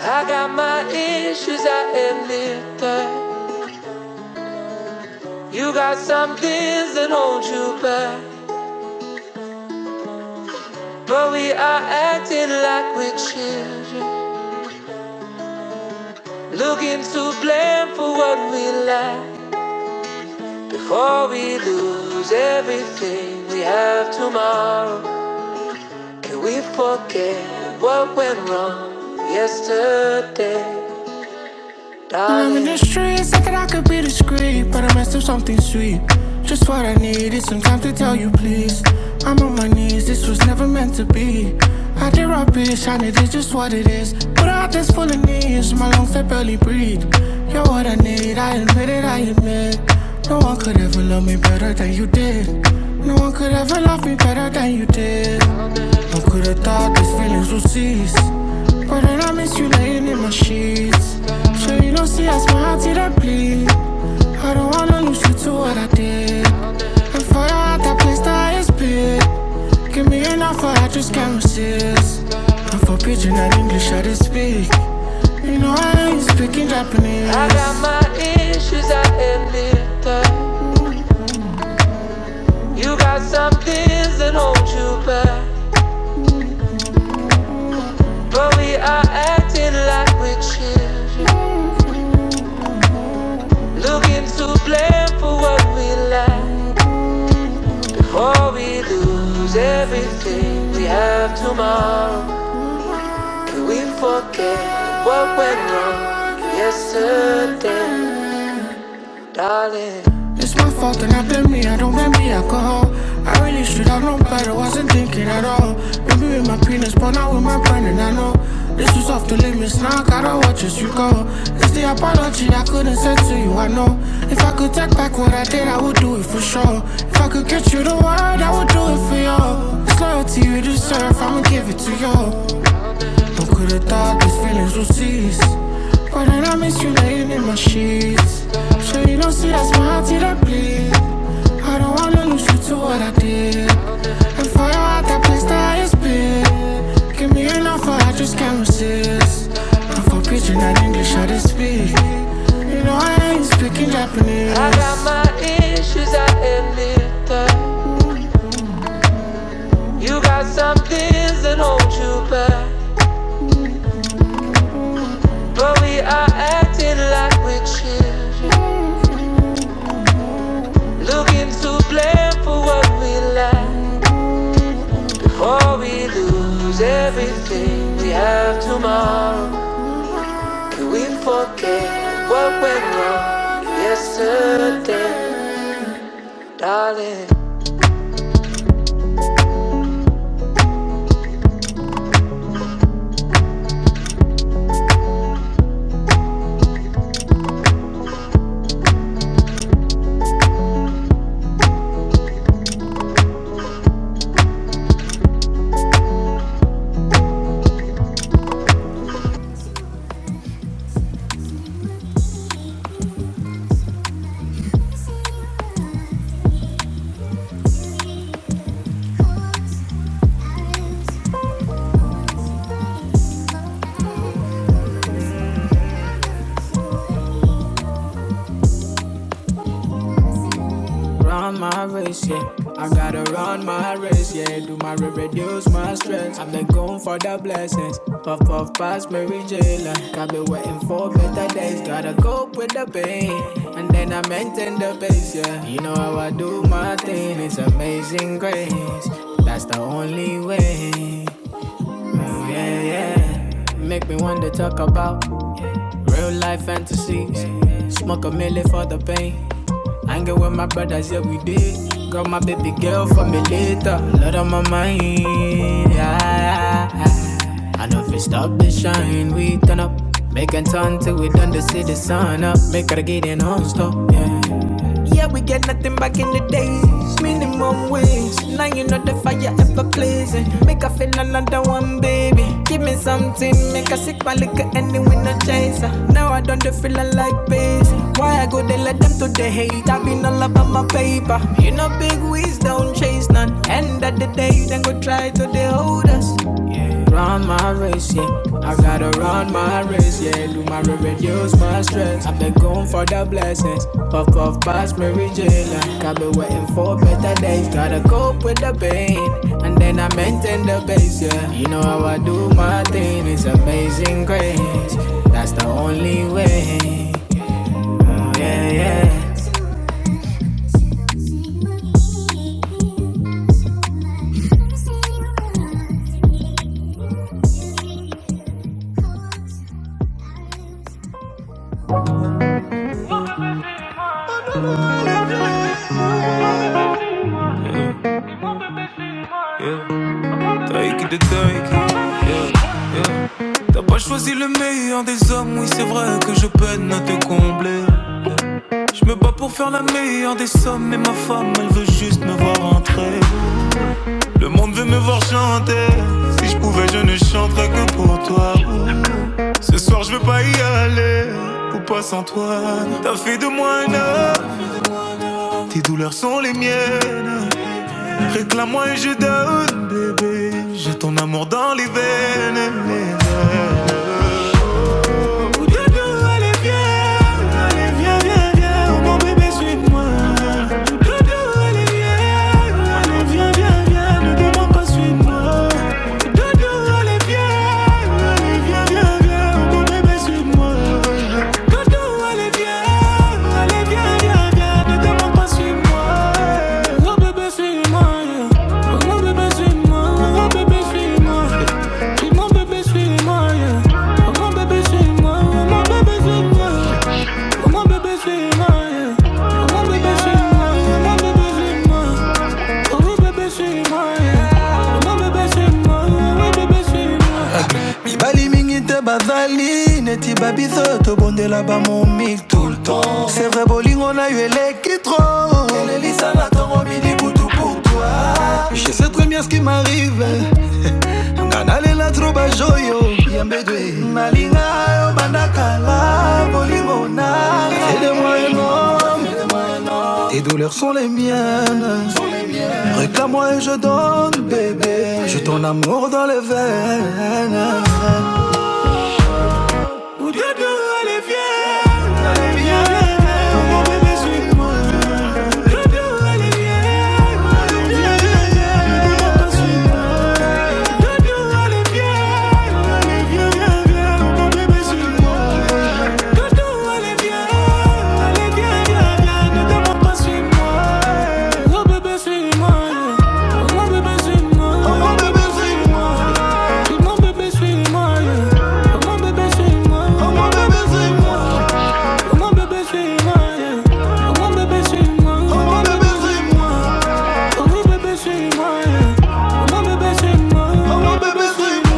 I got my issues, I admit that. You got some things that hold you back. But we are acting like we're children, looking to blame for what we lack. Before we lose everything we have tomorrow, can we forget what went wrong yesterday? I'm in the streets, thinking I could be discreet, but I messed up something sweet. Just what I needed, some time to tell you, please. I'm on my knees, this was never meant to be. I did rubbish, and it is just what it is. But out this full of knees, my lungs that barely breathe. You're what I need, I admit it, I admit. No one could ever love me better than you did. No one could ever love me better than you did. I could've thought these feelings would cease. But then I miss you laying in my sheets. Sure, you don't see how my heart did I bleed. I don't wanna lose you to what I did. And for your heart, that place that is big. Give me an offer, I just can't resist. And for pidgin and English, I did speak. You know, I ain't speaking Japanese. I got my issues, I admit that. You got some things that hold you back. But we are acting like we're chill. Looking to blame for what we lack, for we lose everything we have tomorrow. Can we forget what went wrong yesterday? darling. It's my fault and I blame me, I don't blame the alcohol. I really should have known better, wasn't thinking at all. Maybe with my penis, but not with my brain, and I know this was off the limits. Now I gotta watch as you go. It's the apology I couldn't send to you, I know. If I could take back what I did, I would do it for sure. If I could get you the word, I would do it for you. It's loyalty you deserve, I'ma give it to you. Who could've thought these feelings would cease? Why did I miss you laying in my sheets? So you don't see that smile till I bleed. I don't wanna lose you to what I did. And for you at that place that it's been. Give me an offer, I just can't resist. Don't am for preaching that English, I just speak. You know I ain't speaking Japanese. I got my issues, I admit that. You got some things that hold you back. But we are acting like we're chill. Looking to blame for what we lack. Before we lose everything we have tomorrow. Can we forget what went wrong yesterday, darling? Run my race, yeah. I gotta run my race, yeah. Do my re- reduce my stress. I've been going for the blessings. Puff puff past Mary J. Like I've been waiting for better days. Gotta cope with the pain. And then I maintain the pace, yeah. You know how I do my thing. It's amazing grace. That's the only way. Yeah, yeah. Make me want to talk about Real life fantasies. Smoke a milli for the pain. Hanging with my brothers, yeah, we did. Got my baby girl for me later. Lot on my mind. Yeah, yeah, yeah. I know if we stop the shine, we turn up. Make and turn till we done to see the sun up. Make her get in on stop, yeah. Yeah, we get nothing back in the days. Minimum wage. Now you know the fire ever blazing. Make her feel another one, baby. Give me something, make her sick my liquor and then we no chaser. Now I don't feel like base. Why I go they let them to the hate? I been all about my paper. You know big wigs don't chase none. End of the day, then go try to they hold us. Saturdays gotta cope with the pain, and then I maintain the base. Yeah, you know how I do my thing. It's amazing grace. That's the only way. Yeah, yeah. Yeah, Taïk de Taïk. T'as pas choisi le meilleur des hommes, oui c'est vrai que je peine à te combler. Je me bats pour faire la meilleure des sommes, mais ma femme elle veut juste me voir entrer. Le monde veut me voir chanter, si je pouvais je ne chanterais que pour toi. Ce soir je veux pas y aller ou pas sans toi T'as fait de moi un homme Tes douleurs sont les miennes Réclame-moi et je donne bébé J'ai ton amour dans les veines, les veines. Oh, Dieu, Dieu, allez, viens, allez, viens, viens, viens. Oh, mon bébé, suis-moi. Oh, Dieu, Dieu, allez, viens, allez, viens, viens, viens. Ne demande pas, suis-moi. Oh, Dieu, Dieu, allez, viens, allez, viens, viens. Oh, mon bébé, suis-moi. Quand tout allait bien, allait bien, bien, bien, ne demande pas suis-moi. Oh bébé, suis-moi. yeah. Oh bébé, suis-moi. Oh bébé, suis-moi. Dis mon bébé, suis-moi. yeah. Oh mon bébé, suis-moi. Oh mon bébé, suis-moi. yeah. Oh mon bébé, suis-moi. yeah. Oh mon bébé, suis-moi. Oh mon bébé, suis-moi. Oh mon bébé, suis-moi. yeah. Oh mon bébé, suis-moi mibali mingi te bazali neti babiso oyo tobondela bamomik tout le temps c'est vrai bolingo na yo eleki tro elelisanga ntongo milibutu pour toi je sais très bien ce qui m'arrive nga nalela tro bajoyo yambedwe malinga yo bandakala bolingo na aide-moi un homme tes douleurs sont les miennes réclame-moi et je donne bébé j'ai ton amour dans les veines Ou de de allez viens, allez viens, mon bébé suis-moi. De de allez viens, allez viens, mon papa suis-moi. De de allez viens, allez viens, viens, viens, mon bébé suis-moi. De de allez viens, allez viens, viens, viens, ne demande pas suis-moi. Oh mon bébé suis-moi, oh mon bébé suis-moi, oh mon bébé suis-moi, oh mon bébé suis-moi.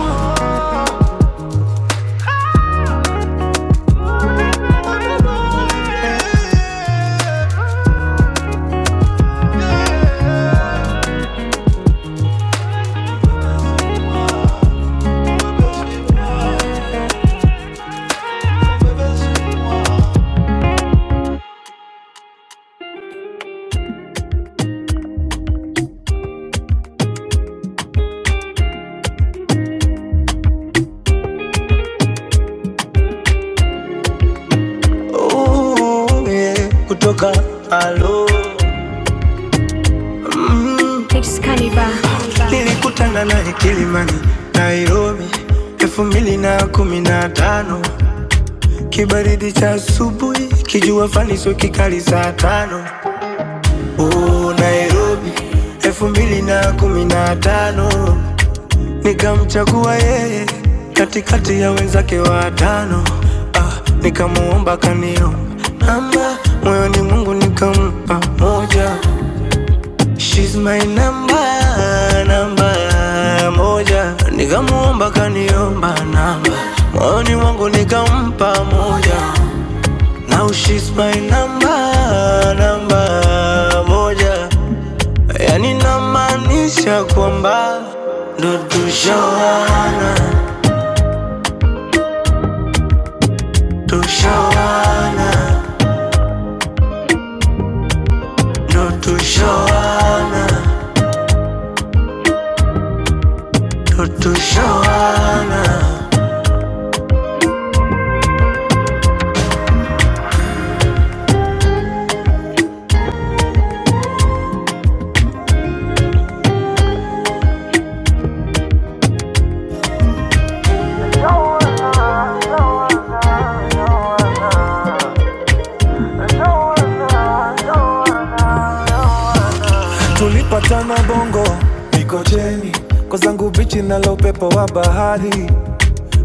Oh yeah, kutoka alo It's Caliba. nilikutana na Kilimani, Nairobi elfu mbili na kumi na tano kibaridi cha asubuhi kijua fani so kikali saa tano oh, Nairobi elfu mbili na kumi na tano nikamchagua yeye katikati ya wenzake watano. Ah, nikamuomba kanio namba moyoni mwangu nikampa moja, she's my number, namba moja. Nikamuomba kaniomba namba moyoni wangu nikampa moja, now she's my number, namba moja, yani namanisha ku tulipatana bongo Mikocheni, kozangu bichi na nalo upepo wa bahari,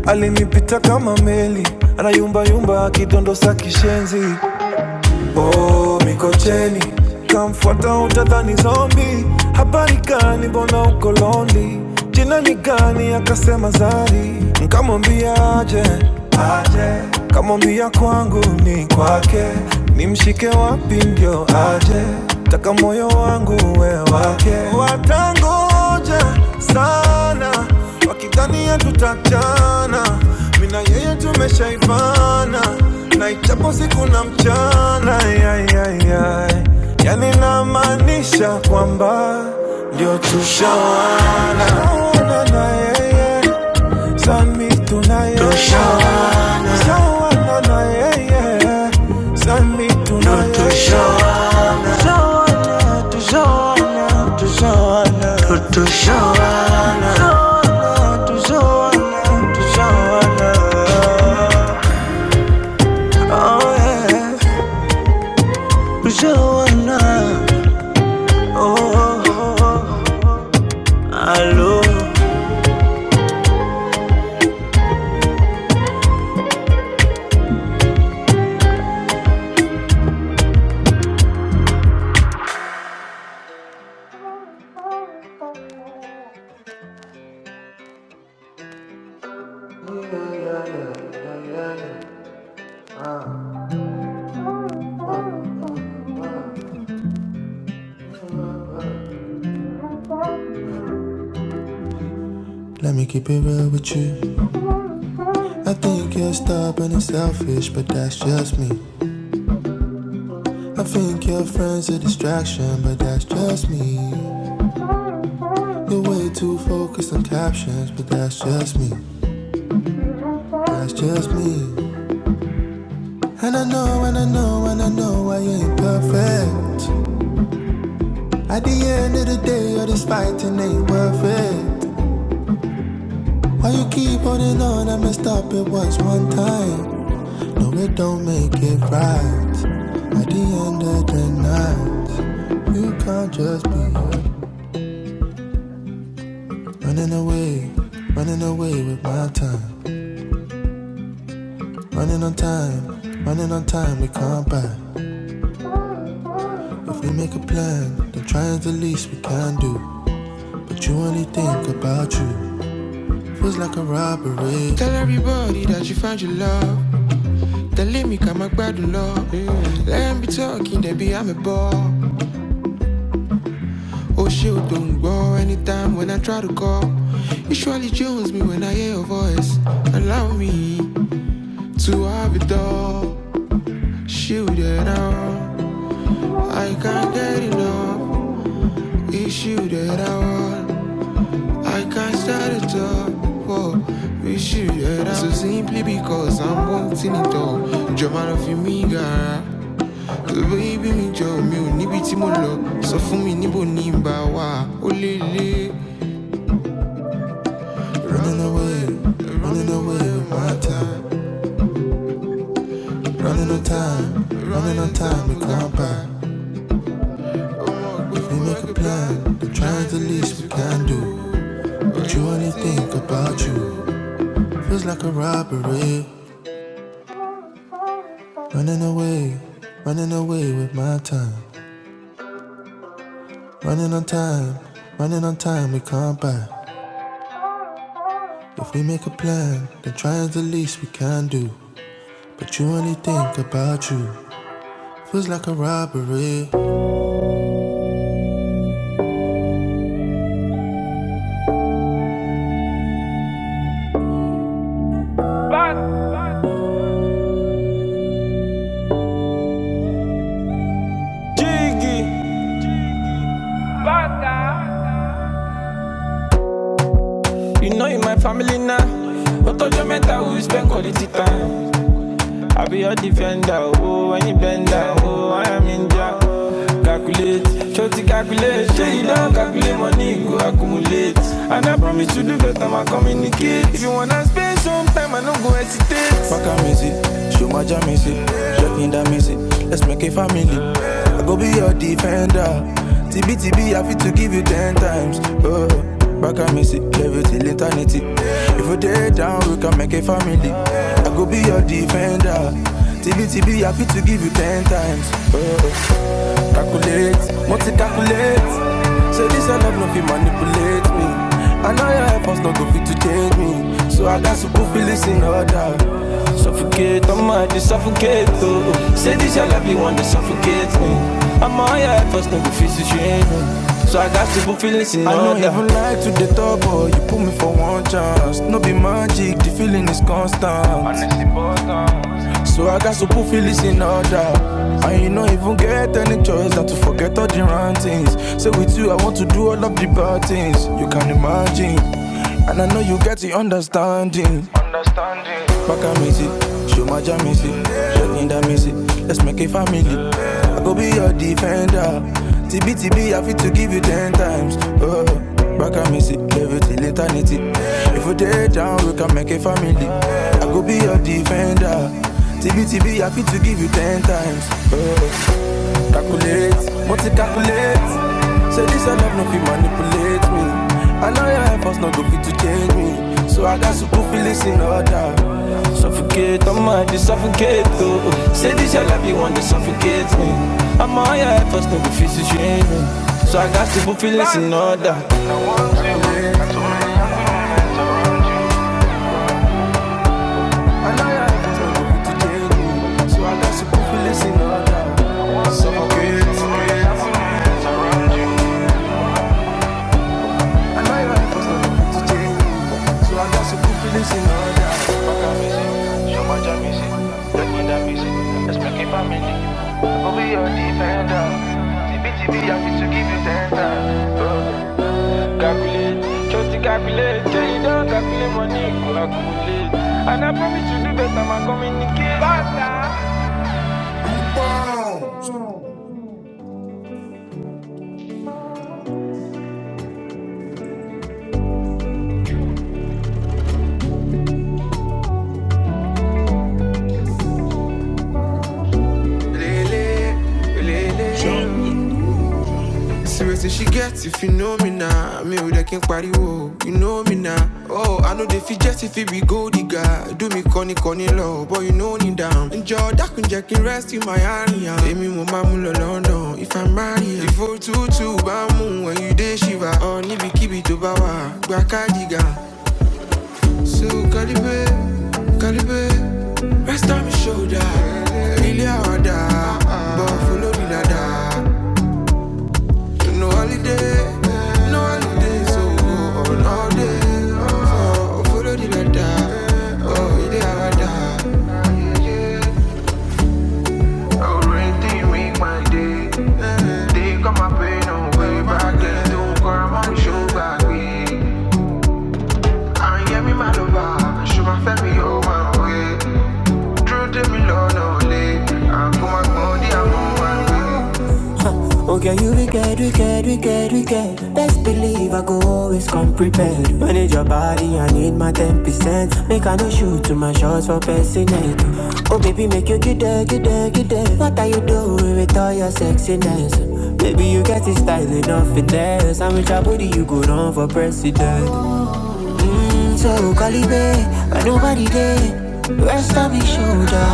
alinipita kama meli, anayumba yumba akidondo akidondosa kishenzi oh miko cheni kamfuata utadhani zombie. habari gani bona uko lonely jina ni gani akasema zari nkamwambia aje aje kamwambia kwangu ni kwake nimshike wapi ndio aje taka moyo wangu we wake watangoja sana wakidhania tutachana, mina yeye tumeshaivana, na ichapo siku na mchana Yani namaanisha kwamba ndio tushawana Naona na yeye sami tunaye tushawana sawana na yeye sami tunaye tushawana tushawana tushawana let me keep it real with you. I think you're stubborn and selfish, but that's just me. I think your friends are a distraction, but that's just me. You're way too focused on captions, but that's just me. That's just me. And I know, and I know, and I know I ain't perfect. At the end of the day, all this fighting ain't worth it. Why you keep holding on? I messed up, it was one time. No, it don't make it right. At the end of the night, you can't just be running away, running away with my time. Running on time, running on time, we can't buy. If we make a plan, then try is the least we can do. But you only think about you. Feels like a robbery. Tell everybody that you found your love. tẹ̀lé me come back gbádùn lọ. Let me be talking, then be I'm a ball. Oh, ṣe don't ń anytime when I try to call. Usually jones me when I hear your voice. Allow me to have it all. Ṣé o dẹ̀ I I can't get enough. Issue that I want. I can't start it up. Whoa. Issue that I So simply because I'm wanting it all. Jọ̀mọ́ lọ fi mí Baby, bí mi jọ mi ò níbi tí mo lọ. Sọ fún mi níbo ni n bá wà ó lé lé. Running away, running away my time. Running on time, running on time, we can't buy. If we make a plan, then try the least we can do. But you only think about you. Feels like a robbery. Running away, running away with my time. Running on time, running on time, we can't buy. If we make a plan, then try the least we can do. But you only think about you. Feels like a robbery. Jiggy, you know you my family now. But all your mental we spend quality time. I be your defender, oh, when you bend down, oh, I am in ninja. Calculate, shorty calculate. Say you don't calculate money, go accumulate. And I promise you do better, my communicate. If you wanna spend some time, I don't go hesitate. Fuck a misi, show my jam misi, shut me down music. Let's make a family. I go be your defender. TB TB, I fit to give you ten times. Oh, back I miss it, level till eternity. If we day down, we can make a family. I go be your defender. TB TB, I fit to give you ten times. Oh. Calculate, multi-calculate So this your love no fit manipulate me I know your efforts no go fit to change me So I got to put feelings in order Suffocate, I'm might to suffocate oh. Say this your love, you want to suffocate me i know your efforts no go fit to change me so I got to put feelings in I order. I don't even like to the top, but you put me for one chance. No be magic, the feeling is constant. Honestly, boss, so I got to put feelings in order. And you don't even get any choice than to forget all the wrong things. Say with you, I want to do all of the bad things. You can imagine. And I know you get the understanding. Bakamisi, Shomaja Missy, Shakinda Missy, let's make a family. I go be your defender. TB TB, I fit to give you ten times. Oh, Bakamisi, leave it till eternity. If we dey down, we can make a family. I go be your defender. TB TB, I fit to give you ten times. Oh. Calculate, multi calculate. Say this I love no fit manipulate me. I know your efforts no go fit to change me. So I got to put feelings in order. Suffocate, I'm out suffocate though. Say this your love you want to suffocate me. i know your efforts no go fit to change me. So I got to put feelings in order. I know you efforts not go fit to change So I got some people in order. Suffocate. Suffocate. I know your efforts don't meant to change So I got some good feelings in order. Fuck I'm busy, so much I'm busy. That mean I'm busy. Let's make it family. I will be your defender. TBTB, I'm here to give you ten times. Oh, Calculate, just calculate. Tell you don't calculate money, go accumulate. And I promise you do better, man. Communicate. Basta. Lele, Seriously, she gets if you know me now. Me with a king pariwo, you know me now. Oh, I know they feel just if it be gold digger. Do me corny corny low, but you know me down. Enjoy that kun jack rest in my area. Take me mama mulo London if I'm married. yeah. If you too too bamu when you day shiva. Oh, ni be kibi to bawa, baka diga. So calibre, calibre, rest on my shoulder. Oh girl, you wicked, wicked, wicked, wicked. Best believe I go always come prepared. Manage your body, I need my ten percent. Make I no shoot to my shots for passing Oh baby, make you get there, get there, get there. What are you doing with all your sexiness? Baby, you got this style enough finesse. I'm with your body, you go run for president. So Calibe, but nobody there. Rest on me shoulder.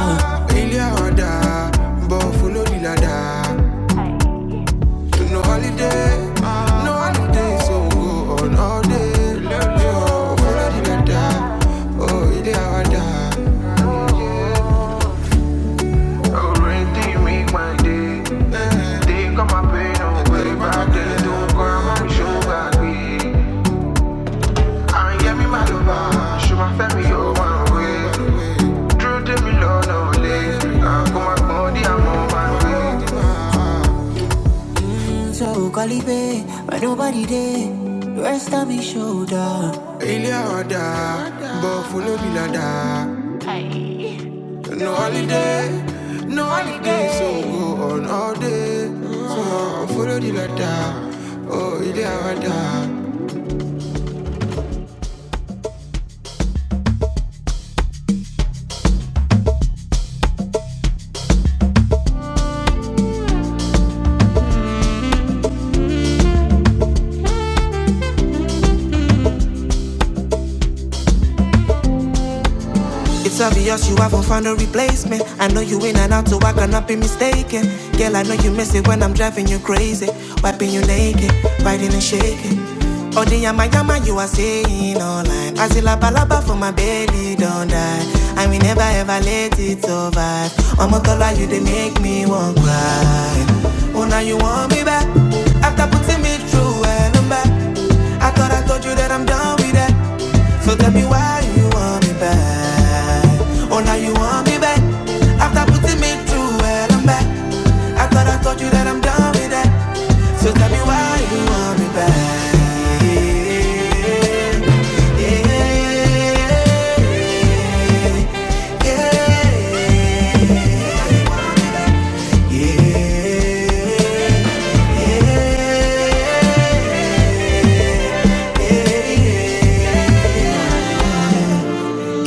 Sugar queen, I I get me my lover. Show my family your one way. Drew to me low no late. I come my body, I'm on my way. So Calibe, but nobody there. Rest on me shoulder. Ilé order, but follow me like go on all day. It's obvious you haven't found a replacement. I know you in and out, so I cannot be mistaken. Girl, I know you miss it when I'm driving you crazy. Wiping you naked, riding and shaking. Oh, the yama yama you are saying online. I see la balaba for my belly, don't die. I will never ever let it survive. I'm a dollar, you they make me want cry. Oh, now you want me back after putting me through and I'm back. I thought I told you that I'm done with that. So tell me why you want me back. Oh, now you want me back after putting me through and I'm back. I thought I told you that I'm done with that. So tell me why you want me back. Yeah, yeah, yeah. yeah.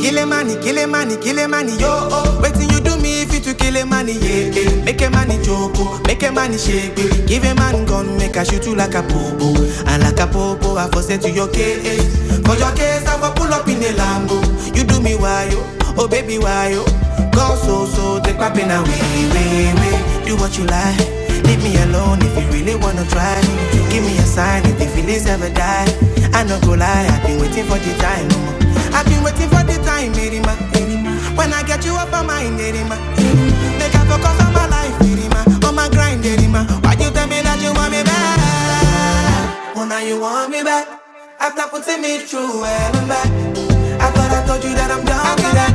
Kill a money, kill a money, kill a money, yo. Oh. Waiting you do me if you to kill a money, yeah. yeah. Make a money joke, oh. make a money shake, yeah. give a man gun, make a shoot you like a popo, and like a popo, I force it to your case. For your case, I for pull up in a Lambo. You do me why yo, oh baby why yo. Go so so, take my pain away, way way. Do what you like. Leave me alone if you really wanna try. Give me a sign if the feelings ever die. I no go lie, I've been waiting for the time. oh. I've been waiting for the time, Erima. When I get you up on my mind, Erima. Make I focus on my life, Erima. On my grind, Erima. Why you tell me that you want me back? Well, now you want me back. After putting me through hell and back. I thought I told you that I'm done with that.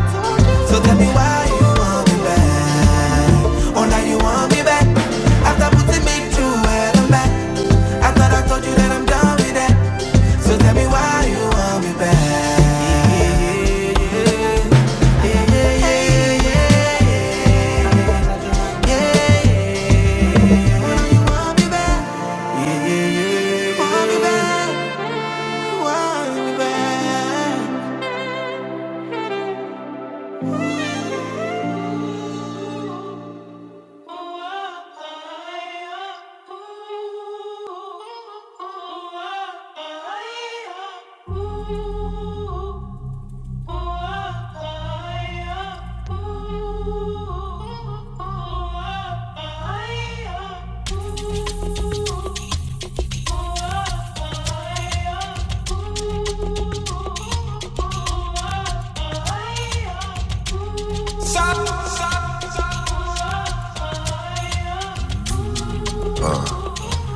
So tell me why you want me back. Oh, now you want me back. After putting me through hell and back. I thought I told you that I'm done with that. So tell me why you want me back. Why do you want me back? Want me back? Want me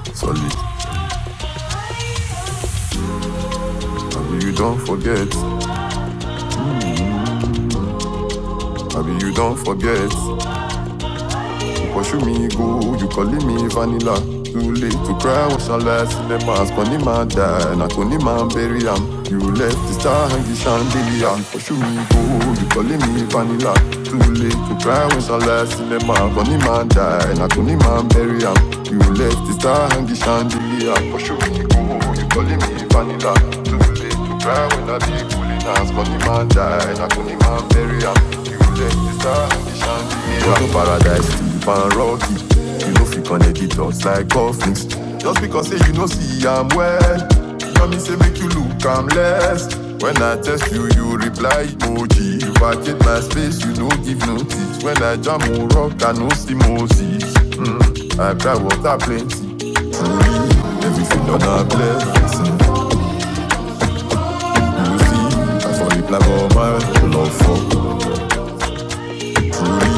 back? Solid. Abi you don't forget. I Abi you don't forget. pursue me, go. You calling me vanilla. Too late to cry, wash our life in the mask. Only man die, not only man bury him. You left the star hanging chandelier. Pursue me, go. You calling me vanilla. Too late to cry, wash our life in the mask. Only man die, not only man bury him. You left the star hanging chandelier. Pursue me, go. You calling me vanilla. Too Make you cry when I be pulling ass Cause the man died, I couldn't man bury him You take the star, the chandelier Go to paradise, fan rocky You know fit connect the dots like coffins Just because say you know see I'm well You hear me say make you look I'm less When I test you, you reply emoji You vacate my space, you no give notice When I jam or rock, I no see Moses mm. I cry water plenty Everything on a blessing I fall in love all my love for. Truly,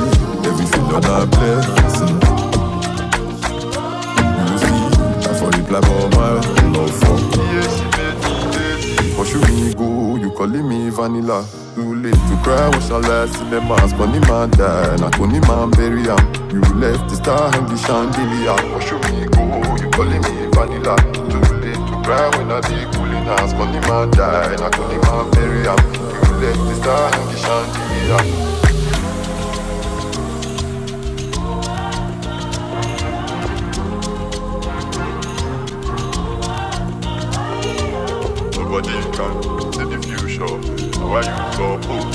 everything on a blessing. La folie plug all my love for But you me go, you calling me vanilla Too late to cry, what shall last in the mask Funny man die, not only man bury him You left the star and the chandelier But you me go, you calling me vanilla Too late to cry when I be cooling hands Funny man die, not only man bury him You left the star and the chandelier Nobody can see the future Why you so bold,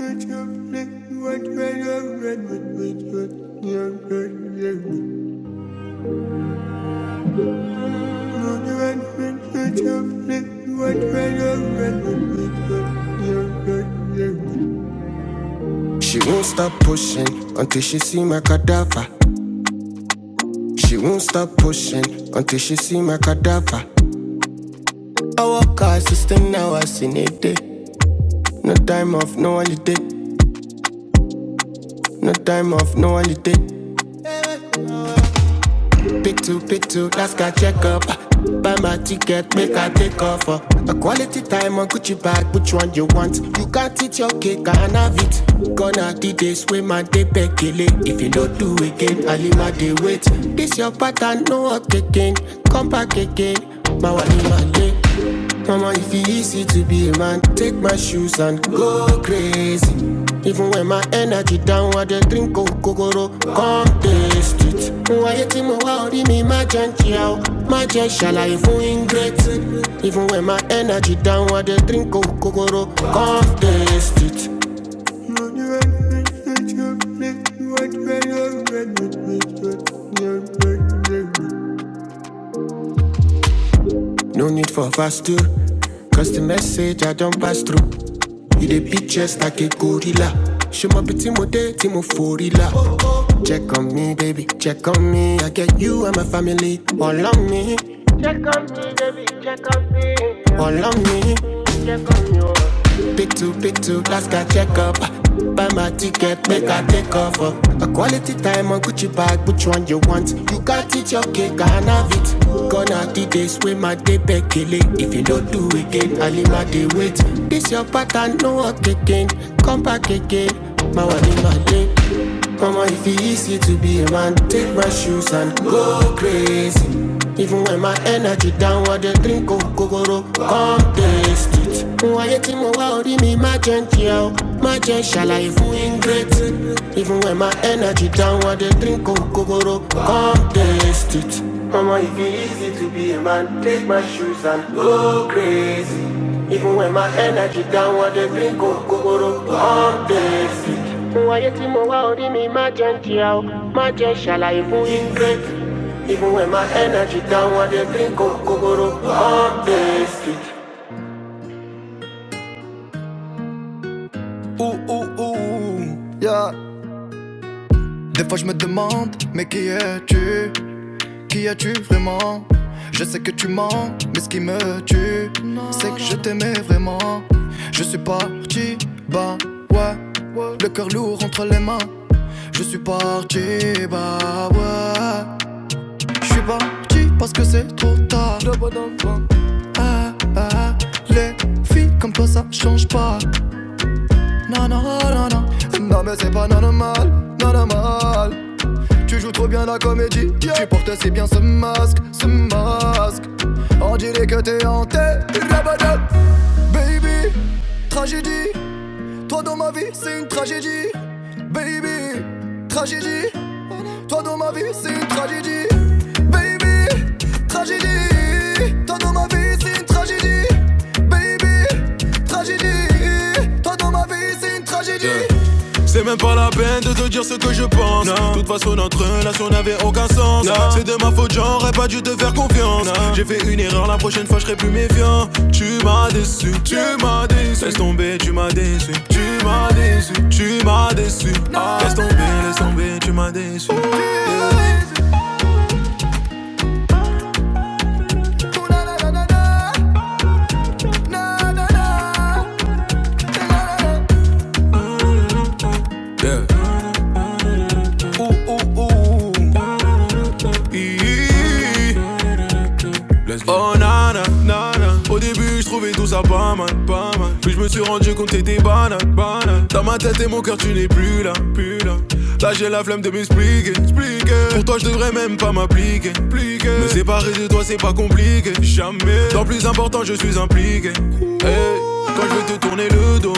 She won't stop pushing until she see my cadaver. She won't stop pushing until she see my cadaver. I walk her system now, I seen it day. No time off, no holiday. No time off, no holiday. Pick two, pick two, last guy check up. Buy my ticket, make I take off. Uh. A quality time on Gucci bag, which one you want? You can't eat your cake, I can have it. Gonna do this way, my day back kill it. If you don't do again, I'll leave my day wait. This your pattern, no up again. Come back again, my one in my leg. Mama, if it's easy to be a man, take my shoes and go crazy. Even when my energy down, I dey drink kokoro, come taste it. Why you think my worry me, my gentle, my shalaye fun ingrate. Even when my energy down, I dey drink kokoro, come taste it. No need for fast two. Cause the message I don't pass through. You the bitches like a gorilla. Show my pretty mo day, Timo Forilla. Check on me, baby, check on me. I get you and my family all on me, all on me. Pick two, pick two, last guy check up. Buy my ticket, make I take off. Uh. A quality time on Gucci bag, which one you want? You got it, your cake, I have it. Gonna the days with my day back kill it. If you don't do it again, I'll leave my day wait. This your pattern, no one kicking. Come back again, my one in my day. Mama, if it's easy to be a man, take my shoes and go crazy. Even when my energy down, what they drink oh, kokoro, come taste it. Why you think more about me, my gentle, oh, my gentle life, win great. Even when my energy down, what they drink oh, kokoro, come taste it. Mama, if it's easy to be a man, take my shoes and go crazy. Even when my energy down, what they drink oh, kokoro, come taste it. Fún ayé mi má jẹ́ ń jìyà o, má Even when my energy down, I dey drink kokoro all day street. Des fois je me demande, mais qui es-tu Qui es-tu vraiment Je sais que tu mens, mais ce qui me tue, c'est que je t'aimais vraiment. Je suis parti, bah ouais, le cœur lourd entre les mains. Je suis parti, comme toi ça change pas. Non, non, non, non. Bien ce masque et en terre dans ma vie, c'est une tragédie. Baby, tragédie, toi dans ma vie c'est une tragédie. Baby, tragédie, toi dans ma vie c'est une tragédie. Baby, tragédie, toi dans ma vie c'est une tragédie. C'est même pas la peine de te dire ce que je pense. De toute façon, notre relation n'avait aucun sens. Non. C'est de ma faute, j'aurais pas dû te faire confiance. Non. J'ai fait une erreur, la prochaine fois, je serai plus méfiant. Tu m'as déçu, tu m'as déçu. Laisse tomber, tu m'as déçu. Tu m'as déçu, tu m'as déçu. Ah, laisse tomber, laisse tomber, tu m'as déçu. Yeah. Ouh, ouh, ouh. Let's go. Oh nana, nana. Au début, je trouvais tout ça pas mal, pas mal. Puis je me suis rendu compte que t'étais banal, banal. Dans ma tête et mon cœur, tu n'es plus là, plus là. Là, j'ai la flemme de m'expliquer, expliquer. Pour toi, je devrais même pas m'appliquer, pliquer. Me séparer de toi, c'est pas compliqué, jamais. Dans plus important, je suis impliqué. Hey, quand je vais te tourner le dos,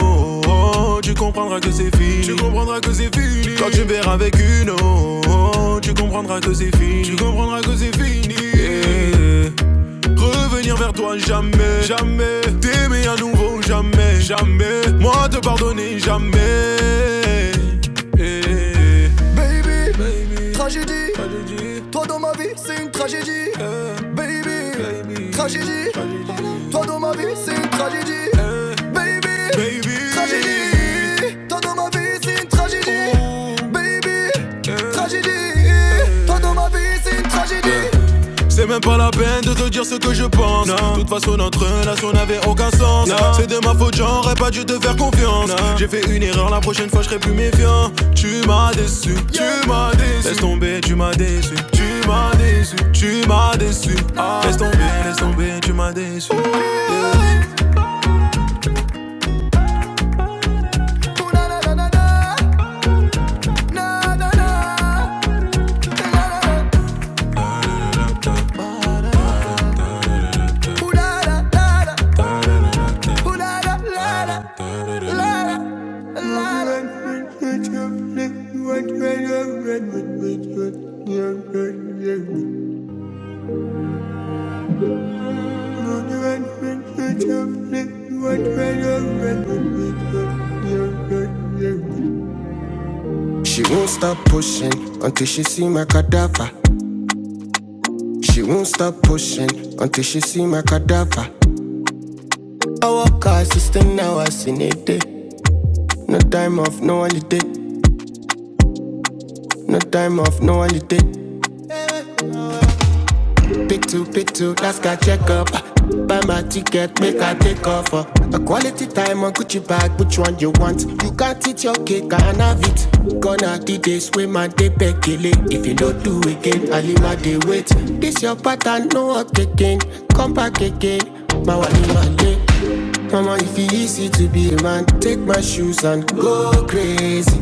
oh, tu comprendras que c'est fini. Tu comprendras que c'est fini. Quand tu verras avec une autre, tu comprendras que c'est fini. Tu comprendras que c'est fini. Yeah. Revenir vers toi jamais, jamais. T'aimer à nouveau jamais, jamais. Moi te pardonner jamais. Eh, Baby, baby, tragédie. tragédie, Toi dans ma vie, c'est une tragédie. eh, Baby, baby, tragédie. tragédie, Toi dans ma vie, c'est une tragédie. eh, Baby, baby, tragédie. Toi dans ma vie, c'est une tragédie. Ouh, Baby, eh, tragédie. à peine de te dire ce que je pense. De toute façon, notre relation n'avait aucun sens. C'est de ma faute, j'aurais pas dû te faire confiance. J'ai fait une erreur, la prochaine fois, je serai plus méfiant. Tu m'as déçu, tu m'as déçu. Laisse tomber, tu m'as déçu, tu m'as déçu, tu m'as déçu. Ah, laisse tomber, laisse tomber, tu m'as déçu. What kind of She won't stop pushing until she see my cadaver. She won't stop pushing until she see my cadaver. I walk her system now, I seen it. day. No time off, no holiday. No time off, no holiday. Pick two, Pitu, pitu, last guy check up. Buy my ticket, make I take off. Uh. A quality time on Gucci bag, which one you want? You can't eat your cake, I can have it. Gonna do this with my day bekele. If you don't do again, I will leave my day wait. This your pattern, no work again. Come back again, my wali, my Mama, if it's easy to be a man, take my shoes and go crazy.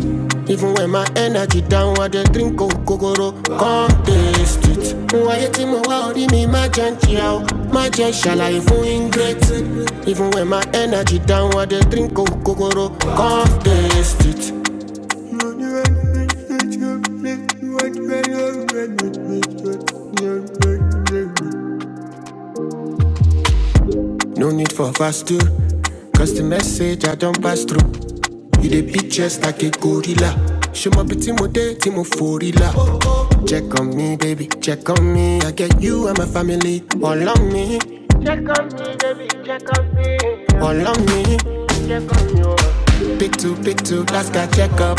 Even when my energy down, I just drink kokoro, come taste it. Why you think my world in me, my gentle, my gentle, I feel ingrateful. Even when my energy down, I just drink kokoro, come taste it. No need for fast two. Cause the message I don't pass through. You dey be just like a gorilla. Show my pretty mode, Timo Forilla. Check on me, baby, check on me. I get you and my family. All on me, all on me. Pick two, pick two, last guy check up.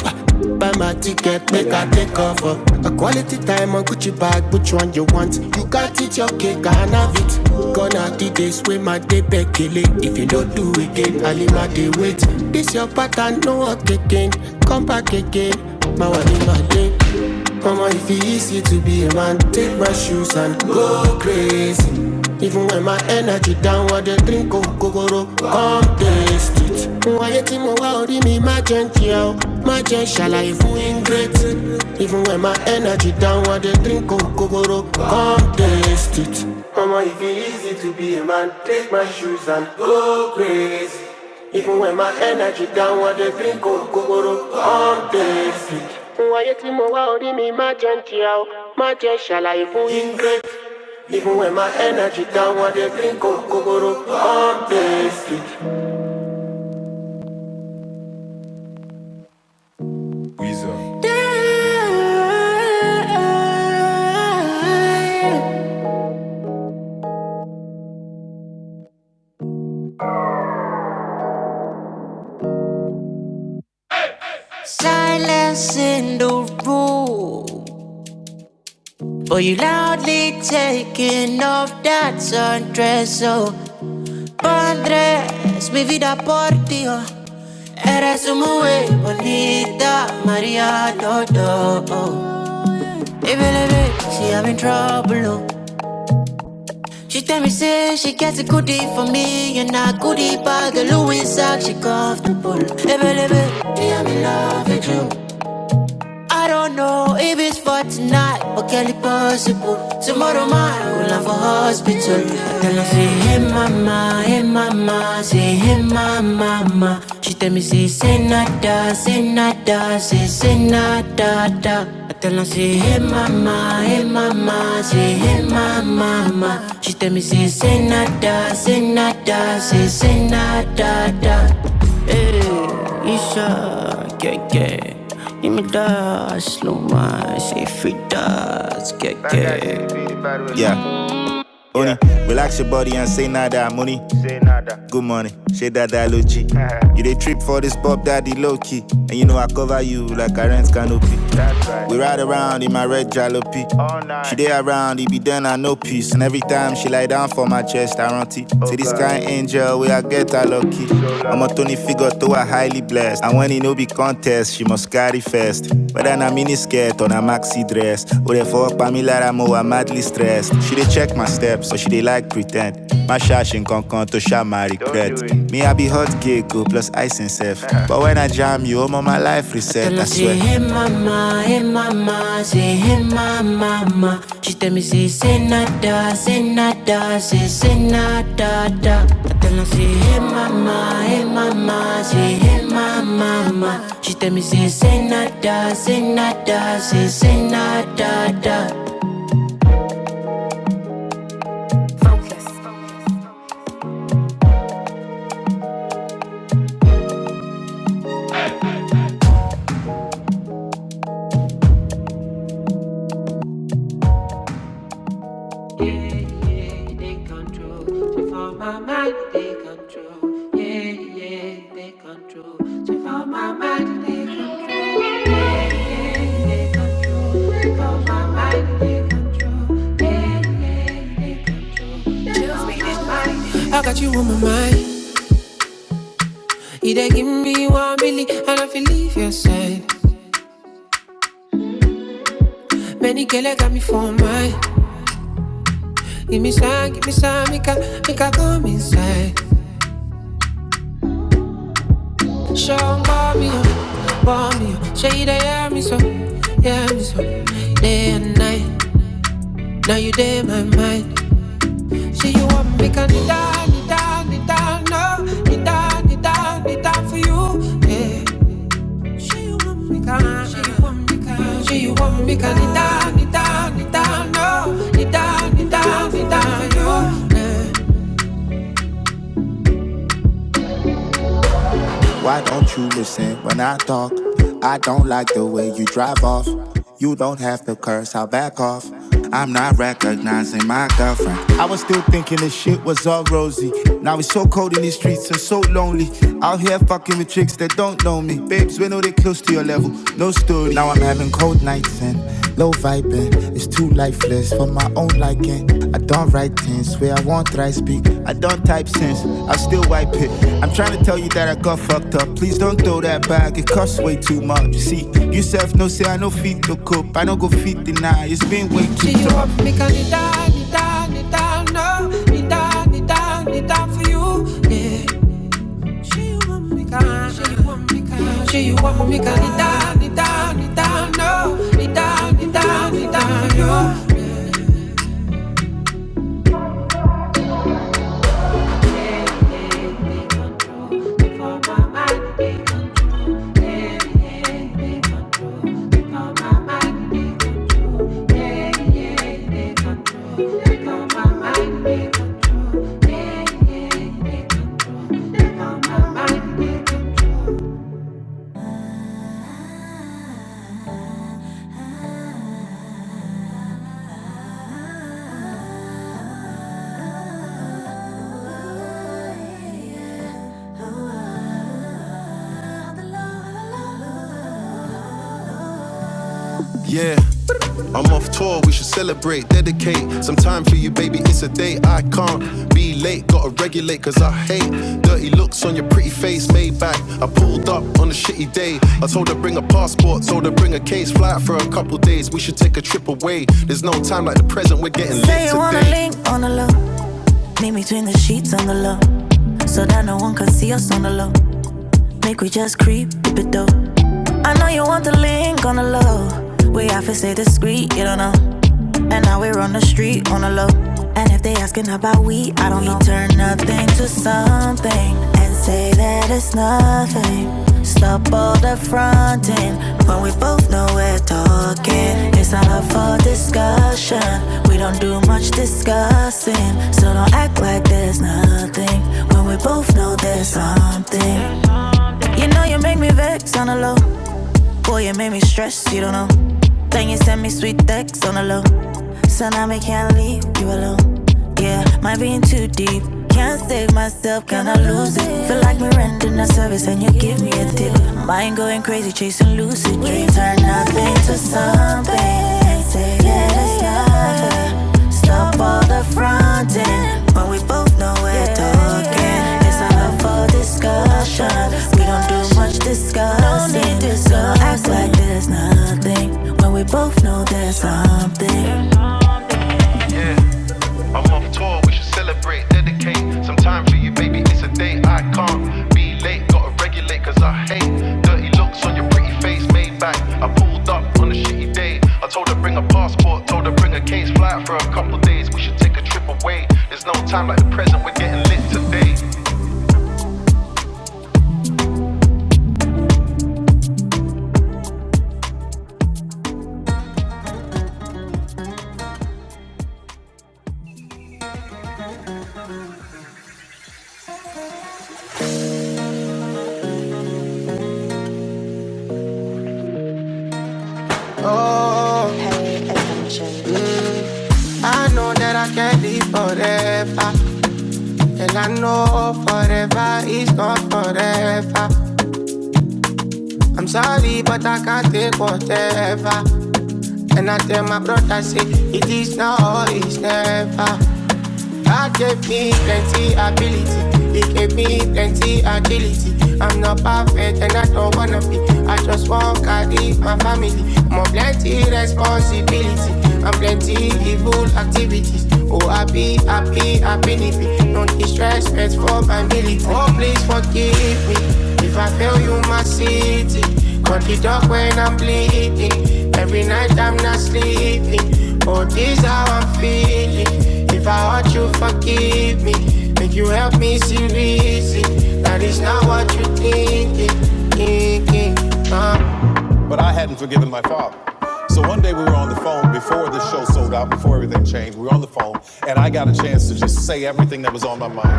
Buy my ticket, make I take off. A quality time on Gucci bag, which one you want? You got it, your cake, I have it. Gonna do this with my day back kill it. If you don't do it, again, I'll leave my day wait. This your pattern, no up again. Come back again. My one my dick. Mama, if it's easy to be a man, take my shoes and go crazy. Even when my energy down, what they drink kokoro, come taste it. Why you mo wa ori mi ma jẹ nkiya o, ma jẹ ṣàlàyé fún ingrate. Even when my energy down, what they drink kokoro, come taste it. Mama, if it's easy to be a man, take my shoes and go crazy. Even when my energy down, what they Silence in the room. But you loudly taking off that sundress. So, Andrés, mi vida por ti. oh. Eres muy bonita, Maria Dodo. oh. Baby, baby, she having trouble. oh. She tell me, say she gets a goodie for me. And a goodie bag, a Louis sack, she comfortable. Hey, Baby, baby, me, I'm in love with you. I don't know if it's for tonight, but can it possible? Tomorrow might go down for hospital. I tell her, say, hey mama, hey mama, say, hey mama, mama. She tell me, say, say nada, say nada, say, say nada, da. I tell her, say, hey mama, hey mama, say, hey mama, mama. She tell me, say, say nada, say nada, say, say nada, da. Hey, Isha, yeah, yeah. Give me that, slow wine, say free does, get get. Yeah. Oni, relax your body and say nada money. Good money, shade that that dialogy. You dey trip for this pop daddy low key. And you know I cover you like a rent canopy. We ride around in my red jalopy. She dey around, it be done, I no peace. And every time she lie down for my chest, I run it. Say this kind angel, where I get her lucky. I'm a Tony figure, though I highly blessed. And when it no be contest, she must carry first. Whether na mini skirt or na maxi dress. Or therefore, Pamela Ramo, I'm madly stressed. She dey check my steps, so she dey like pretend. My shash and concon to share my regret. Me, I be hot gecko plus ice and self. But when I jam you, all my life reset, I Tell her say, swear. She hey mama, hey mama, say hey mama, mama. She tell me say say nada, say nada, say say nada da. I tell her say hey mama, hey mama, say hey mama, mama. She tell me say say nada, say nada, say say nada. I got you on my mind. You dey give me one billy, and I feel leave your side. Many girls got me for mine. Give me some, give me some, make a, make a come inside. Show Show 'em bomb me up, bomb me up. Show you they hear me so, hear me so. Day and night, now you day in my mind. See you want me, make a need down, need down, need down, no, need down, need down, need down for you. Yeah. She you want me, can, she you want me, can, she you want me, can need down, need down, need down, no, need down, need down, need down for you. yeah. Why don't you listen when I talk? I don't like the way you drive off. You don't have to curse, I'll back off. I'm not recognizing my girlfriend. I was still thinking this shit was all rosy. Now it's so cold in these streets and so lonely. Out here fucking with chicks that don't know me. Babes, we know they close to your level, no story. Now I'm having cold nights and low vibing. It's too lifeless for my own liking. I don't write tense, where I won't try speak. I don't type sense, I still wipe it. I'm trying to tell you that I got fucked up. Please don't throw that bag, it costs way too much. See, you self no say I no fit to cope. I don't go fit deny, it's been way Do too you tough. want me can it down, it down, it no, it down, it down, it down for you. She you want me can, she you want me can, she you want me can it down, it down, it down, no, it down, it down, it down for you. Yeah, I'm off tour, we should celebrate, dedicate some time for you, baby. It's a day I can't be late, gotta regulate, cause I hate dirty looks on your pretty face, made back. I pulled up on a shitty day. I told her bring a passport, told her bring a case, fly out for a couple days. We should take a trip away. There's no time like the present, we're getting lit today. Say you wanna link on the low. Meet me between the sheets so that no one can see us on the low. Make we just creep, keep it though. I know you want the link on the low. We have to stay discreet, you don't know. And now we're on the street on the low. And if they asking about we, I don't know. We turn nothing to something and say that it's nothing. Stop all the fronting when we both left talking. We don't do much discussing, so don't act like there's nothing when we both know there's something. You know you make me vex on the low. Boy, you made me stress, you don't know. Then you send me sweet texts on the low. So now me can't leave you alone. Yeah, might be in too deep. Can't save myself, can I lose it? Feel like we're renting a service and you give me a tip. Mind going crazy, chasing lucid dreams. Turn nothing to something. Say that it's not yeah. Stop all the fronting when we both know we're talking. It's not up for discussion. We don't do much discussing. So act like there's nothing when we both know there's something. Yeah, I'm off tour, we should celebrate, dedicate some time to you, baby. It's a day I can't be late, gotta regulate, cause I hate dirty looks on your pretty face, made back. I pulled up on a shitty day, I told her bring a passport, told her bring a case, fly out for a couple days. We should take a trip away, there's no time like the present, we're getting lit today. Hey attention. I know that I can't be forever, and I know forever is not forever. I'm sorry, but I can't take whatever. And I tell my brother, say, it is now, it's never. God gave me plenty ability. He gave me plenty agility. I'm not perfect and I don't wanna be. I just want God lead my family. More plenty responsibility. I'm plenty evil activities. Oh, happy, happy, happy, nippy. Don't disrespect for my military. Oh, please forgive me if I fail you, my city. Cut the up when I'm bleeding. Every night I'm not sleeping. Oh, this how I'm feeling. If I hurt you, forgive me. Make you help me see reason. That is not what you are thinking. Thinking. Uh,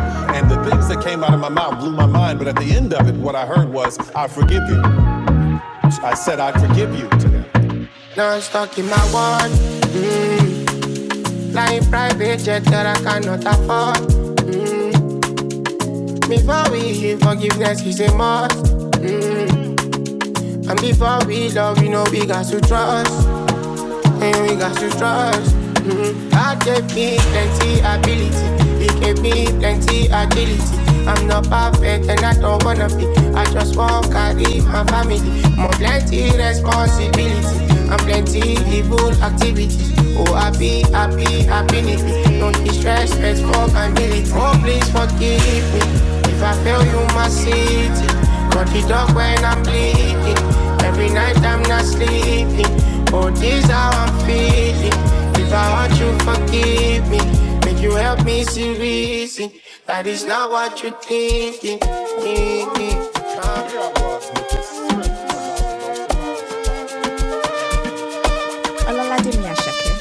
And the thing I heard was, I forgive, forgive. now I'm stuck in my world. Flying private jet that I cannot afford. Before we hear forgiveness is a must. And before we love, you know we got to trust. and we got to trust. Mm-hmm. God gave me plenty ability, He gave me plenty agility. I'm not perfect and I don't wanna be. I just want to carry my family. More plenty responsibility and plenty evil activities. Oh, happy, happy, happiness. Don't be stressed, let's for my military. Oh, please forgive me if I fail you, my city. Got the dog when I'm bleeding. Every night I'm not sleeping. Oh, this how I'm feeling. If I hurt you, forgive me. Make you help me see reason that is not what you're thinking. Olala Dimyashake.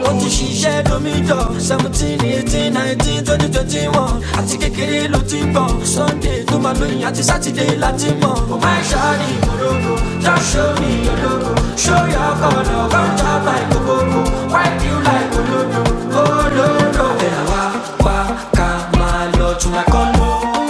I want to ṣiṣẹ́ domijọ seventeen eighteen nineteen twenty twenty one àti kékeré ló ti bọ̀ sunday tó máa lóyún àti saturday láti mọ̀. My máa ṣáàrì ìmọ̀lógo just show me your logo show your colour one job like gbogbo white you like olódo I walk, walk wá ká máa lọ tún àkọ́lọ́.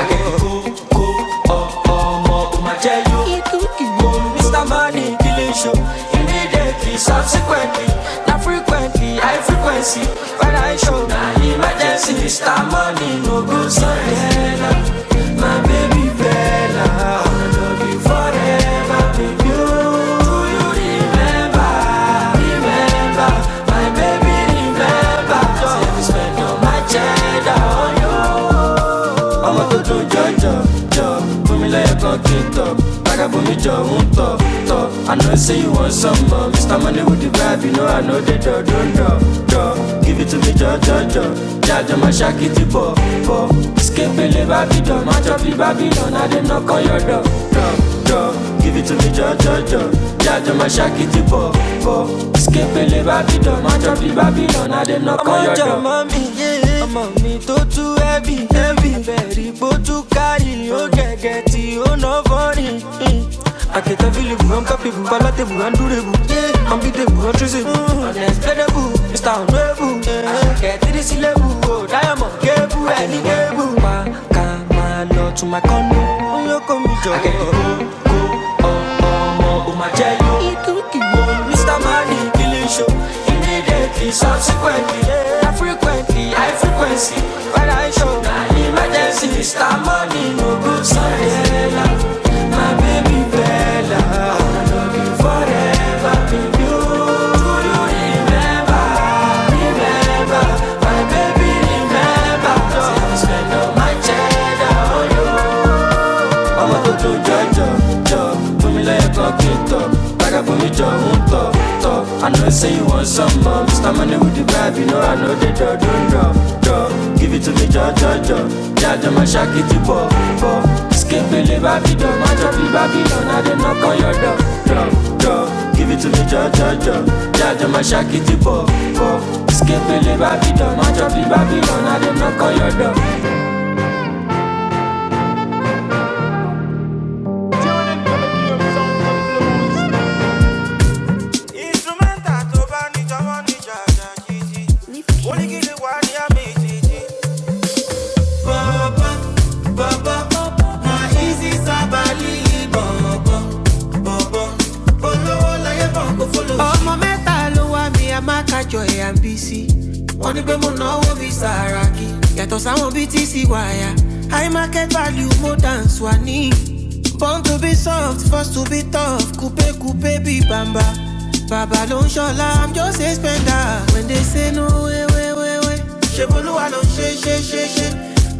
I get the cool, cool, oh, oh, more, oh, my tell you. Mr. Money, killing show. Immediately, subsequently, not frequently, high frequency. When I show, now emergency. Mr. Money, no good, so Bella. My baby Bella, I wanna love you forever, baby. Oh, do you remember? Remember, my baby, remember flavor. Say if you spend all my cheddar on you. tó dùn jọjọ jọ, fún mi lẹ́yìn kan kí n tọ̀. Padà bù mí jọ ń tọ̀ tọ̀. I know say you want some more. Mr. Money with the vibe, you know I know they dọ̀ not dọ̀ dọ̀. Give it to me jọ jọ jọ. Jájọ máa ṣàkìtì bọ̀ bọ̀. Babylon. Babidọ̀, májọ bí Babidọ̀, náà dé knock on your door dọ̀ dọ̀. Give it to me, Jojo, Jojo. Jojo, my shaki, tipo, po. Escape the Babylon, match up the Babylon. I them not call your door. heavy. ọmọ mi tó carry Oh, get get it, oh no funny. I tú ẹbí ẹbí bẹ̀rí bó tú kárì ó gẹ̀gẹ̀ tí durable. ná fọ́ọ̀rì. Akẹta filibu, uncapibu, palatable, undurable, unbeatable, untraceable, unexplainable, Mr. to Kẹ̀tìrì sílẹ̀bù, oh diamond kébù, ẹni kébù. Pa ká máa lọ to my condo. i kò mi jọ̀wọ́ oh my jail. Mr. Money killing show. Immediately, subsequently, yeah, frequently, high frequency. When I show, now emergency. Mr. Money, no good Sandela. My baby Bella. I love you forever, baby. you. Do you remember? Remember, my baby, remember. I spend all my cheddar on you ọmọ tó tó jọjọ jọ jọ fún mi lẹ́ẹ̀kan kí n tọ̀ gbàgà fún mi jọ ń tọ̀ tọ̀ I know say you want some more Mr. Money with the vibe you know I know they jọ don jọ jọ give it to me jọ jọ jọ jájọ máa ṣàkìtì bọ̀ bọ̀ Escape skipele bábìdọ̀ májọ fi bábìdọ̀ náà dé knock on your door dọ̀ dọ̀. Give it to me, jọ jọ jọ Jaja ma ṣaki ti bọ̀ bọ̀ Skepele Babylon, ma jọ fi Babylon, I dey knock on your door. Instrumental tó bá ní jọwọ́ ní jàjà jìjì. ọmọ mẹ́ta ló wá mi a máa kájọ ẹ̀ à ń bí sí wọ́n ní pé mo náwó bíi sàràkí yàtọ̀ sáwọn bíi tí sì wáyà high market value mo dance wà ní. born to be soft forced to be tough coupe coupe be bamba bàmbà bàbá ló ń ṣọlá i'm just a spender when they say no way way way. She bolúwa ló ṣe she she she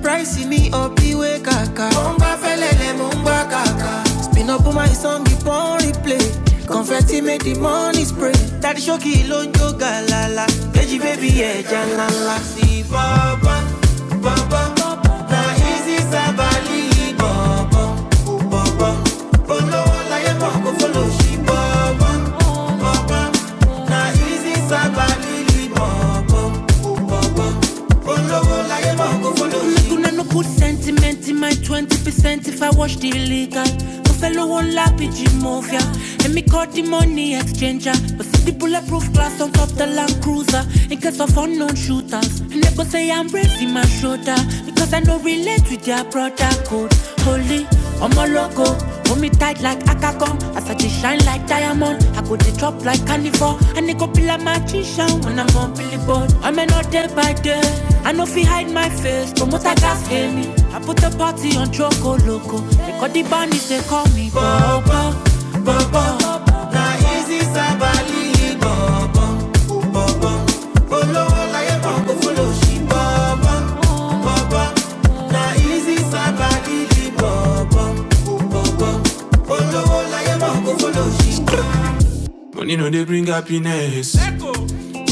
price ní ọbíwé kàkà mo ń gbá fẹ́lẹ́lẹ̀ mo ń kàkà spin up on my song pon replay confetti make the money spray Daddy ṣókì ló ń jó Baby, baby, yeah, ẹja la. sí bọ́bọ́ bọ́bọ́ na easy sábàlì ìbò olówó láyé mọ̀ kó fọlọ́ sí bọ́bọ́ easy sábàlì. Kuna no good, move up the Land Cruiser in case of unknown shooters. And they go say I'm raising my shoulder because I with their barcode. Holy, I'm on go. Hold me tight like Akakon, as like diamond. I go they drop like carnivore, and they go plan when I'm on billboard. I'm an all day by day.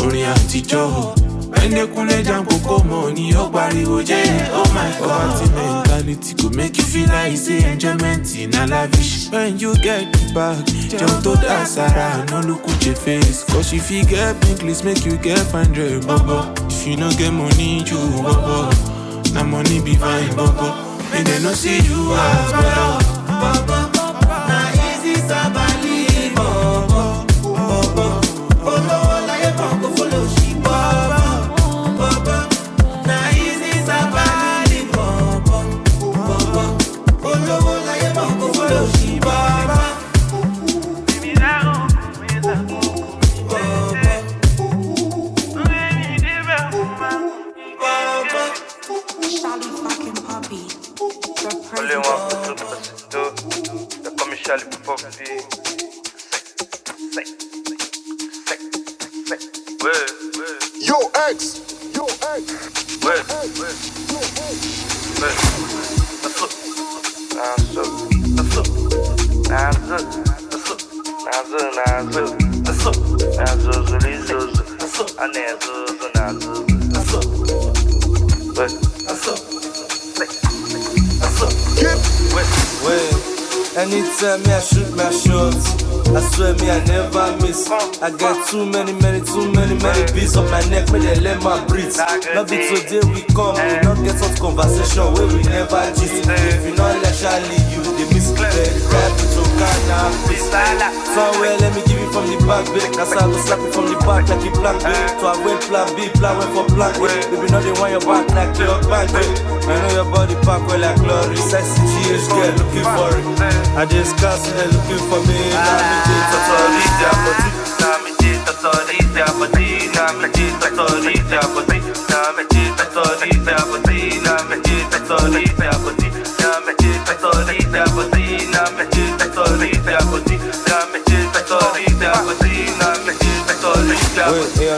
orin àtijọ́ ẹ̀ẹ́dẹ́kunlé janko kò mọ̀ ni Oh, pariwo jẹ́ oh my god. Poverty mentality go make you feel like say enjoyment na lavish. When you get back, jump to the bag, jẹun tó dá sára àná ló kù jẹ face. Cause if you fit get pink list make you get fine jẹ bọ́bọ́. If you no get money, you bọ́bọ́. Na money be fine bọ́bọ́. Make dem no see you as balisa balibo. Only one for two, two. They call me Charlie Puff Puff. Say, say, say, say. Word, word, word, word. The flip. Nah, so. The flip. Nah, zo. The flip. Nah, zo, nah, zo. The flip. Nah, zo, zo, li, zo, zo. The flip. Ah, nah, zo, zo, nah, zo, zo. The flip. Word. The flip. Say, say. Wait, anytime me I shoot my shots. I swear me I never miss. I got too many, many, too many, many beats up my neck, me they let my breathe. Not be today we come, we not get such conversation where we never gist. If you not let Charlie, you they miss the to Ghana. So well, let me give you from the back, babe. That's how I go slap you from the back like you plank, babe. So I went plan B, plan went for plan A. Baby, now they want your back like your back, babe. I know your body pack well like glory. Sexy GH girl looking for it. I just cast it, looking for me. Now me take for sorry, yeah, but you. Now me take for sorry, yeah, but you. Now me take for sorry, yeah, but you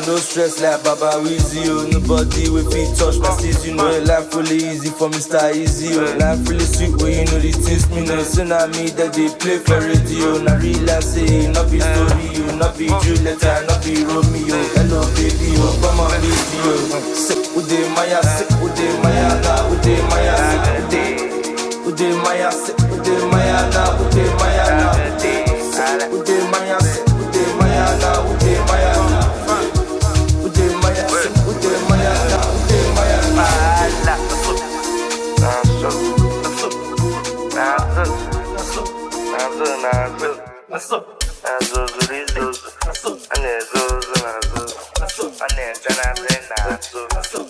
no stress like Baba Weezy oh. Nobody with feet touch my seats You know life really easy for me star easy oh. Life really sweet when well, you know the things me know Tsunami that they play for radio Now realize say not be story you Not be Juliet, not be Romeo Hello baby oh, come on baby oh. Ude maya se, ude maya da, ude maya se, ude. Ude maya se, ude maya da, ude maya da. Ude maya se, ude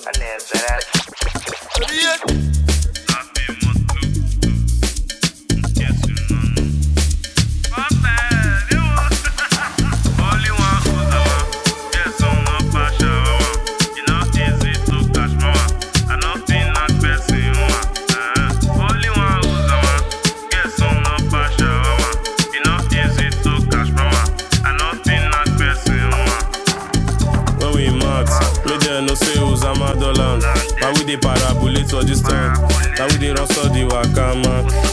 maya da. But we dey parabolate for this town. Now we dey run so the waka man.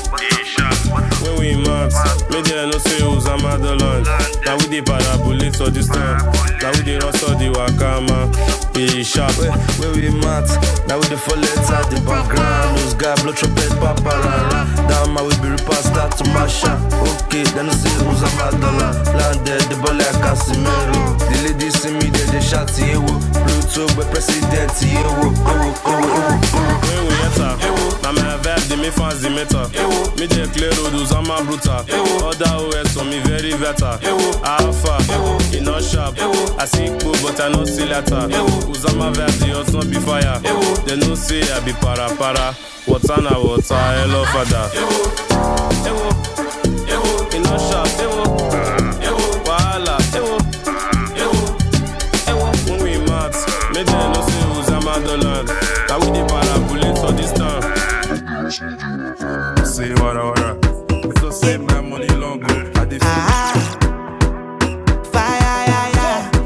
When we months, media no sales, I'm at the lunch. Now we dey parabolate all this time. Now we dey rustle the wakama. Be sharp, When we mat, now we dey fall legs the background Those guy blow trumpet, paparara Down my way, be repass, start to mash up Okay, then you see who's a bad dollar Landed, the ball like Casimiro The ladies see me, they, dey shout, yewo Pluto, but president, yewo Owo, owo, owo, owo bruta Na my vibe dey make fans dey meta Me dey clear road use am and bruta Other OS on me very better Alpha, e no sharp I see kpo but I no see letter Use am and vibe dey hot no be fire they no say I be para para Water na water, hello father E no sharp, wahala When we mat, make dem know say Uzama Dolan Na we dey parabulate for this time. Say what I want. So say my money long Ah, fire, yeah, yeah.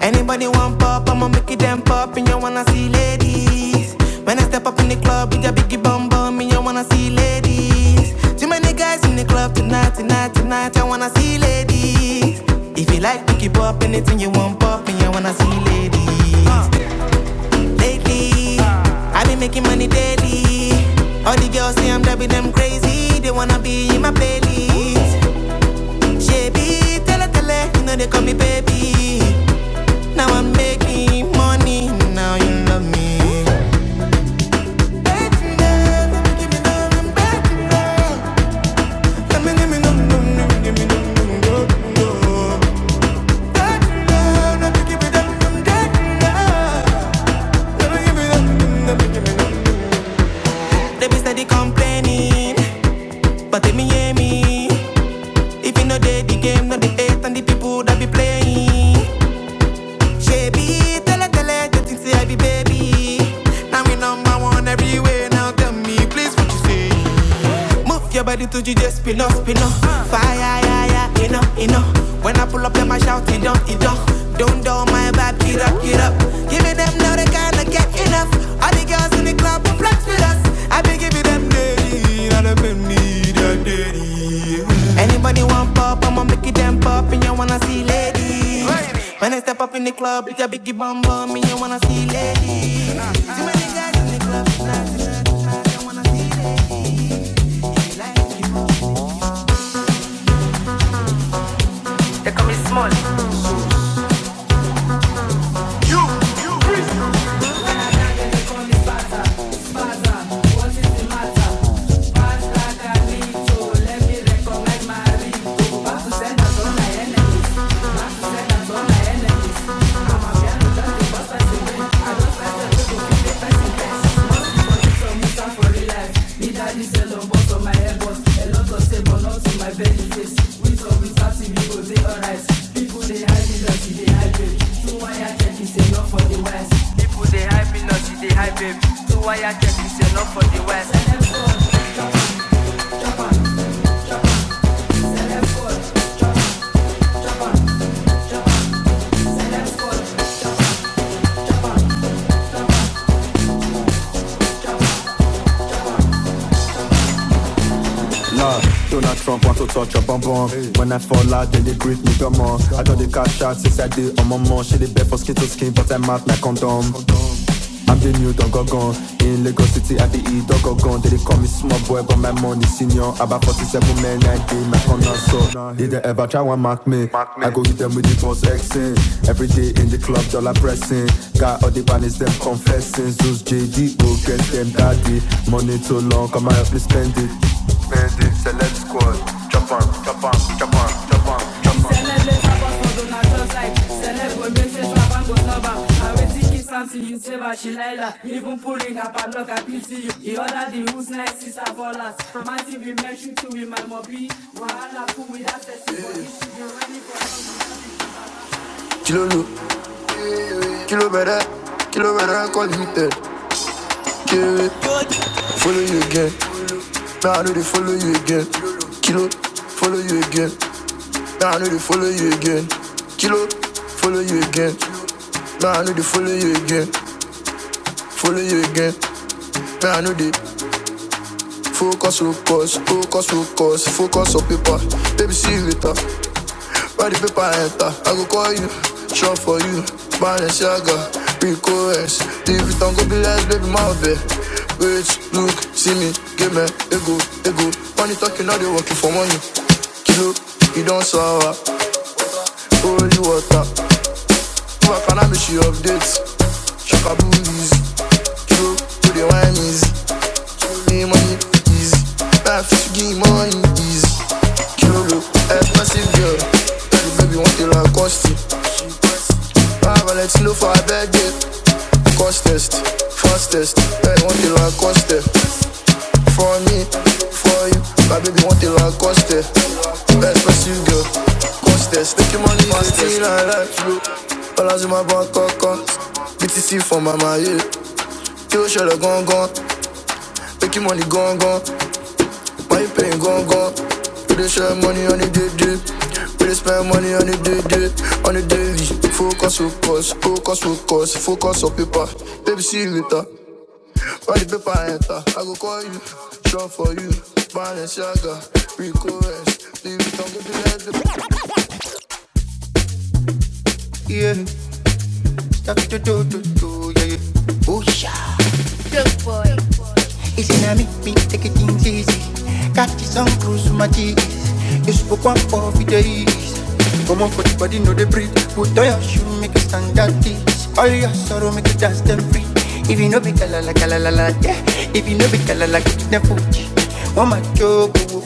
Anybody want pop, I'ma make it them pop. And you wanna see ladies. When I step up in the club, with a biggie bum bum. And you wanna see ladies. Too many guys in the club tonight, tonight, tonight. I wanna see ladies. If you like, pick it up, anything you want pop. And you wanna see ladies. Uh. Lately, i been making money daily. All the girls say I'm driving them crazy. They wanna be in my playlist. Shabby, tele tele, you know they call me baby. Now I'm making money. Now you love me. Baby, love, give me love, baby, love. Let me, give me love, give me love, love, love, love. give me love, love, baby, love. Let give me love, love, me love. They be steady complaining. But tell me, hear me. If you know they the game, not the eight and the people that be playing. Shabby, tell her, tell her, just think say I be baby. Now we number one everywhere. Now tell me, please, what you say? Move your body to you just spin up, spin up. Fire, yeah, yeah, yeah, you know, you know. When I pull up, them I shout, it don't, it don't. Don't do my vibe, get up, get up. Giving them now they cannot get enough. All the girls in the club will flex with us. I be giving them daddy, not a penny, that daddy. Anybody want pop, I'ma make it them pop, and you wanna see ladies. When I step up in the club, it's a biggie bum bum, and you wanna see ladies. Nah, Donald Trump want to touch your bum bum. When I fall out, then they greet me, come on. I do the they cash out since I did on my mom. She the best for skin to skin, but I'm out my condom. I'm the new dog gone In Lagos City, I be eat dog gone They dey call me small boy, but my money senior. About 47 men, I dey my corner. So, did they ever try one mark me? I go hit them with the boss Xing. Every day in the club, dollar pressing. Got all the banners, them confessing. Zeus JD, go get them daddy. Money too long, come I help me spend it. Jump on, jump on, jump on. Let's have us on Donatello's life. Celeb will make face rap and go sober. I will see kiss and see you saver Shilella. Even pulling up a lock at you. The other the who's nice is a us. From my TV, make you to with my mobby. Wahala fool with that sexy body. Kilolo, kilo better, kilo better, call you tell. Kill follow you again. Now I know they follow you again. Kilo, follow you again. Now I know they follow you again. Kilo, follow you again. Now I know they follow you again. Follow you again. Now I know they focus, focus, focus, focus, focus on paper. Baby, see you later. Buy the paper, enter. I go call you. Shop for you. Balenciaga, Rico S. If it don't go be less, baby, my bed. Wait, look, see me, give me, ego, ego. Money talking, now they working for money. Kilo, you don't sour. Holy water. Fuck and I make she updates. Shaka boobies. Kilo to the wine is. Give me money is. Life is give me money is. Kilo expensive girl. Tell the baby want to like the Lacoste. Five let's look for a bad day fastest, fastest. Hey, want the Lacoste for me, for you. My baby want the Lacoste. Hey, first you go, costest. Take your money, fastest. I like you. Balance in my bank account, BTC for my money. Kill shell a gone gone, make your money gone gone. Why you paying gone gone? We dey share money on the day day. We dey spend money on the day day, on the daily. Focus, focus, focus, focus, focus on paper. Baby, see you later. All the paper I enter, I go call you. Shop for you, Balenciaga, Rico S. Leave it on the left. Yeah, that do do do do, yeah, yeah. Oh, yeah. It's in me, me take it easy. Got you some cruise my cheese. You spoke one for the days. Come on for the body, know the breathe. Put on your shoe, make you stand at this. All your sorrow, make you dance them free. If you know be kalala kalala la, yeah. If you know be kalala, get them put. One my jogo,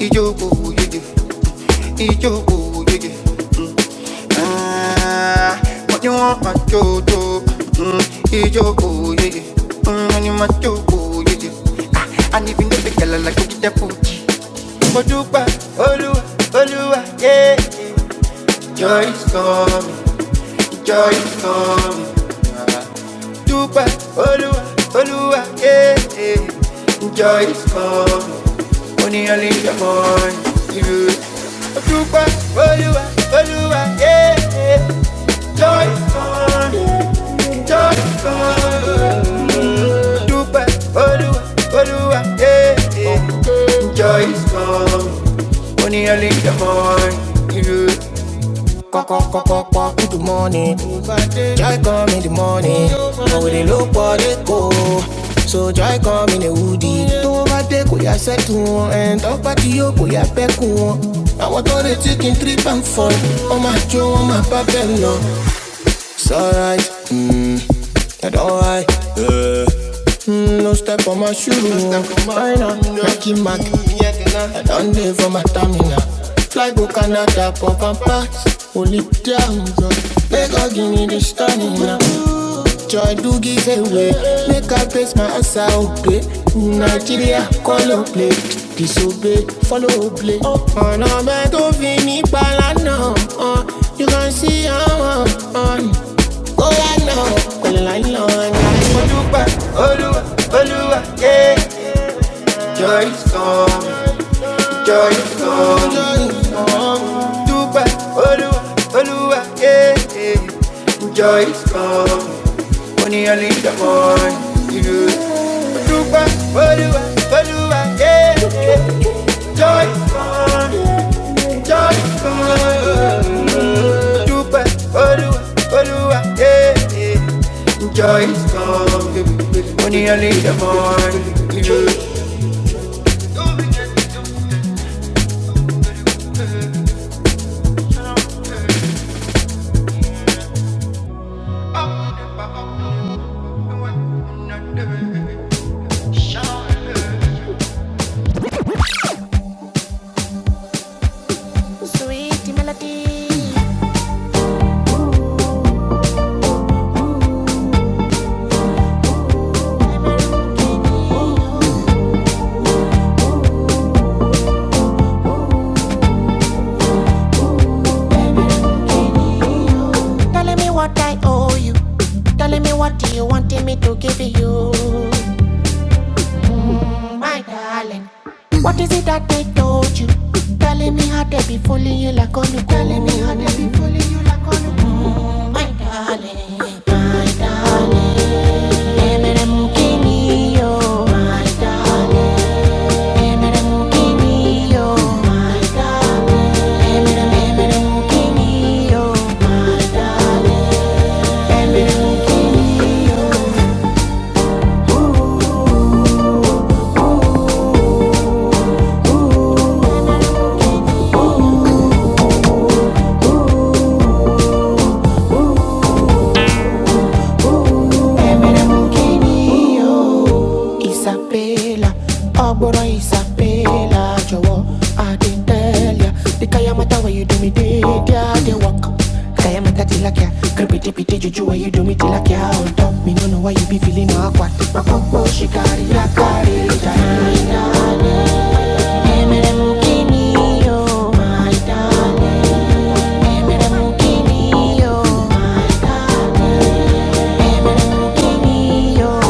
ijogo, you do. Ijo, ooh, yeah, yeah. Mm. Ah, what you want, my jojo? Mm. Ijo, ooh, yeah, yeah. Mm, and you my jojo, yeah, yeah. Ah, and if you know the girl, like you. get that booty. Odupa, Olua, Olua, yeah, yeah. Joy is coming, joy is coming. Dupa, Olua, Olua, yeah, yeah. Joy is coming, only only your mind, you. Odupa, Olua, Olua, yeah. yeah. joy, joy, come. Dubai, Olúwa, Olúwa, eh, eh. Joy is coming, only early in the morning. You Kọ́kọ́ kọ́kọ́ pọ́n into morning. Joy come in the morning. Mo wèrè ló pọ̀ go? So joy come in a woody. Tówó bá dé kò yá sẹ́tù wọn. Ẹ̀ǹtọ́ bá ti yóò what yá pẹ́kù wọn. Àwọn tó retí kí n three pound fọ. Wọ́n máa jó wọ́n máa bá bẹ́ẹ̀ lọ. It's alright, I do Mm, no step on my shoe. No step on my Nike Mac. I don't live for my stamina. Fly go Canada, pop and pass. Holy damn, bro. Make God give me the stamina. Joy do give away. Make I place my ass out play. Nigeria, call up play. Disobey, follow play. On a bed of any balana. You can see I how on kó wá ná pẹ̀lú láìlọ ọ̀nà. mo dúpẹ́ olúwa olúwa yeah. joy is come joy is come dúpẹ́ olúwa olúwa yeah, yeah. joy is coming ó ní in the morning ìlú dúpẹ́ olúwa olúwa yeah, yeah. joy is coming joy is coming dúpẹ́ olúwa olúwa yeah, yeah. joy is coming ó ní in the morning ìlú. Sweet melody. Telling me what I owe you. Telling me what you wanted me to give you. My darling. What is it that they told you? Telling me how they be fooling you like on you. Telling me how they be fooling you like on My darling. My darling. Emere mukini My darling. Emere mukini My darling. Emere emere My darling. Emere mukini Emere mokini o Isabela Ogboro Isabela Jowo I dey tell ya The kaya mata where you do me dey Dia dey walk Kaya mata tilapia Creepy dippy dey juju where you do me tilapia On top me no know why you be feeling no awkward My popo shikari carry ya Emere mokini o My Emere mokini o Mokini o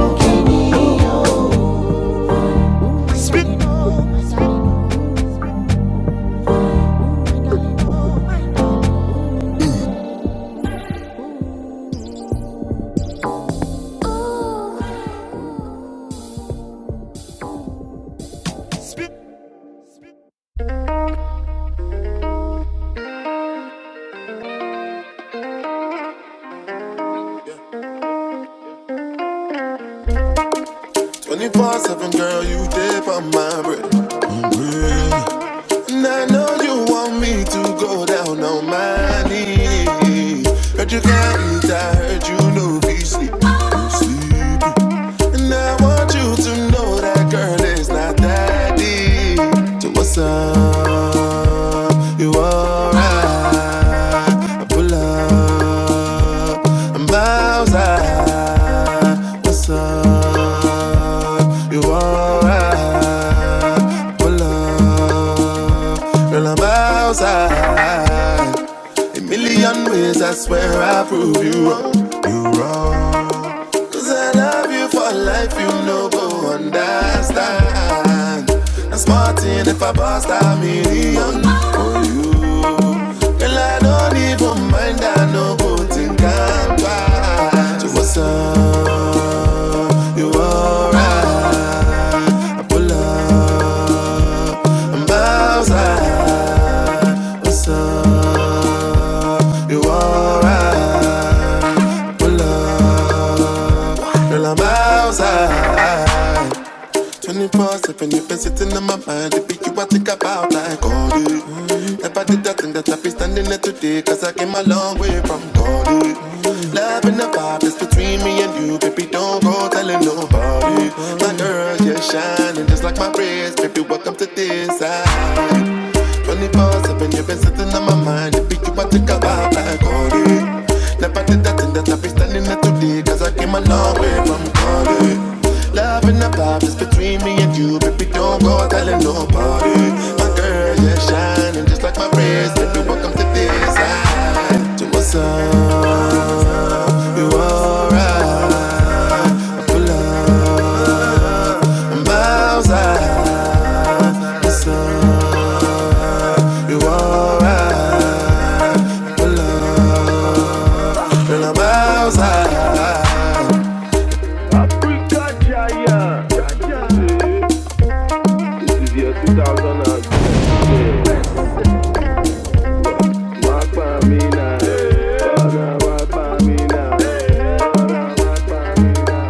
Mokini 24 7, girl, you dip on my bread. And I know you want me to go down on my knees. Heard you can't I heard you know be sleep, no sleep. And I want you to know that girl is not that deep. So what's up? You alright? I pull up, I'm outside. What's up? You alright? I pull up. Million ways I won't have you go understand. I'm smart in if I bust a million. I don't even mind, I no good thing can pass. So what's up? You alright? Pull up, I'm outside. What's up? You alright? Pull up, girl, I'm outside. 24 7, you've been sitting in my mind. If you are think about like all day. Never did that thing that I be standing here today. Cause I came a long way from God. eh. Love and the vibe is between me and you, baby. Don't go telling nobody. My girl, you're shining just like my wrist. Baby, welcome to this side. 24 7, you've been sitting on my mind. If you want to come out like Cody, never did that thing that I be standing there today. Cause I came a long way from Cody. Love and the vibe is between me and you, baby. Don't go telling nobody. This is your 2010. Walk by me now. Father, walk by me now. Father, walk by me now.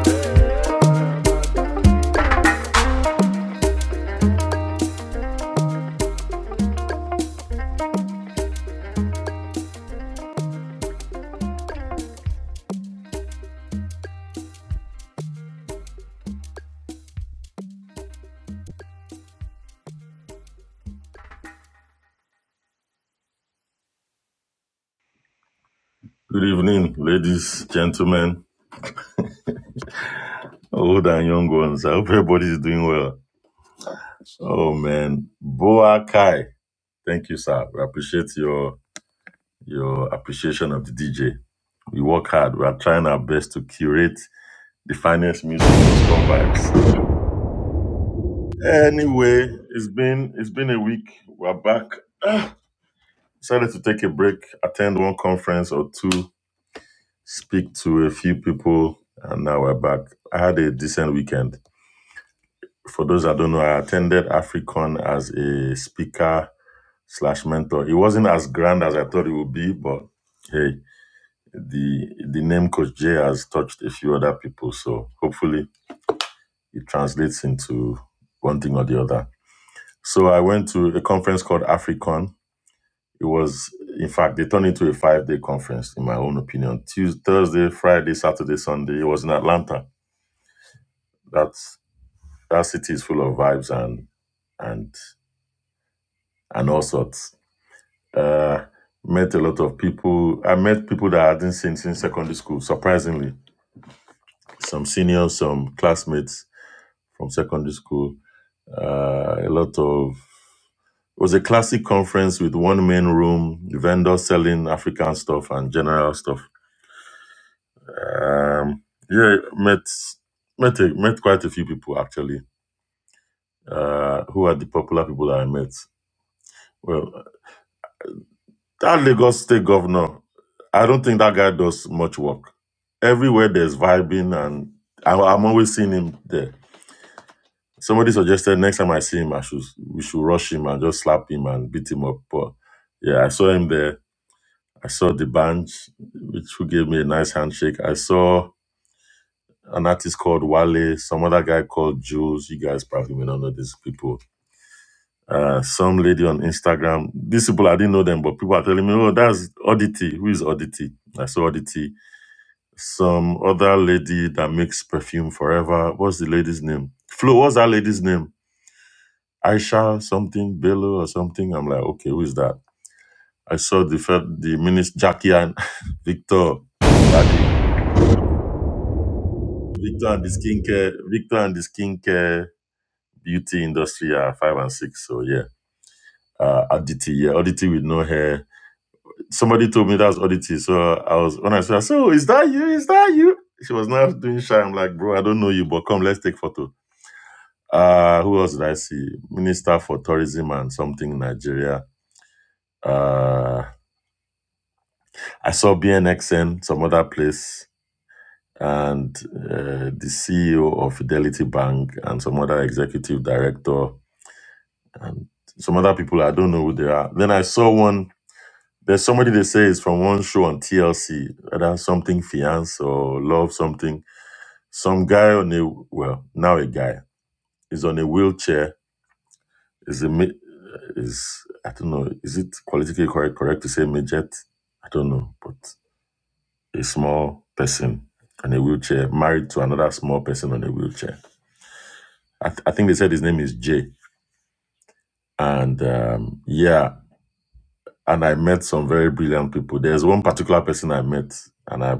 Good evening, ladies, gentlemen, old and young ones. I hope everybody's doing well. Oh man, Boa Kai, thank you, sir. We appreciate your your appreciation of the DJ. We work hard. We are trying our best to curate the finest music for Scum Vibes. Anyway, it's been it's been a week. We're back. Ah, decided to take a break, attend one conference or two, speak to a few people, and now we're back. I had a decent weekend for those that don't know, I attended Africon as a speaker slash mentor. It wasn't as grand as I thought it would be, but hey, the the name Coach J has touched a few other people, so hopefully it translates into one thing or the other. So I went to a conference called Africon. It was, in fact, they turned into a five day conference, in my own opinion. Tuesday, Thursday, Friday, Saturday, Sunday. It was in Atlanta. That's that city is full of vibes and and and all sorts. Uh, met a lot of people. I met people that I hadn't seen since secondary school, surprisingly. Some seniors, some classmates from secondary school. Uh, a lot of. It was a classic conference with one main room, vendors selling African stuff and general stuff. Um, yeah, met met a, met quite a few people actually. Uh, who are the popular people that I met? Well. That Lagos State governor, I don't think that guy does much work. Everywhere there's vibing, and I, I'm always seeing him there. Somebody suggested next time I see him, I should we should rush him and just slap him and beat him up. But yeah, I saw him there. I saw the band, which who gave me a nice handshake. I saw an artist called Wale, some other guy called Jules. You guys probably may not know these people. Uh, some lady on Instagram. These people I didn't know them, but people are telling me, "Oh, that's Oddity. Who is Oddity?" I saw Oddity some other lady that makes perfume forever. What's the lady's name? Flo, what's that lady's name? Aisha something, Bello or something. I'm like, okay, who is that? I saw the fir- the minister Jackie and Victor Badi. Victor and the skincare, Victor and the skincare beauty industry are five and six. So yeah. Uh, Aditi, yeah, Aditi with no hair. Somebody told me that's Aditi. So I was when I said, So is that you? Is that you? She was not doing shy. I'm like, bro, I don't know you, but come, let's take photo. Uh, who else did I see? Minister for Tourism and something in Nigeria. Uh, I saw BNXN, some other place, and uh, the CEO of Fidelity Bank and some other executive director and some other people. I don't know who they are. Then I saw one. There's somebody they say is from one show on TLC, whether something fiance or love something. Some guy on a well now a guy is on a wheelchair Is it mi- is I don't know. Is it politically correct correct to say midget? I don't know, but a small person on a wheelchair married to another small person on a wheelchair. I, th- I think they said his name is Jay, and um, yeah, and I met some very brilliant people. There's one particular person I met, and I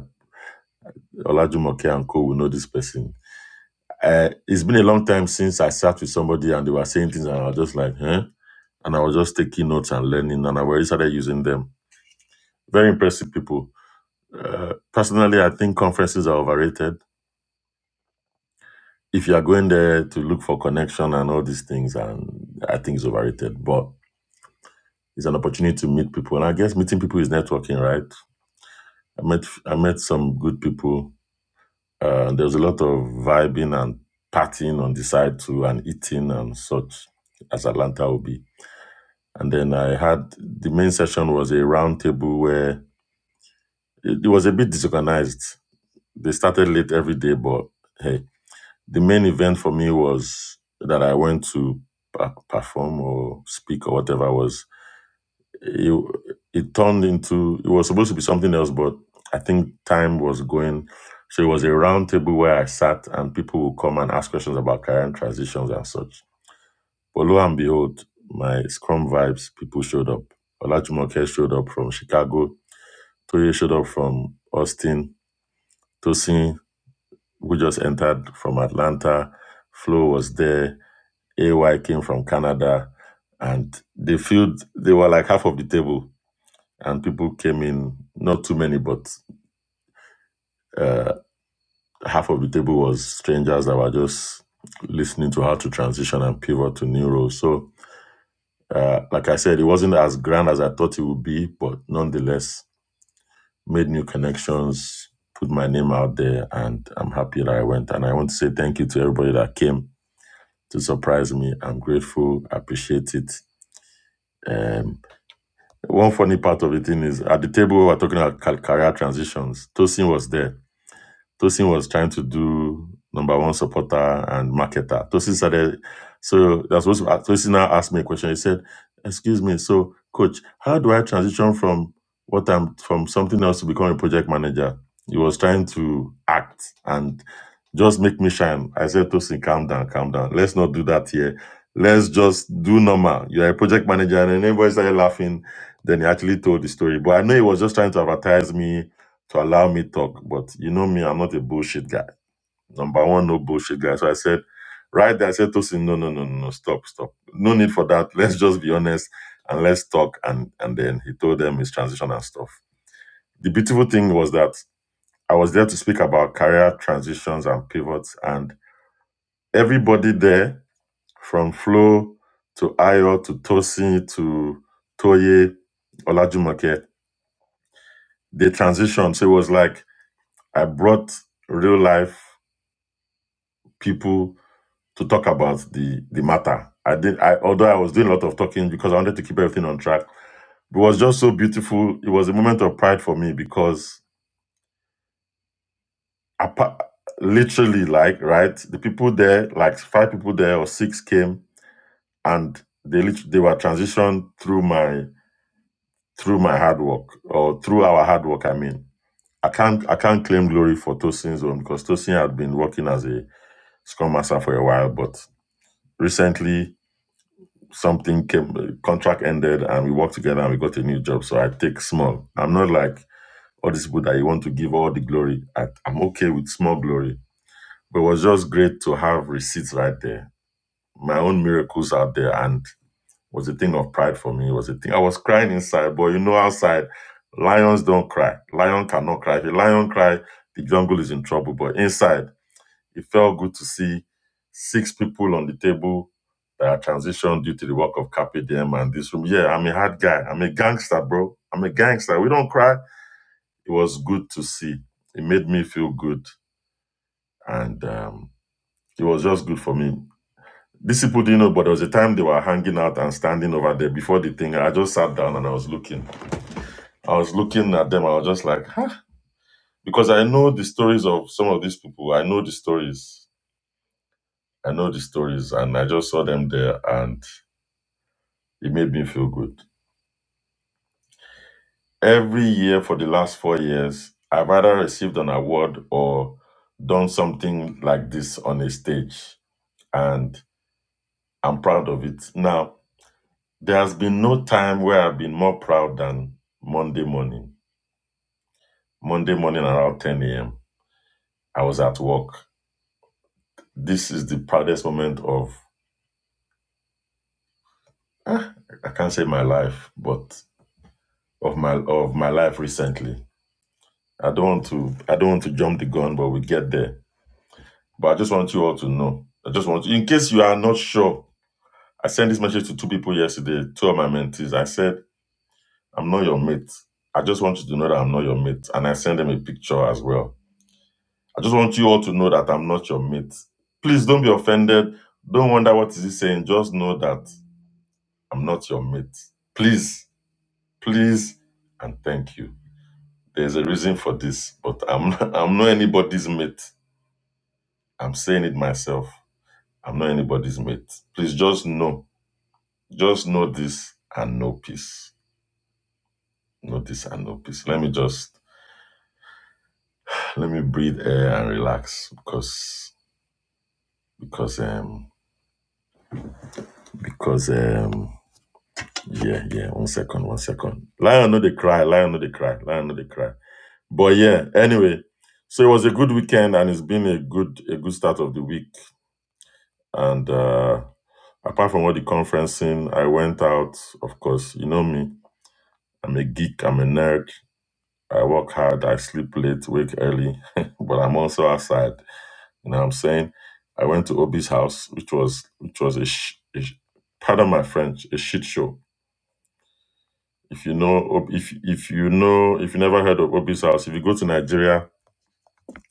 Olajumoke and Co will know this person. Uh, it's been a long time since I sat with somebody and they were saying things, and I was just like, huh? And I was just taking notes and learning, and I already started using them. Very impressive people Uh, personally, I think conferences are overrated. If you are going there to look for connection and all these things, and I think it's overrated, but it's an opportunity to meet people. And I guess meeting people is networking, right? I met I met some good people. Uh, there was a lot of vibing and partying on the side too, and eating and such as Atlanta will be. And then I had the main session was a round table where it, it was a bit disorganized. They started late every day, but hey, The main event for me was that I went to pa- perform or speak or whatever was it, it turned into it was supposed to be something else, but I think time was going. So it was a round table where I sat and people would come and ask questions about career and transitions and such. But lo and behold, my Scrum vibes people showed up. Olajumoke showed up from Chicago. Toye showed up from Austin. Tosin, who just entered from Atlanta. Flo was there. AY came from Canada, and they filled. They were like half of the table, and people came in. Not too many, but uh, half of the table was strangers that were just listening to how to transition and pivot to new roles. So, uh, like I said, it wasn't as grand as I thought it would be, but nonetheless, made new connections, put my name out there, and I'm happy that I went. And I want to say thank you to everybody that came to surprise me. I'm grateful, appreciate it. Um, One funny part of the thing is at the table we were talking about ca- career transitions, Tosin was there. Tosin was trying to do number one supporter and marketer. Tosin started, so that's what uh, Tosin now asked me a question. He said, "Excuse me, so coach, how do I transition from what I'm from something else to become a project manager?" He was trying to act and just make me shine. I said, Tosin, calm down, calm down. Let's not do that here. Let's just do normal. You're a project manager, and then everybody started laughing. Then he actually told the story, but I know he was just trying to advertise me to allow me talk. But you know me, I'm not a bullshit guy. Number one, no bullshit guy. So I said, right there, I said Tosin, no, no, no, no, no, stop, stop. No need for that. Let's just be honest and let's talk. And and then he told them his transition and stuff. The beautiful thing was that I was there to speak about career transitions and pivots, and everybody there, from Flo to Ayo to Tosin to Toye Olajumoke, they transitioned. So it was like I brought real life people to talk about the the matter. I did I although I was doing a lot of talking because I wanted to keep everything on track. It was just so beautiful. It was a moment of pride for me because apa- literally like right the people there like five people there or six came and they lit- they were transitioned through my through my hard work or through our hard work I mean. I can't I can't claim glory for Tosin's own because Tosin had been working as a scrum master for a while but recently something came contract ended and we worked together and we got a new job so i take small i'm not like all these people that you want to give all the glory I, i'm okay with small glory but it was just great to have receipts right there my own miracles out there and was a thing of pride for me it was a thing i was crying inside but you know outside lions don't cry lion cannot cry if a lion cry the jungle is in trouble but inside it felt good to see six people on the table that are transitioned due to the work of Carpe Diem and this room. Yeah, I'm a hard guy. I'm a gangster, bro. I'm a gangster. We don't cry. It was good to see. It made me feel good. And um, it was just good for me. These people didn't know, but there was a time they were hanging out and standing over there before the thing. I just sat down and I was looking. I was looking at them. I was just like, huh? Because I know the stories of some of these people. I know the stories. I know the stories. And I just saw them there. And It made me feel good. Every year for the last four years, I've either received an award or done something like this on a stage, and I'm proud of it. Now, there has been no time where I've been more proud than Monday morning. Monday morning around 10 a.m., I was at work. This is the proudest moment of, ah, I can't say my life, but of my of my life recently. I don't want to I don't want to jump the gun, but we get there But I just want you all to know. I just want, in case you are not sure, I sent this message to two people yesterday, two of my mentees. I said, I'm not your mate. I just want you to know that I'm not your mate. And I sent them a picture as well. I just want you all to know that I'm not your mate. Please don't be offended. Don't wonder what is he saying. Just know that I'm not your mate. Please, please, and thank you. There's a reason for this, but I'm I'm not anybody's mate. I'm saying it myself. I'm not anybody's mate. Please just know Just know this and know peace. Know this and know peace. Let me just let me breathe air and relax because because um because um yeah yeah one second one second lion know they cry lion know they cry lion know they cry but yeah anyway so it was a good weekend and it's been a good a good start of the week and uh apart from all the conferencing i went out of course you know me i'm a geek i'm a nerd I work hard, I sleep late, wake early, but I'm also outside. You know what I'm saying? I went to Obi's house, which was which was a, sh- a sh- pardon my French, a shit show. If you know, Ob- if if you know, if you never heard of Obi's house, if you go to Nigeria,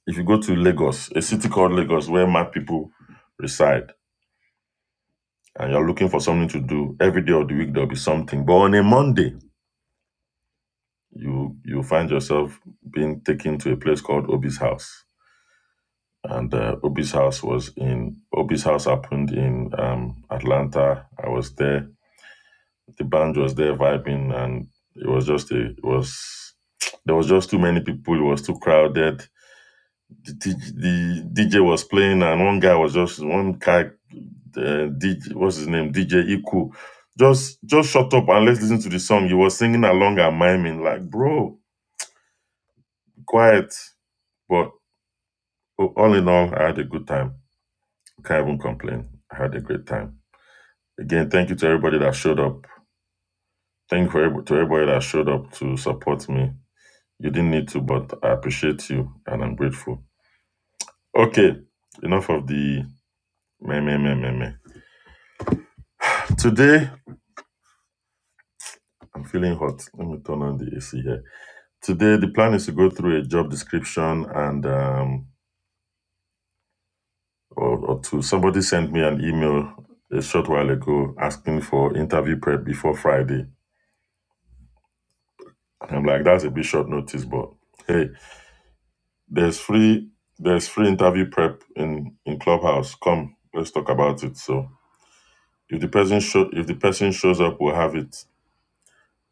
if you go to Lagos, a city called Lagos where mad people reside, and you're looking for something to do every day of the week, there'll be something. But on a Monday, you you find yourself being taken to a place called Obi's house and uh, Obi's house was in Obi's house happened in um, Atlanta. I was there. The band was there vibing, and it was just a, it was there was just too many people. It was too crowded. The, DJ the DJ was playing, and one guy was just one guy. Uh, DJ, what's his name? DJ Iku. Just just shut up and let's listen to the song. He was singing along and miming like, bro, quiet. But oh, all in all, I had a good time. Can't even complain. I had a great time. Again, thank you to everybody that showed up. Thank you for every- to everybody that showed up to support me. You didn't need to, but I appreciate you and I'm grateful. Okay, enough of the meh, meh, meh, meh, meh. Today, I'm feeling hot. Let me turn on the AC here. Today, the plan is to go through a job description and um, or, or to somebody sent me an email a short while ago asking for interview prep before Friday. And I'm like, that's a bit short notice, but hey. There's free there's free interview prep in in Clubhouse. Come, let's talk about it. So if the person show if the person shows up, we'll have it.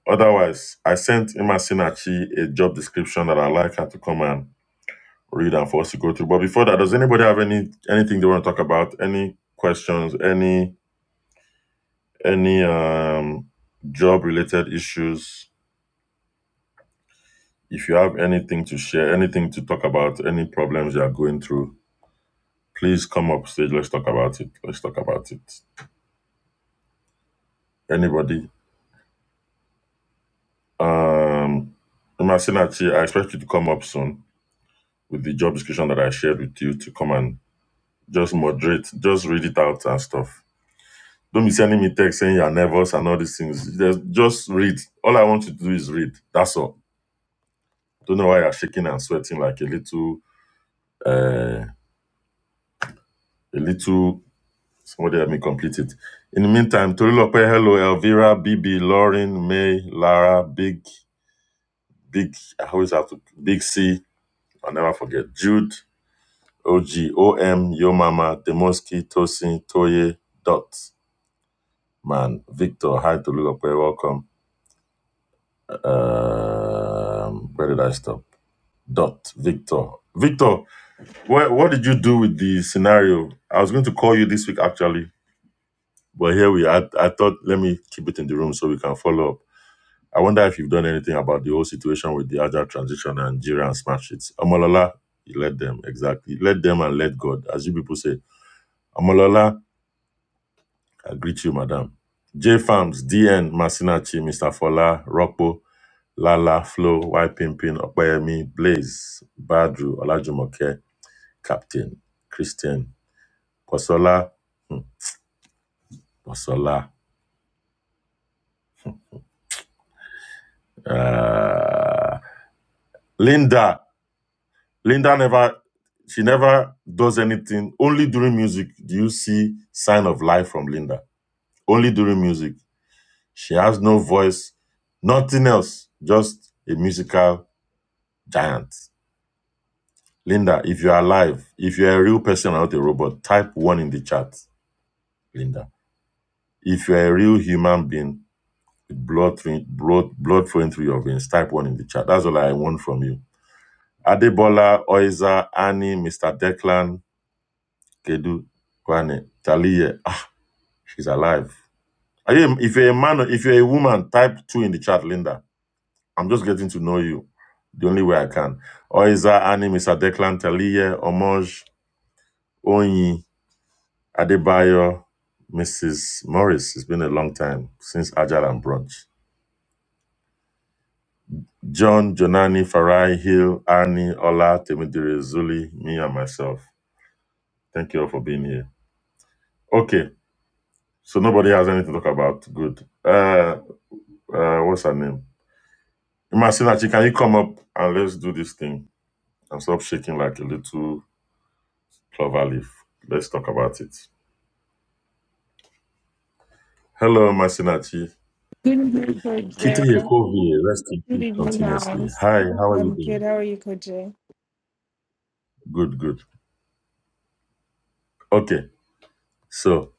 Otherwise, I sent Emma Sinachi a job description that I'd like her to come and read and for us to go through. But before that, does anybody have any anything they want to talk about? Any questions? Any any um job related issues? If you have anything to share, anything to talk about, any problems you are going through, please come up stage. Let's talk about it. Let's talk about it. Anybody? Um, Masinachi, I expect you to come up soon with the job description that I shared with you to come and just moderate, just read it out and stuff. Don't be sending me text saying you're nervous and all these things. Just, just read. All I want you to do is read. That's all. Don't know why you're shaking and sweating like a little, uh, a little. Somebody help me complete it. In the meantime, Torilope, hello, Elvira, BB, Lauren, May, Lara, Big, Big, I always have to, Big C, I'll never forget, Jude. O G O M Yo Mama, Demoski, Tosin, Toye, Dot, Man, Victor, hi to Lulope, welcome. Um, where did I stop? Dot, Victor. Victor, what, what did you do with the scenario? I was going to call you this week actually, but here we are. I, I thought, let me keep it in the room so we can follow up. I wonder if you've done anything about the whole situation with the agile transition and Jira and Smash it. Amalola, you let them, exactly. Let them and let God, as you people say. Amalola, I greet you, madam. J Farms, DN, Masinachi, Mr. Fola, Rocco, Lala, Flo, Y Pimpin, Opeyemi, Blaze, Badru, Olajumoke, Captain, Christian, Posola, hmm, Posola, uh, Linda. Linda never, she never does anything. Only during music do you see sign of life from Linda. Only during music. She has no voice, nothing else, just a musical giant. Linda, if you're alive, if you're a real person and not a robot, type one in the chat, Linda. If you're a real human being with blood, blood, blood flowing through your veins, type one in the chat. That's all I want from you. Adebola, Oiza, Annie, Mr. Declan, Kedu, Kwane, Talie. Ah, she's alive. Are you, if you're a man, or if you're a woman, type two in the chat, Linda. I'm just getting to know you the only way I can. Oiza, Annie, Mr. Declan, Talie, Omoj, Onyi, Adebayo, Mrs. Morris, it's been a long time since Agile and Brunch. John, Jonani, Farai, Hill, Annie, Ola, Temidire, Zuli, me and myself. Thank you all for being here. Okay, so nobody has anything to talk about. Good. Uh, uh what's her name? Imacinachi, can you come up and let's do this thing and stop shaking like a little clover leaf? Let's talk about it. Hello, Masinachi. Good evening, Coach Kite Jay. yekovi rest in Good peace evening, continuously. House. Hi, how are you I'm good. doing? How are you, Coach Jay? Good, good. Okay, so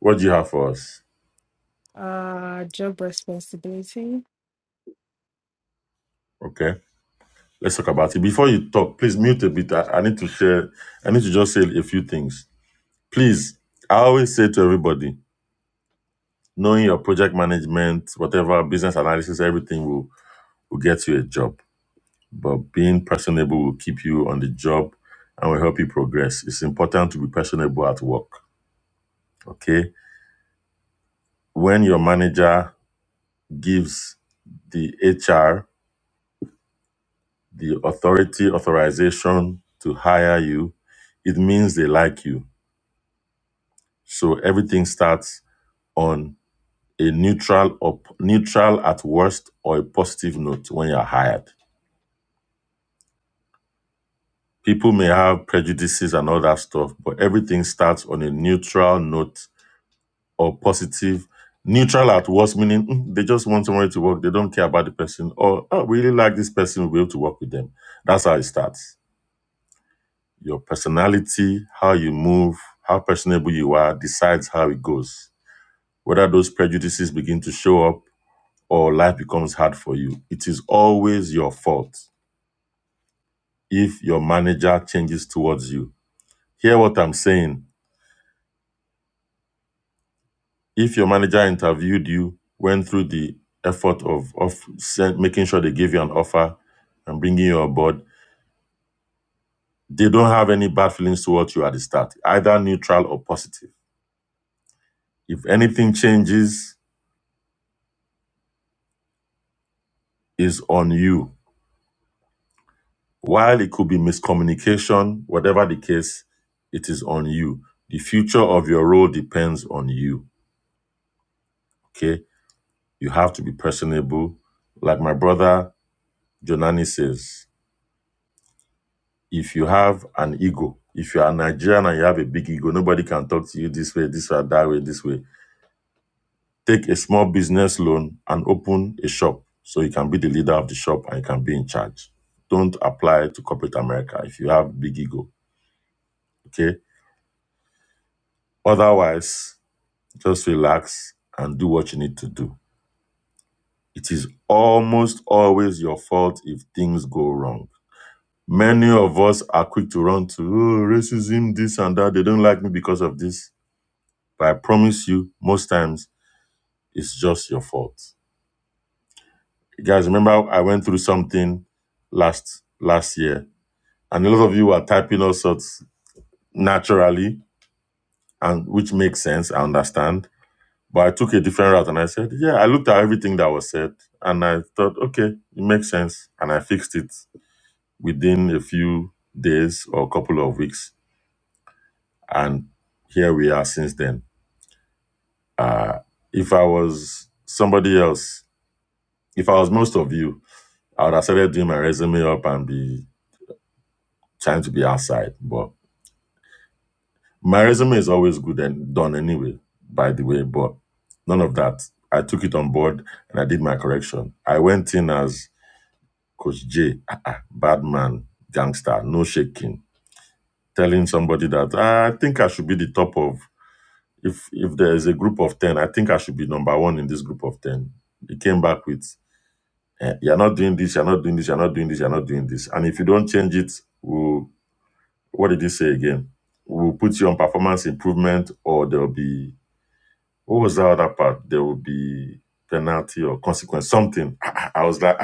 what do you have for us? Uh, job responsibility. Okay, let's talk about it. Before you talk, please mute a bit. I, I need to share, I need to just say a few things. Please, I always say to everybody, knowing your project management, whatever business analysis, everything will, will get you a job. But being personable will keep you on the job and will help you progress. It's important to be personable at work. Okay, when your manager gives the HR the authority authorization to hire you, it means they like you. So everything starts on a neutral or p- neutral at worst or a positive note when you're hired. People may have prejudices and all that stuff, but everything starts on a neutral note or positive. Neutral at worst, meaning "Mm, they just want somebody to work. They don't care about the person, or oh, we really like this person. We'll be able to work with them. That's how it starts Your personality, how you move, how personable you are decides how it goes. Whether those prejudices begin to show up or life becomes hard for you, it is always your fault if your manager changes towards you. Hear what I'm saying. If your manager interviewed you, went through the effort of, of send, making sure they give you an offer and bringing you aboard, they don't have any bad feelings towards you at the start, either neutral or positive. If anything changes, is on you While it could be miscommunication, whatever the case, it is on you. The future of your role depends on you. Okay? You have to be personable. Like my brother Jonani says, if you have an ego, if you are Nigerian and you have a big ego, nobody can talk to you this way, this way, that way, this way. Take a small business loan and open a shop so you can be the leader of the shop and you can be in charge. Don't apply to corporate America if you have big ego. Okay? Otherwise, Just relax and do what you need to do. It is almost always your fault if things go wrong. Many of us are quick to run to oh, racism, this and that. They don't like me because of this. But I promise you, most times it's just your fault. You guys, remember I went through something last last year, and a lot of you are typing all sorts naturally, and which makes sense. I understand But I took a different route and I said, yeah, I looked at everything that was said and I thought, okay, it makes sense. And I fixed it within a few days or a couple of weeks. And here we are since then. Uh, if I was somebody else, if I was most of you, I would have started doing my resume up and be trying to be outside. But my resume is always good and done anyway, by the way. But none of that. I took it on board and I did my correction. I went in as Coach J, uh-uh, bad man, gangster, no shaking. Telling somebody that "Ah, I think I should be the top of if if there is a group of ten, I think I should be number one in this group of ten. He came back with, eh, "You're not doing this. You're not doing this. You're not doing this. You're not doing this. And if you don't change it, we'll what did he say again? We'll put you on performance improvement, or there will be what was that other part? There will be penalty or consequence, something. I was like,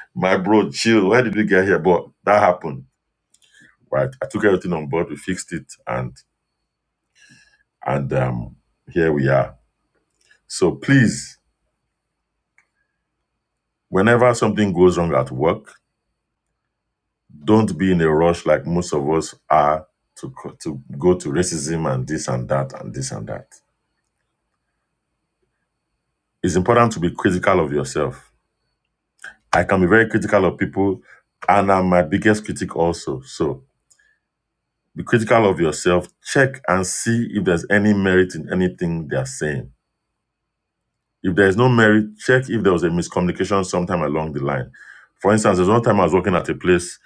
my bro, chill. Where did we get here? But that happened Right? I took everything on board. We fixed it, and and um, here we are. So please, whenever something goes wrong at work, don't be in a rush like most of us are to to go to racism and this and that and this and that. It's important to be critical of yourself. I can be very critical of people, and I'm my biggest critic also. So be critical of yourself. Check and see if there's any merit in anything they are saying If there is no merit, check if there was a miscommunication sometime along the line. For instance, there's one time I was working at a place,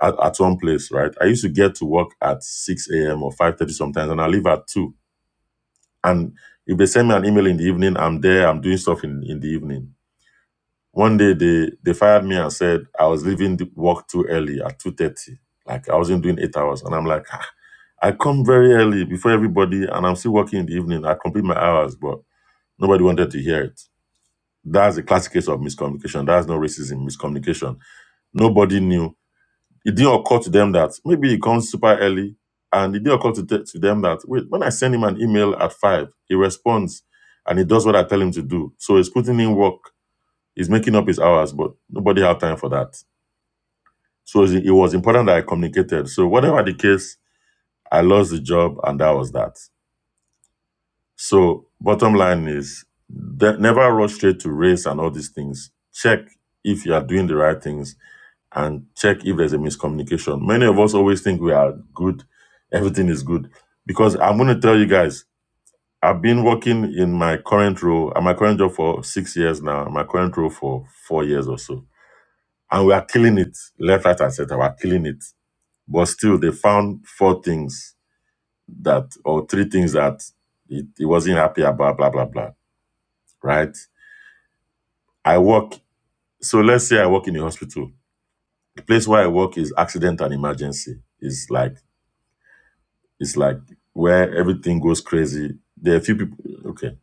at, at one place, right? I used to get to work at 6 a.m. or 5.30 sometimes, and I leave at 2. And if they send me an email in the evening, I'm there, I'm doing stuff in, in the evening. One day, they, they fired me and said I was leaving the work too early at 2.30. Like, I wasn't doing eight hours. And I'm like, "Ah, I come very early before everybody, and I'm still working in the evening. I complete my hours, but nobody wanted to hear it. That's a classic case of miscommunication. That's no racism, miscommunication. Nobody knew. It didn't occur to them that maybe he comes super early, and it didn't occur to, th- to them that wait, when I send him an email at five, he responds and he does what I tell him to do. So he's putting in work. He's making up his hours, but nobody had time for that. So it it was important that I communicated. So whatever the case, I lost the job, and that was that. So bottom line is, de- never rush straight to race and all these things. Check if you are doing the right things and check if there's a miscommunication. Many of us always think we are good, everything is good. Because I'm going to tell you guys, I've been working in my current role, at my current job for six years now, and my current role for four years or so. And we are killing it left, right, and center. We're killing it. But still, they found four things that, or three things that it, it wasn't happy about, blah, blah, blah. Right? I work, so let's say I work in a hospital. The place where I work is accident and emergency. It's like It's like where everything goes crazy. There are a few people. Okay,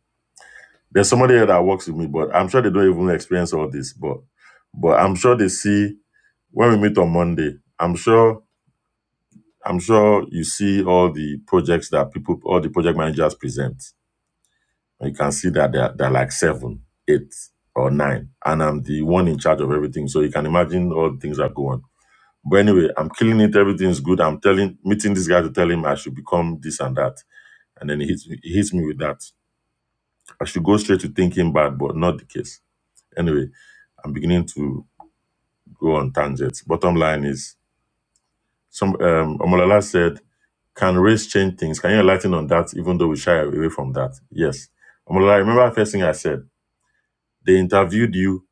there's somebody here that works with me, but I'm sure they don't even experience all this. But but I'm sure they see when we meet on Monday. I'm sure I'm sure you see all the projects that people, all the project managers present. you can see that they're, they're like seven, eight, or nine, and I'm the one in charge of everything. So you can imagine all the things that go on. But anyway, I'm killing it. Everything's good. I'm telling, meeting this guy to tell him I should become this and that. And then he hits, me- he hits me with that. I should go straight to thinking bad, but not the case. Anyway, I'm beginning to go on tangents. Bottom line is, some um, Omolala said, can race change things? Can you enlighten on that, even though we shy away from that? Yes. Omolala, remember the first thing I said? They interviewed you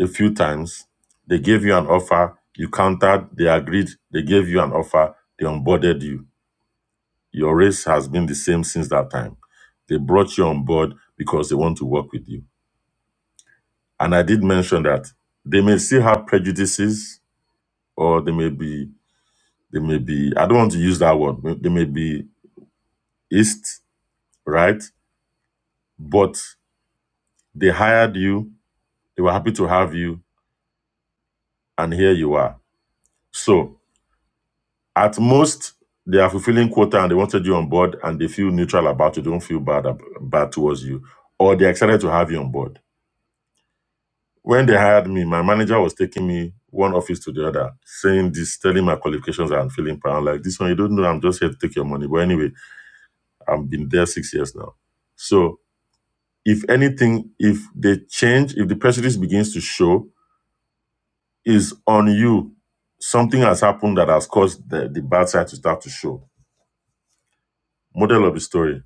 a few times. They gave you an offer. You countered. They agreed. They gave you an offer. They onboarded you. Your race has been the same since that time. They brought you on board because they want to work with you And I did mention that they may still have prejudices, or they may be, they may be. I don't want to use that word. They may be east, right? But they hired you. They were happy to have you, and here you are. So at most, they are fulfilling quota, and they wanted you on board, and they feel neutral about you. They don't feel bad ab- bad towards you, or they're excited to have you on board When they hired me, my manager was taking me one office to the other, saying this, telling my qualifications and feeling proud. I'm Like this one, you don't know, I'm just here to take your money. But anyway, I've been there six years now. So if anything, if they change, if the prejudice begins to show, is on you. Something has happened that has caused the, the bad side to start to show. Model of the story.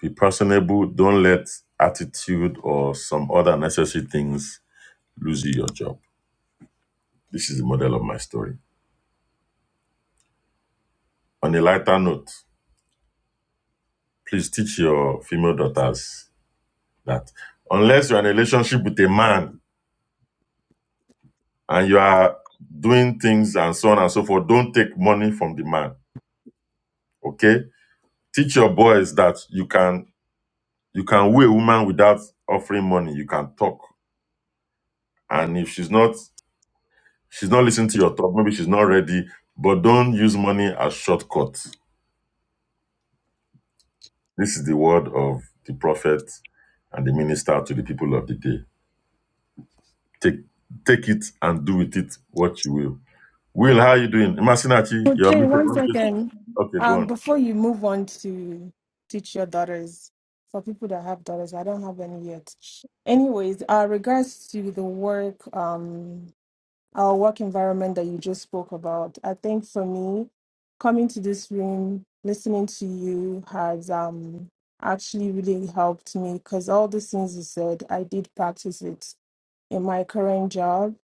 Be personable. Don't let attitude or some other necessary things lose you your job. This is the model of my story. On a lighter note, please teach your female daughters that unless you're in a relationship with a man and you are doing things and so on and so forth, don't take money from the man. Okay? Teach your boys that you can you can woo a woman without offering money. You can talk. And if she's not she's not listening to your talk, maybe she's not ready, but don't use money as shortcut. This is the word of the prophet and the minister to the people of the day. Take take it and do with it what you will. Will, how are you doing? Masinachi, Coach you're Jay, muted. one Let me just- second. Okay, go Um, on. before you move on to teach your daughters, for people that have daughters, I don't have any yet. Anyways, uh, regards to the work, um, our work environment that you just spoke about. I think for me, coming to this room, listening to you has um actually really helped me because all the things you said, I did practice it in my current job.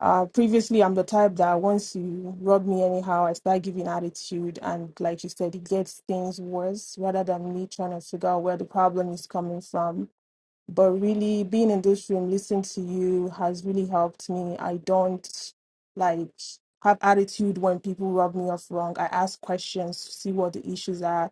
Uh, previously, I'm the type that once you rub me anyhow, I start giving attitude, and like you said, it gets things worse rather than me trying to figure out where the problem is coming from. But really, being in this room, listening to you has really helped me. I don't like have attitude when people rub me off wrong. I ask questions to see what the issues are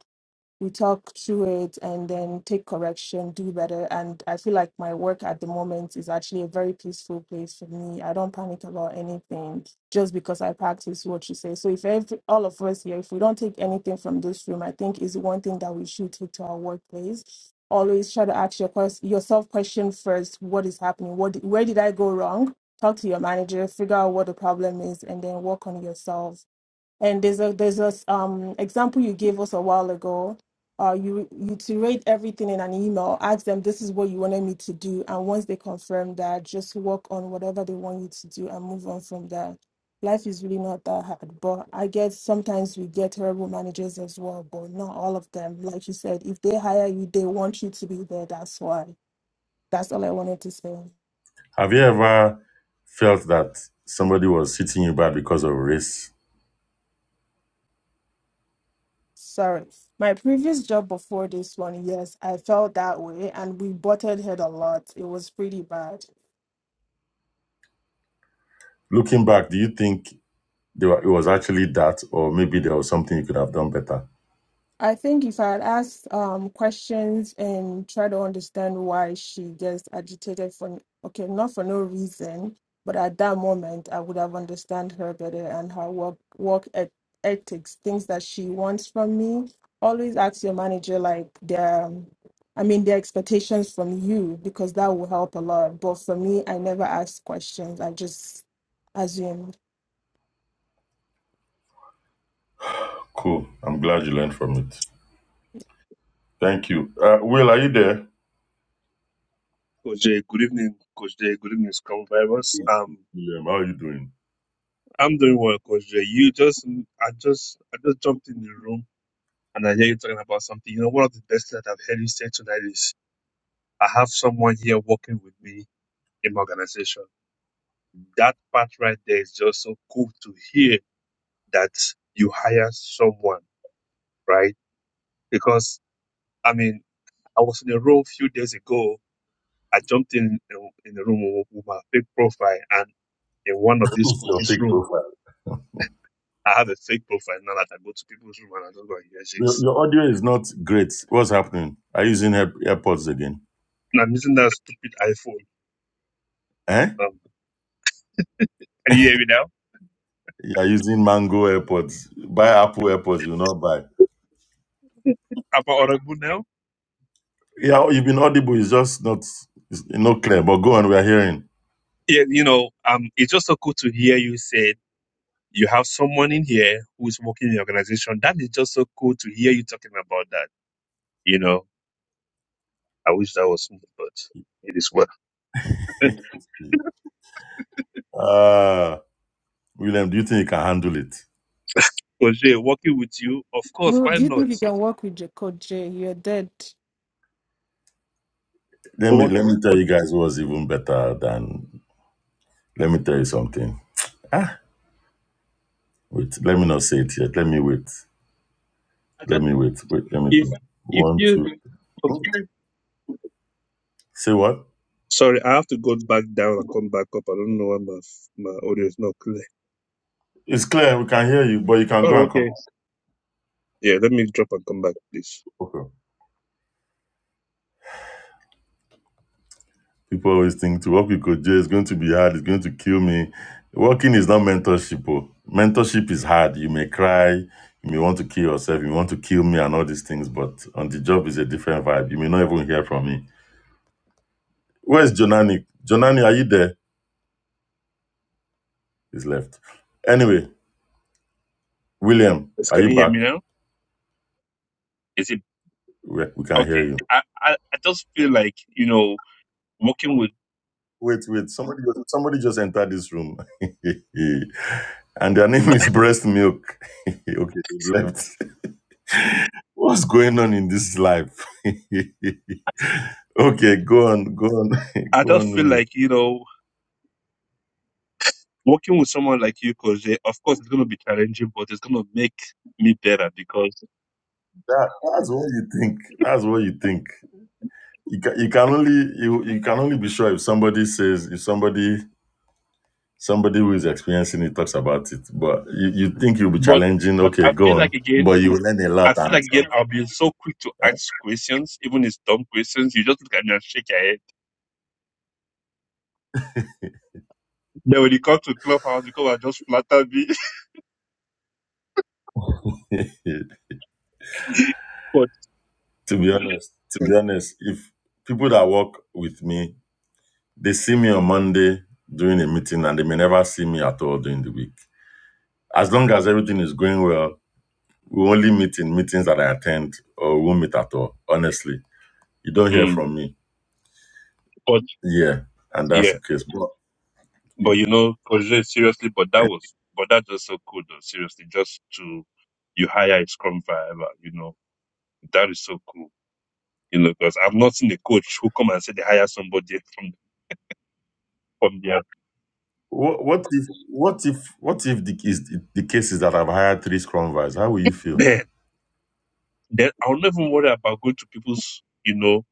we talk through it and then take correction, do better. And I feel like my work at the moment is actually a very peaceful place for me. I don't panic about anything just because I practice what you say. So if every, all of us here, if we don't take anything from this room, I think is one thing that we should take to our workplace. Always try to ask your quest- yourself question first. What is happening? What where did I go wrong? Talk to your manager, figure out what the problem is, and then work on yourself and there's a there's a um, example you gave us a while ago. Uh, you you to everything in an email. Ask them this is what you wanted me to do, and once they confirm that, just work on whatever they want you to do and move on from there. Life is really not that hard, but I guess sometimes we get terrible managers as well, but not all of them. Like you said, if they hire you, they want you to be there. That's why. That's all I wanted to say. Have you ever felt that somebody was treating you bad because of race? Sorry. My previous job before this one, yes, I felt that way and we butted head a lot. It was pretty bad. Looking back, do you think they were, it was actually that, or maybe there was something you could have done better? I think if I had asked um, questions and try to understand why she gets agitated for, okay, not for no reason, but at that moment, I would have understand her better and her work work et- ethics, things that she wants from me. Always ask your manager like their, um, I mean, their expectations from you because that will help a lot. But for me, I never ask questions. I just assumed. Cool. I'm glad you learned from it. Thank you. Uh, Will, are you there? Coach Jay, good evening, Coach Jay. Good evening, Scrum Vibers. Yeah. Um, William, how are you doing? I'm doing well, Coach Jay. You just, I just, I just jumped in the room and I hear you talking about something. You know, one of the best things that I've heard you say tonight is, I have someone here working with me in my organization. That part right there is just so cool to hear that you hire someone, right? Because, I mean, I was in a room a few days ago. I jumped in in, the room with my fake profile and in one of What these is your coaches' big room profile. I have a fake profile now that I go to people's room and I just go and hear shit. Your, your audio is not great. What's happening? Are you using Air- AirPods again? And I'm using that stupid iPhone. Eh? Um, can you hear me now? You are using Mango AirPods. Buy Apple AirPods, you will not buy. Am I audible now? Yeah, you've been audible. It's just not it's not clear. But go on, we are hearing. Yeah, you know, um, it's just so cool to hear you say you have someone in here who is working in the organization. That is just so cool to hear you talking about that. You know, I wish that was me, but it is well. Uh William, do you think you can handle it? Oje, working with you, of course, No, why do you not? think you can work with your coach? Jay? You're dead. Let me What, let me tell what, you guys what's even better than let me tell you something. Ah, wait, let me not say it yet. Let me wait. I just, Let me wait. Wait, let me if, think. if one, you, two. okay. okay, Say what? Sorry, I have to go back down and come back up. I don't know why my, my audio is not clear. It's clear we can hear you, but you can go Oh, and come. okay. Yeah, let me drop and come back, please. Okay. People always think to work with Coach Jay is going to be hard. It's going to kill me. Working is not mentorship. oh. Mentorship is hard. You may cry. You may want to kill yourself. You may want to kill me and all these things. But on the job is a different vibe. You may not even hear from me. Where's Jonani? Jonani, are you there? He's left. Anyway, William, Yes, are can you you hear back? me now? Is it We, we can hear okay? you. I, I, I just feel like, you know, working with, Wait, wait. Somebody, somebody just entered this room, and their name is Breast Milk. okay, they left. What's going on in this life? okay, go on, go on, I go just on, feel Will. like, you know, working with someone like you, because of course it's going to be challenging, but it's going to make me better because, That, that's what you think. That's what you think. You can, you can only you, you can only be sure if somebody says if somebody somebody who is experiencing it talks about it. But you, you think you'll be but, challenging. but Okay, I go feel on. like again, But you will learn a lot I feel and. like again, I'll be so quick to ask questions, even it's dumb questions. You just look at me and shake your head. Then when you come to clubhouse, you come and just flatter me. something. to be honest, to be honest, if people that work with me, they see me on Monday during a meeting and they may never see me at all during the week. As long as everything is going well, we only meet in meetings that I attend or we won't meet at all. Honestly, you don't hear Mm. from me. But Yeah, and that's yeah, the case. But but you know, Coach Jay, seriously, but that was, but that just so cool though. Seriously, just to you hire a scrum forever, you know, that is so cool. You know, because I've not seen a coach who come and say they hire somebody from from their what, what if what if what if the is the case is that I've hired three scrum guys? How will you feel? then then I'll never worry about going to people's, you know,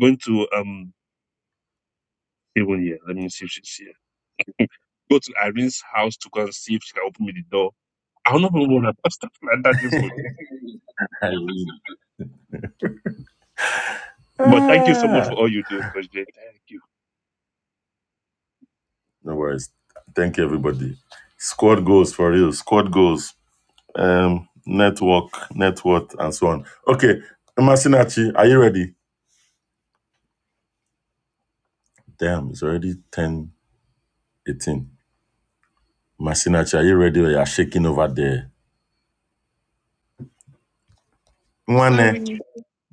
going to um even here. Let me see if she's here. Go to Irene's house to go and see if she can open me the door. I'll never worry about stuff like that. anymore. I mean, But thank you so much ah, for all you do, Coach Jay. Thank you. no worries. Thank you, everybody. Squad goals for real. Squad goals. um, network, net worth, and so on. Okay, Masinachi, are you ready? Damn, it's already ten eighteen. Masinachi, are you ready or you are shaking over there? Mwane, Sorry.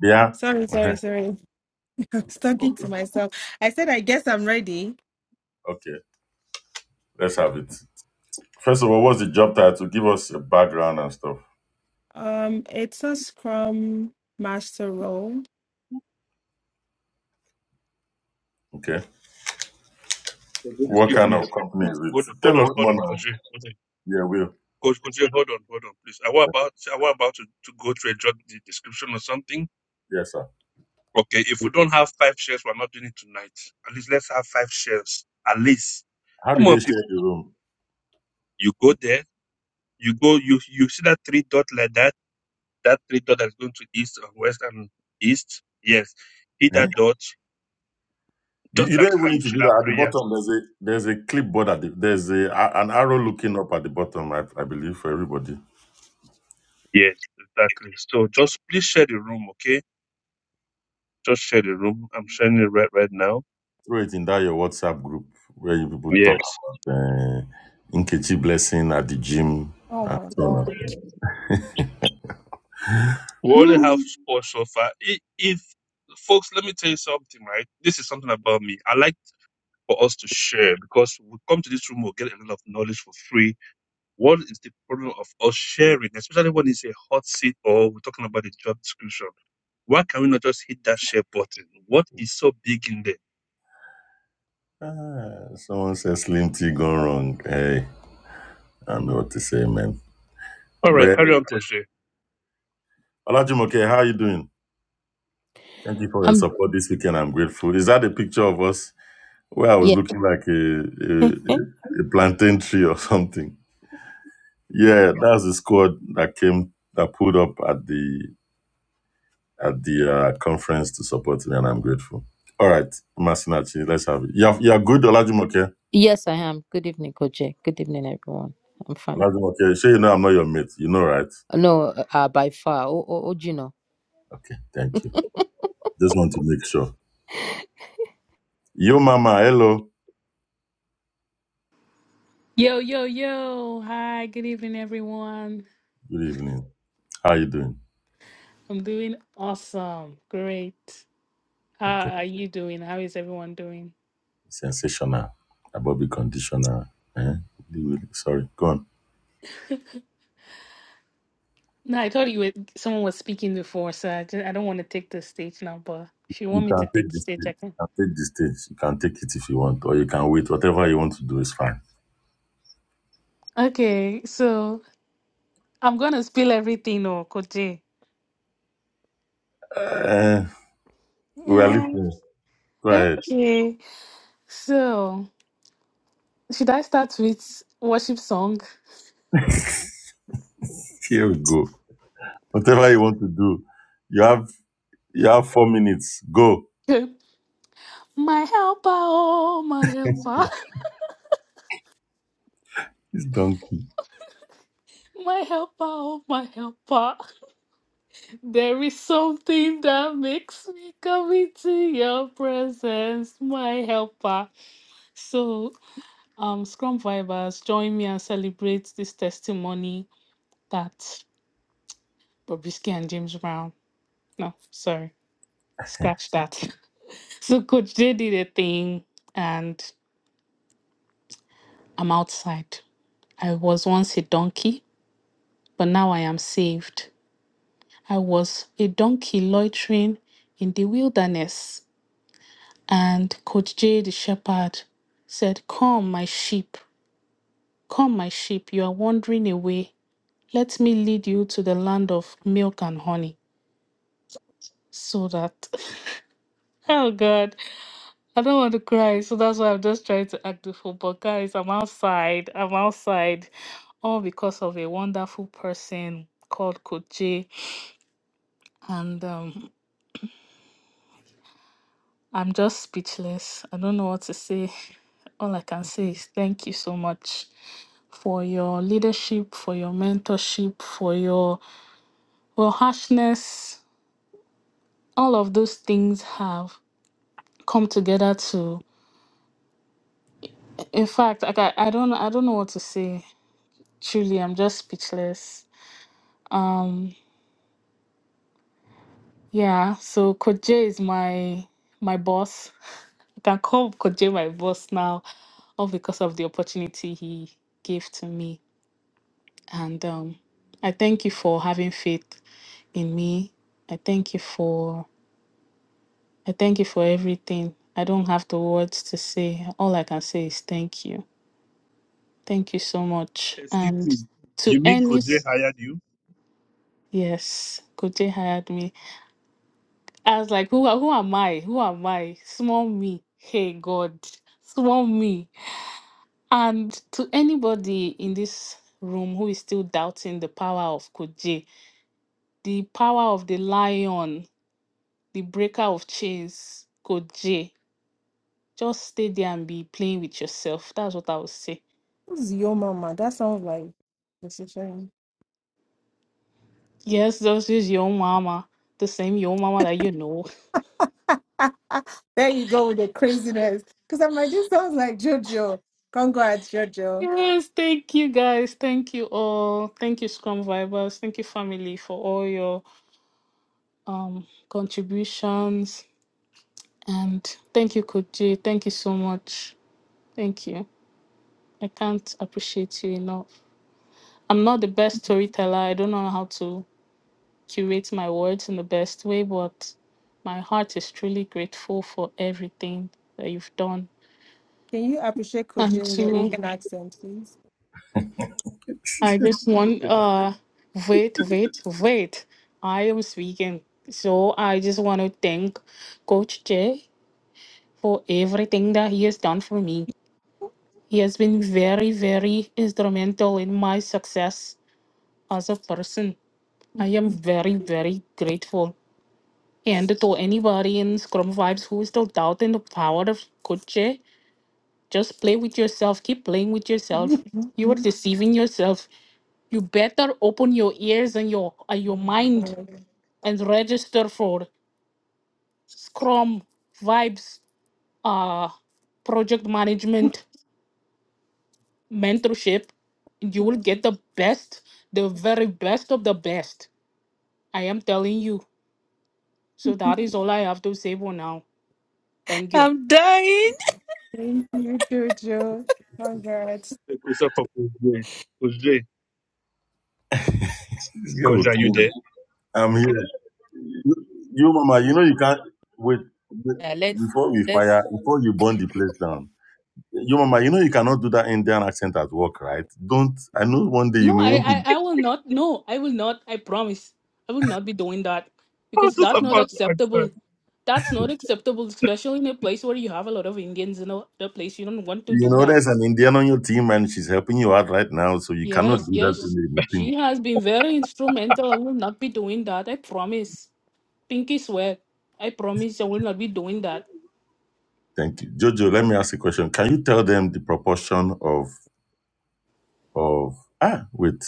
yeah? Sorry, Uh-huh. sorry, sorry. I'm talking to Okay, myself. I said, I guess I'm ready. Okay, let's have it. First of all, what's the job title? Give us a background and stuff, Um, it's a Scrum Master role. okay? What Excuse kind me. of company is Hold on, it? hold Tell on, us hold more on, Coach. now. Jay. Hold on. Yeah, Will. Coach, Coach, Jay, hold on, hold on, please. I was about, I was about to, to go through a job de- description or something. Yes, sir. Okay, if we don't have five shares, we're not doing it tonight. At least let's have five shares. At least. How did Come on, they share people. the room? You go there. You go. You you see that three dot like that. That three dot that's going to east or west and east. Yes, hit Eh? that dot. You Just you don't like how even you need to share do that that. At the prayer. bottom, there's a there's a clipboard at the there's a, a- an arrow looking up at the bottom. I, I believe for everybody. Yes, exactly. So just please share the room, okay? Just share the room. I'm sharing it right right now. Throw it in that your WhatsApp group where you people talk Yes. about uh, Nkechi blessing at the gym. Oh my So, God. We only have Woo! four so far. I- If folks, let me tell you something, right? This is something about me. I like for us to share because we come to this room, we'll get a lot of knowledge for free. What is the problem of us sharing, especially when it's a hot seat or we're talking about the job description? Why can we not just hit that share button? What is so big in there? Ah, someone says Slim T gone wrong. Hey, I know what to say, man. All right, But carry on, Toshe. Olajumoke, how are you doing? Thank you for your I'm support this weekend. I'm grateful. Is that a picture of us where I was yeah, looking like a a, a plantain tree or something? Yeah, that's the squad that came that pulled up at the at the uh, conference to support me, and I'm grateful. All right, Masinachi, let's have it. You're you're good, Olajumoke. yes, I am. Good evening, Koje. Good evening, everyone. I'm fine. Olajumoke, sure you know I'm not your mate. You know, right? No, uh, by far. Oh, oh, oh, Gino. Okay, thank you. Just want to make sure. Yo, Mama, hello. Yo, yo, yo. Hi, good evening, everyone. Good evening. How you doing? I'm doing awesome. Great. Okay, How are you doing? How is everyone doing? sensational. About the conditioner. Eh? Sorry, go on. No, I thought you were someone was speaking before, so I just, I don't want to take the stage now, but if you You want me to can take take the the stage, stage. I You can. can take the stage. You can take it if you want, or you can wait. Whatever you want to do is fine. Okay, so I'm gonna spill everything or Koje. Eh, We are Yeah. listening. Go ahead. Okay. So should I start with worship song? Here we go. Whatever you want to do, you have you have four minutes. Go. my helper, oh my helper, It's done. my helper, oh my helper. There is something that makes me come into your presence, my helper. So, um, Scrum Vibers, join me and celebrate this testimony that Bobrisky and James Brown. No, sorry, scratch that. So, Coach J did a thing, and I'm outside. I was once a donkey, but now I am saved. I was a donkey loitering in the wilderness And Coach J, the shepherd, said, Come, my sheep, come, my sheep, you are wandering away. Let me lead you to the land of milk and honey. So that, oh God, I don't want to cry. So that's why I'm just trying to act the fool. But guys, I'm outside. I'm outside. All because of a wonderful person called Coach J. And um, I'm just speechless. I don't know what to say. All I can say is thank you so much. for your leadership, for your mentorship, for your well harshness. All of those things have come together to. In fact, like I, I don't I don't know what to say. Truly, I'm just speechless. Um, yeah. So Coach J is my my boss. I can call Coach J my boss now, all because of the opportunity he gave to me. And um, I thank you for having faith in me. I thank you for I thank you for everything. I don't have the words to say. All I can say is thank you. Thank you so much. Excuse And me. to You mean any Koje hired you? yes, Kote hired me. I was like, who a- who am I? Who am I? Small me. Hey God, small me. And to anybody in this room who is still doubting the power of Koje, the power of the lion, the breaker of chains, Koje, just stay there and be playing with yourself. That's what I would say Who's your mama? That sounds like decision. Yes, this is your mama, the same your mama that you know. there you go with the craziness. Because I'm like, this sounds like Jojo. Congrats, Jojo. Yes, thank you guys. Thank you all. Thank you, Scrum Vibers. Thank you, family, for all your um contributions. And thank you, Koji. Thank you so much. Thank you. I can't appreciate you enough. I'm not the best storyteller. I don't know how to curate my words in the best way, but my heart is truly grateful for everything that you've done. Can you appreciate And to Kojin your Indian accent, please? I this just All want the time. uh wait, wait, wait. I am speaking. So I just want to thank Coach Jay for everything that he has done for me. He has been very, very instrumental in my success as a person. I am very, very grateful. And to anybody in Scrum Vibes who is still doubting the power of Coach Jay, just play with yourself. Keep playing with yourself. My You are deceiving yourself. You better open your ears and your and your mind God. and register for Scrum Vibes uh, project management mentorship. You will get the best, the very best of the best. I am telling you. So that is all I have to say for now. Thank you. I'm dying. Thank you, Jojo. Congrats. The question for Koje. Koje, girl will Koje, are you kill me. there? I'm here. You, you, mama, you know you can't wait, wait Uh, let's before we let's fire before you burn the place down. You, mama, you know you cannot do that Indian accent at work, right? Don't. I know one day you No, may I, want to. I, I will not. No, I will not. I promise. I will not be doing that Oh, because just that's not about to ask that. acceptable. That's not acceptable, especially in a place where you have a lot of Indians in a, a place. You don't want to You do know, that. there's an Indian on your team and she's helping you out right now, so you cannot Yes, do that in yes. the meeting. She has been very instrumental. I will not be doing that. I promise. Pinky swear. I promise I will not be doing that. Thank you. Jojo, let me ask a question. Can you tell them the proportion of of ah wait.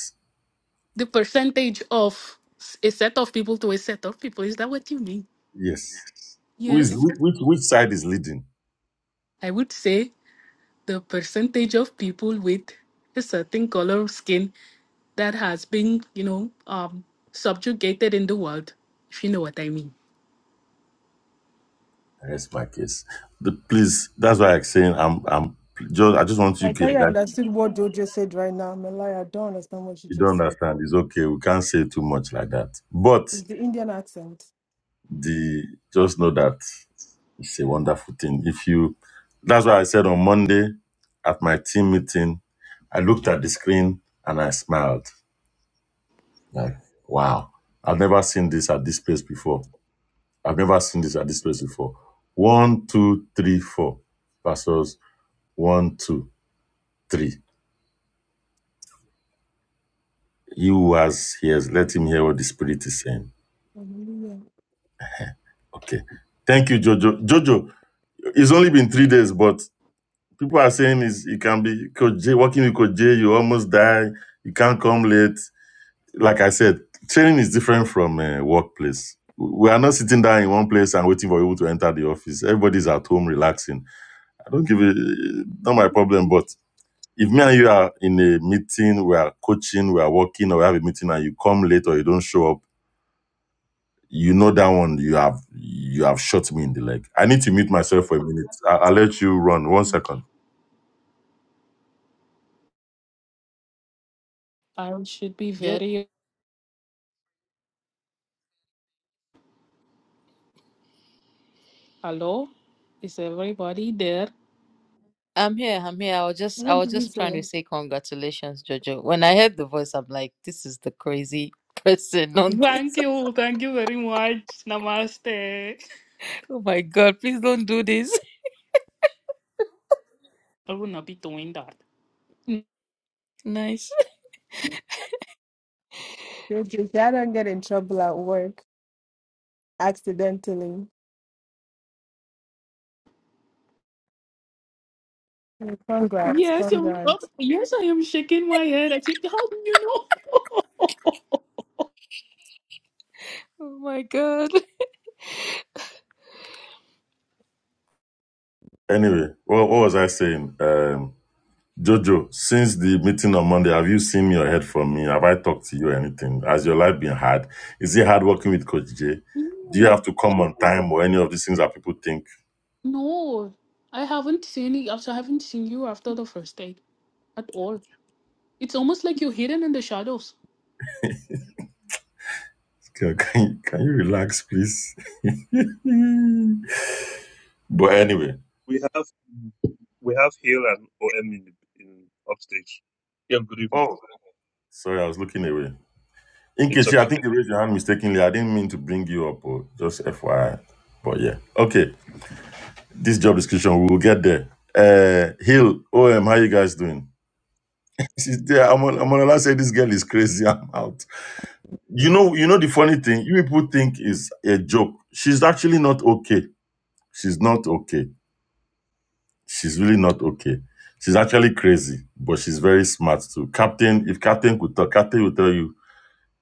The percentage of s- a set of people to a set of people, is that what you mean? Yes. Who is Yes. whi- which which side is leading? I would say the percentage of people with a certain color of skin that has been, you know, um, subjugated in the world, if you know what I mean. That's my case. The, please, that's why I'm saying I'm I'm just I just want you I tell get you, I that understood what Jojo said right now. I'm a liar. I don't understand what she you just don't said. understand. It's okay. We can't say too much like that. But It's the Indian accent. the just know that it's a wonderful thing. If you that's why I said on Monday at my team meeting, I looked at the screen and I smiled Like, wow, I've never seen this at this place before. I've never seen this at this place before. One, two, three, four versus one, two, three. He who has ears, let him hear what the Spirit is saying. Hallelujah. Okay. Thank you, Jojo. Jojo, it's only been three days, but people are saying is it can be Coach J, working with Coach J, you almost die, you can't come late. Like I said, training is different from uh, workplace. We are not sitting down in one place and waiting for people to enter the office. Everybody's at home relaxing I don't give a not my problem. But if me and you are in a meeting, we are coaching, we are working, or we have a meeting, and you come late or you don't show up, you know that one you have you have shot me in the leg. I need to mute myself for a minute. I, I'll let you run one second. Okay. I should be just. very hello. Is everybody there? I'm here. I'm here. I was just I What was did you just trying say? to say congratulations, Jojo. When I heard the voice, I'm like, this is the crazy person on this. Thank you. Thank you very much. Namaste. Oh my God! Please don't do this. I would not be doing that. Mm. Nice. Jojo, if I don't get in trouble at work accidentally, Mm, congrats, Yes, you, oh, congrats. yes, I am shaking my head. I think, how do you know? Oh my God. Anyway, what, what was I saying? Um, Jojo, since the meeting on Monday, have you seen your head from me? Have I talked to you or anything? Has your life been hard? Is it hard working with Coach J? Do you have no, to come on time or any of these things that people think? no, I haven't seen it. Also, I haven't seen you after the first date at all. It's almost like you're hidden in the shadows. Can, can, you- can you relax, please? Mm. But anyway, We have we have Hill and OM in, in upstage. Yeah, good evening. oh, sorry, I was looking away. In It's I okay. think you raised your hand mistakenly. I didn't mean to bring you up, oh, just FYI. But yeah, okay. This job description, we will get there. Uh, Hill, OM, how you guys doing? She's there. I'm on. I'm on. I say this girl is crazy. I'm out. You know. You know the funny thing. You people think is a joke. She's actually not okay. She's not okay. She's really not okay. She's actually crazy, but she's very smart too. Captain, if Captain could talk, Captain would tell you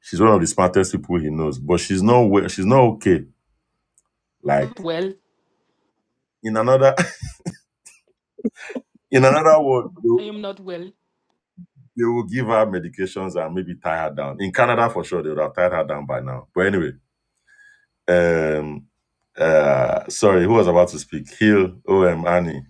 She's one of the smartest people he knows, but she's not we- she's not okay. Like Not well. in another in another word, they, I will- am not well. they will give her medications and maybe tie her down. In Canada for sure, they would have tied her down by now. But anyway, um, uh, sorry, who was about to speak? Hill, O.M. Annie,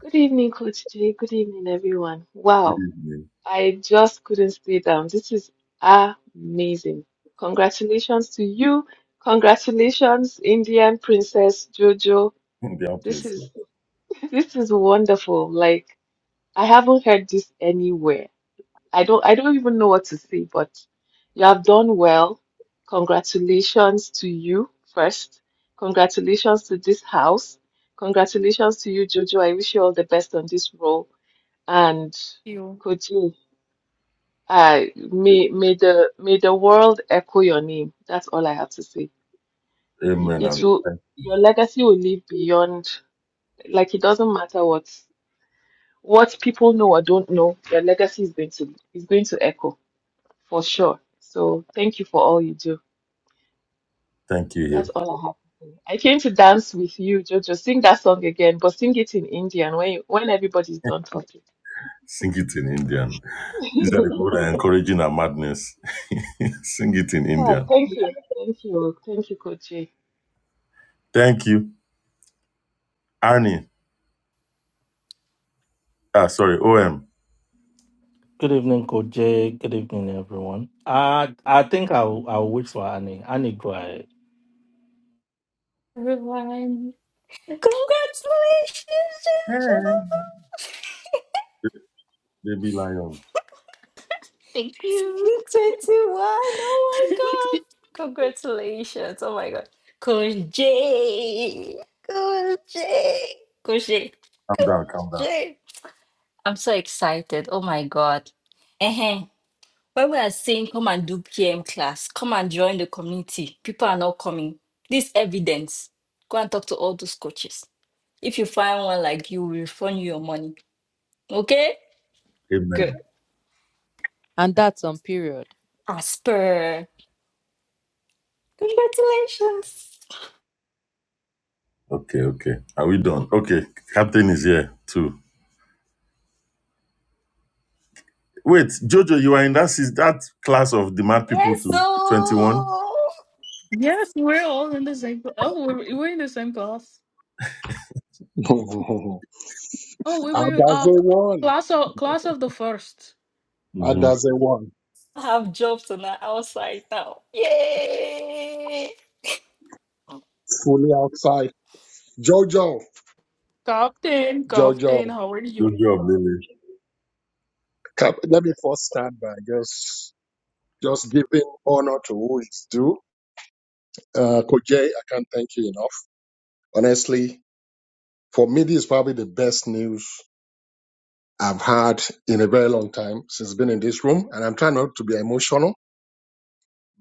Good evening, Coach Jay. Good evening, everyone. good Wow, evening, I just couldn't stay down. This is amazing. Congratulations to you. Congratulations, Indian Princess Jojo. Indian This Prince. is this is wonderful. Like I haven't heard this anywhere. I don't I don't even know what to say, but you have done well. Congratulations to you first. Congratulations to this house. Congratulations to you, Jojo. I wish you all the best on this role. And You. Koji, I may may the may the world echo your name. That's all I have to say. Amen It and will your legacy will live beyond like it doesn't matter what what people know or don't know, your legacy is going to is going to echo. for sure. So thank you for all you do. thank you, That's Hill. all I have to say. I came to dance with you, Jojo. Sing that song again, but sing it in Indian when you, when everybody's done talking. Sing it in Indian. These are the people that are encouraging our madness. Sing it in oh, Indian. thank you, thank you, thank you, Coach. Jay. Thank you, Annie. Ah, sorry, O.M. Good evening, Coach Jay. Good evening, everyone. I I think I'll I'll wait for Annie. Annie, go ahead. everyone. Congratulations, Baby lion. Thank you. twenty-one. Oh my god! Congratulations! Oh my god, Coach J, Coach J, Coach J, Calm down, calm down. J. I'm so excited. Oh my god. eh? When we are saying come and do PM class, come and join the community. People are not coming. This evidence. Go and talk to all those coaches. If you find one like you, we refund you your money. Okay? Amen. Good. And that's on period. Asper. Congratulations. Okay, okay. Are we done? Okay. Captain is here too. Wait, Jojo, you are in that sis- that class of demand people Yes, so to 21? yes, we're all in the same. cl- Oh, we're, we're in the same class. Adaze Oh, we were uh, won. class of class of the first. Mm-hmm. Adaze won. I have jobs on the outside now. Yay! Fully outside. Jojo. Captain, Jojo. Captain, how are you? Good job, Lily. Come, let me first stand by. Just just giving honor to who is due. Uh Koje, I can't thank you enough. Honestly, for me this is probably the best news I've had in a very long time since being in this room. And I'm trying not to be emotional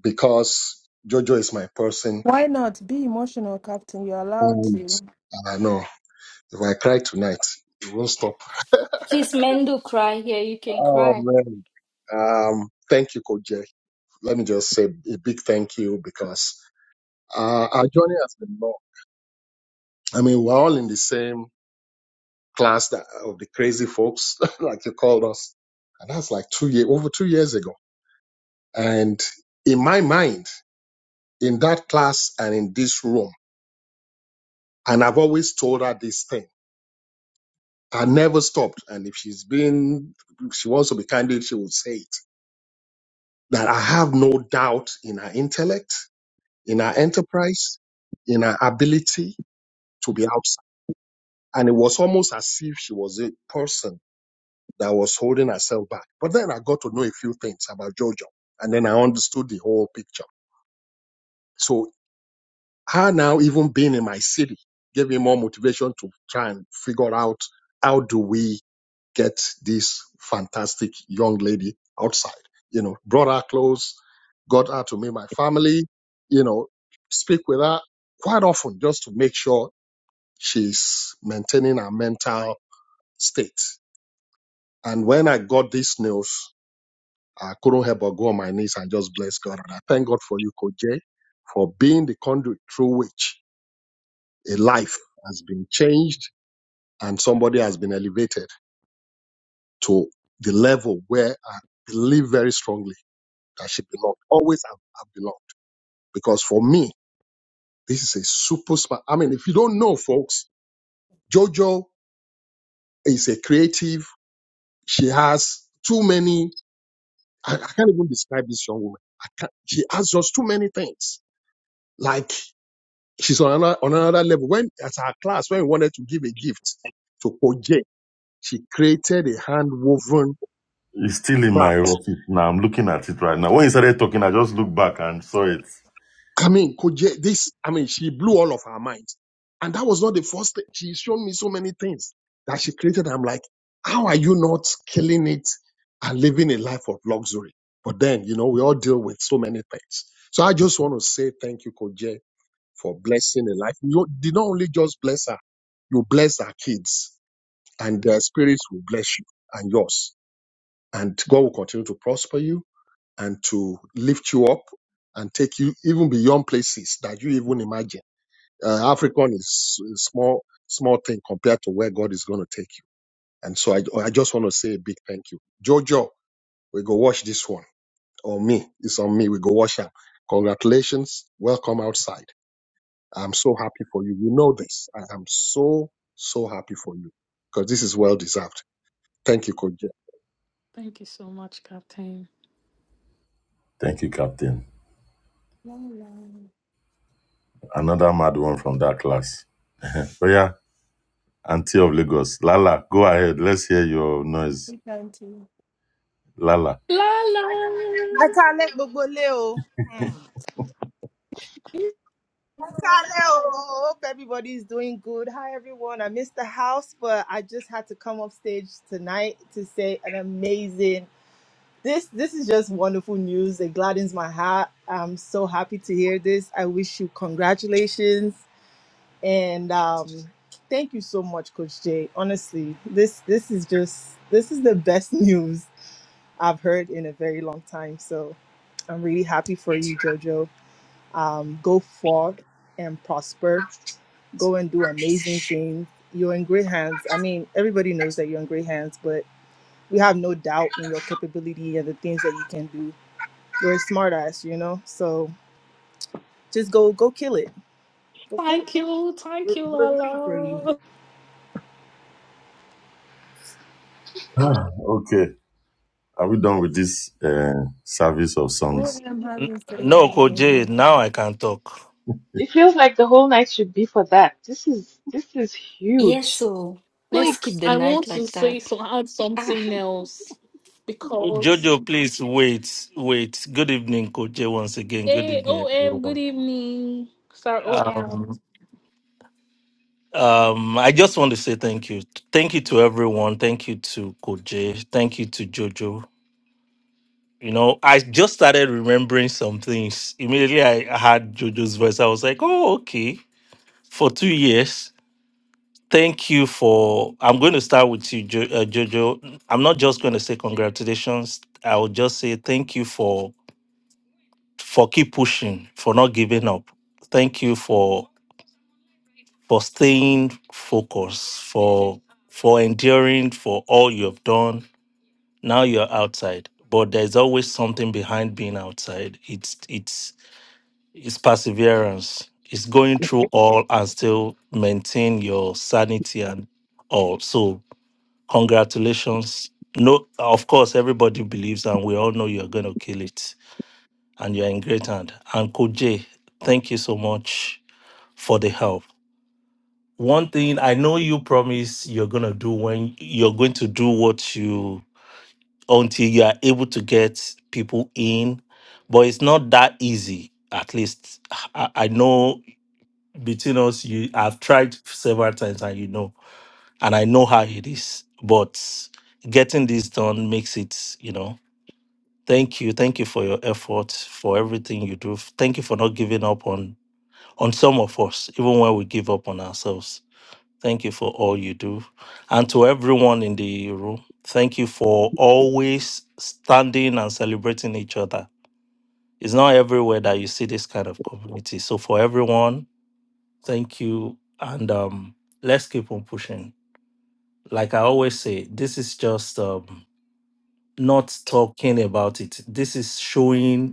because Jojo is my person Why not? Be emotional, Captain. You're allowed and to. I know if I cry tonight, it won't stop. Please, men do cry here. You can Oh cry. man. Um, thank you, Coach Jay. Let me just say a big thank you because uh, our journey has been long. I mean, we're all in the same class that, of the crazy folks, like you called us, and that's like two years over two years ago. And in my mind, in that class and in this room, and I've always told her this thing. I never stopped. And if she's been, if she wants to be candid, she would say it. That I have no doubt in her intellect. in her enterprise, in her ability to be outside. And it was almost as if she was a person that was holding herself back. But then I got to know a few things about Jojo, and then I understood the whole picture. So her now even being in my city gave me more motivation to try and figure out how do we get this fantastic young lady outside. You know, brought her close, got her to meet my family, you know, speak with her quite often just to make sure she's maintaining her mental state. And when I got this news, I couldn't help but go on my knees and just bless God. And I thank God for you, Coach Jay, for being the conduit through which a life has been changed and somebody has been elevated to the level where I believe very strongly that she belonged. Always have, have belonged. Because for me, this is a super smart. I mean, if you don't know, folks, JoJo is a creative. She has too many I, I can't even describe this young woman. I can't, she has just too many things. Like she's on another, on another level. When at our class, when we wanted to give a gift to Koje, she created a hand woven It's still in my craft. office now. I'm looking at it right now. When you started talking, I just looked back and saw it. I mean, Koje, this, I mean, she blew all of her mind. And that was not the first thing. She's shown me so many things that she created. I'm like, how are you not killing it and living a life of luxury? But then, you know, we all deal with so many things. So I just want to say thank you, Koje for blessing her life. You did not only just bless her, you bless her kids, and their spirits will bless you and yours. And God will continue to prosper you and to lift you up and take you even beyond places that you even imagine. Uh, African is a small, small thing compared to where God is going to take you. And so I, I just want to say a big thank you. Jojo, we go watch this one. Or me. It's on me. We go watch her. Congratulations. Welcome outside. I'm so happy for you. You know this. I am so, so happy for you because this is well deserved. Thank you, Coach Thank you so much, Captain. Thank you, Captain. La, la. Another mad one from that class. Oh yeah, Auntie of Lagos. Lala, go ahead. Let's hear your noise. We can't. Lala. La la. I can't let go go, Hope everybody's doing good. Hi everyone. I missed the house, but I just had to come up stage tonight to say an amazing. This this is just wonderful news. It gladdens my heart. I'm so happy to hear this. I wish you congratulations and um, thank you so much, Coach Jay. Honestly, this this is just this is the best news I've heard in a very long time. So I'm really happy for you, Jojo. Um, go forth and prosper. Go and do amazing things. You're in great hands. I mean, everybody knows that you're in great hands, but we have no doubt in your capability and the things that you can do. You're a smart ass, you know? So just go go kill it. Go kill it. Thank you, thank We're, you, we're la rooting for you. la. Ah, okay. Are we done with this uh, service of songs? OM hasn't said No, Coach Jay, anything. now I can talk. It feels like the whole night should be for that. This is this is Yes, huge. so let's Like, keep the I night want to like say that. so add Ah, something else because Jojo, please wait, wait. Good evening, Coach Jay. Once again, good hey, evening, OM, everyone. good evening, Sir OM. Um, um, I just want to say thank you. Thank you to everyone. Thank you to Coach Jay. Thank you to Jojo. You know, I just started remembering some things. Immediately I heard Jojo's voice. I was like, oh, okay. For two years. Thank you for. I'm going to start with you, jo- uh, Jojo. I'm not just going to say congratulations. I will just say thank you for for keep pushing, for not giving up. Thank you for for staying focused, for for enduring, for all you have done. Now you're outside, but there's always something behind being outside. It's it's it's perseverance. It's going through all and still maintain your sanity and all. So Congratulations. No, of course, everybody believes, and we all know you're going to kill it, and you're in great hand. And Koje, thank you so much for the help. One thing I know you promise you're going to do when you're going to do what you until you are able to get people in, but it's not that easy. At least I, I know between us, you I've tried several times, and you know, and I know how it is, but getting this done makes it, you know. Thank you. Thank you for your efforts, for everything you do. Thank you for not giving up on on some of us, even when we give up on ourselves. Thank you for all you do. And to everyone in the room, thank you for always standing and celebrating each other. It's not everywhere that you see this kind of community. So for everyone, thank you. And um, let's keep on pushing. Like I always say, this is just um, not talking about it. This is showing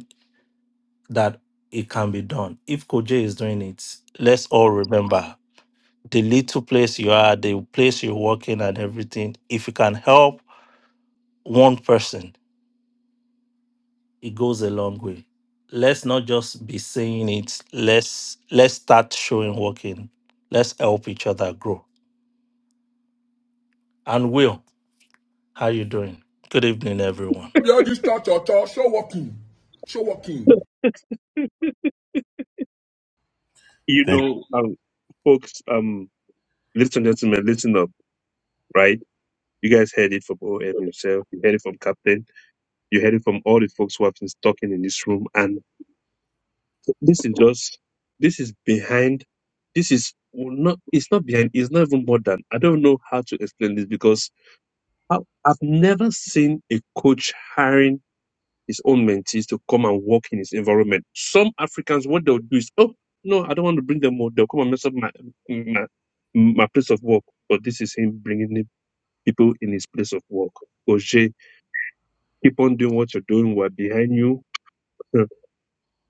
that it can be done. If Koje is doing it, let's all remember the little place you are, the place you're working and everything. If you can help one person, it goes a long way. Let's not just be saying it. Let's let's start showing working. Let's help each other grow. And Will, how you doing? Good evening, everyone. You Thank know, um, folks, um, ladies and gentlemen, listen up, right? You guys heard it from OM himself. You heard it from Captain. You heard it from all the folks who have been talking in this room. And this is just, this is behind, this is well, not, it's not behind, it's not even more than. I don't know how to explain this because I, I've never seen a coach hiring his own mentees to come and work in his environment. Some Africans, what they'll do is, oh, no, I don't want to bring them more. They'll come and mess up my, my, my place of work. But this is him bringing in people in his place of work. Oje, keep on doing what you're doing. We're behind you.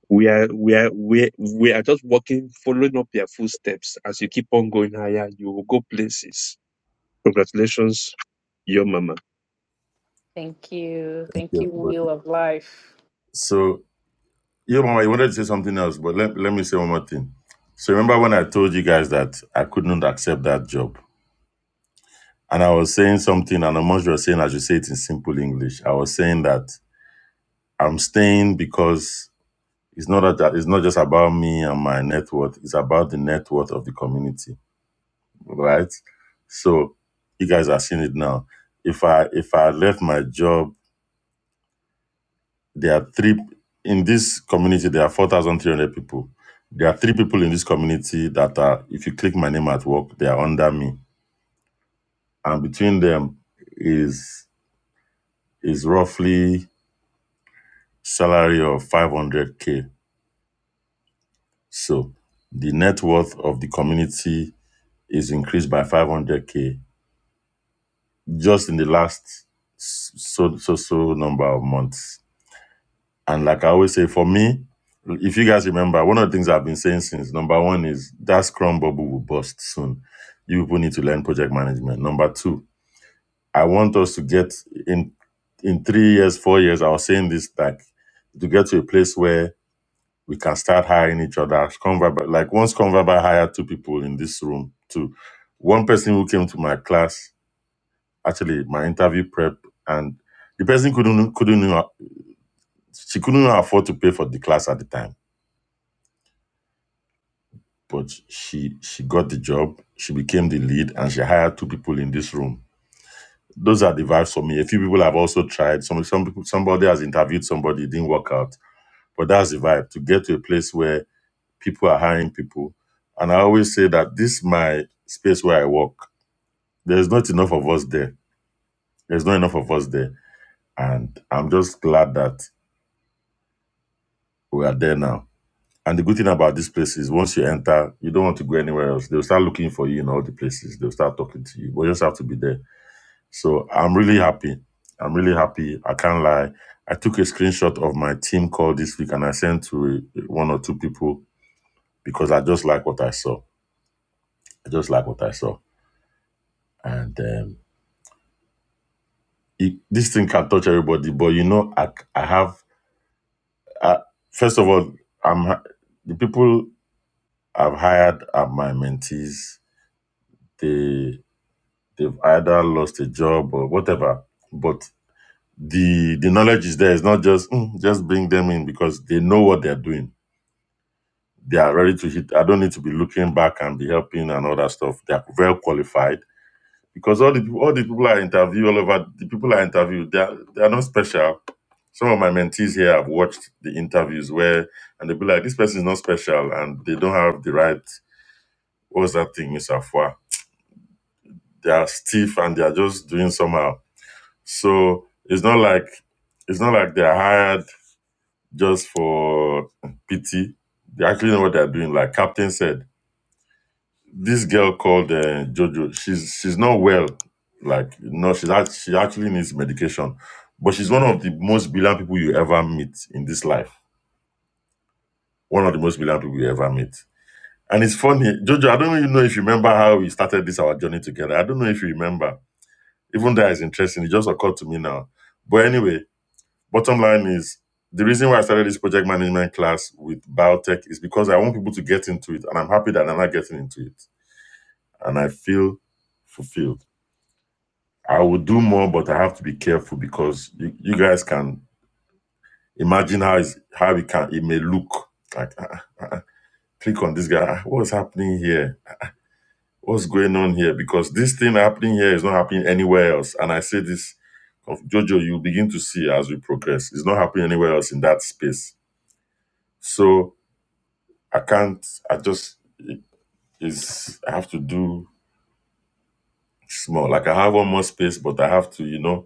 We are, we are, we we are just walking, following up your footsteps. As you keep on going higher, you will go places. Congratulations, your mama. Thank you. Thank you, you, everybody. Wheel of Life. So, yeah, Mama, you wanted to say something else, but let, let me say one more thing. So, remember when I told you guys that I could not accept that job? And I was saying something, and Amos was saying, I should say it in simple English. I was saying that I'm staying because it's not that it's not just about me and my net worth, it's about the net worth of the community, right? So, you guys are seeing it now. If I if I left my job There are three in this community. There are four thousand three hundred people. There are three people in this community that are. If you click my name at work, they are under me, and between them is is roughly salary of five hundred k. So the net worth of the community is increased by five hundred k just in the last s- so so so number of months And like I always say, for me, if you guys remember, one of the things I've been saying since number one is that Scrum bubble will bust soon. You people need to learn project management. Number two, I want us to get in in three years, four years. I was saying this like to get to a place where we can start hiring each other. Scrum Vibe- like once Scrum Vibe hired two people in this room too. One person who came to my class, actually my interview prep, and the person couldn't couldn't she couldn't afford to pay for the class at the time but she she got the job she became the lead and she hired two people in this room those are the vibes for me a few people have also tried some some people somebody has interviewed somebody it didn't work out but that's the vibe to get to a place where people are hiring people and i always say that this is my space where i work there's not enough of us there there's not enough of us there and i'm just glad that we are there now and the good thing about this place is once you enter you don't want to go anywhere else they'll start looking for you in all the places they'll start talking to you but you just have to be there So I'm really happy. I'm really happy. I can't lie. I took a screenshot of my team call this week and I sent to uh, one or two people because I just like what I saw. I just like what I saw. And um, it, this thing can touch everybody. But you know, I, I have, I, first of all, I'm ha- the people I've hired are my mentees. They, they've either lost a job or whatever. But the the knowledge is there. It's not just "Mm, just bring them in because they know what they're doing They are ready to hit. I don't need to be looking back and be helping and all that stuff. They are well qualified because all the peop- all the people I interview all over the people I interview they are, they are not special. Some of my mentees here have watched the interviews where and they'll be like, this person is not special and they don't have the right what's that thing, Miss Afua? They are stiff and they are just doing somehow. So it's not like it's not like they're hired just for pity. They actually know what they're doing. Like Captain said, this girl called uh, Jojo. She's she's not well. Like no, she's act- she actually needs medication. But she's one of the most brilliant people you ever meet in this life. One of the most brilliant people you ever meet. And it's funny, Jojo. I don't even know if you remember how we started this our journey together. I don't know if you remember. Even that is interesting. It just occurred to me now. But anyway, bottom line is the reason why I started this project management class with biotech is because I want people to get into it, and I'm happy that I'm not getting into it, and I feel fulfilled. I will do more, but I have to be careful because you, you guys can imagine how it's, how it can it may look like. ah, ah, ah, ah, click on this guy. Ah, What's happening here? What's going on here? Because this thing happening here is not happening anywhere else. And I say this of Jojo, you begin to see as we progress. It's not happening anywhere else in that space. So I can't. I just it is. I have to do small. Like I have one more space, but I have to, you know.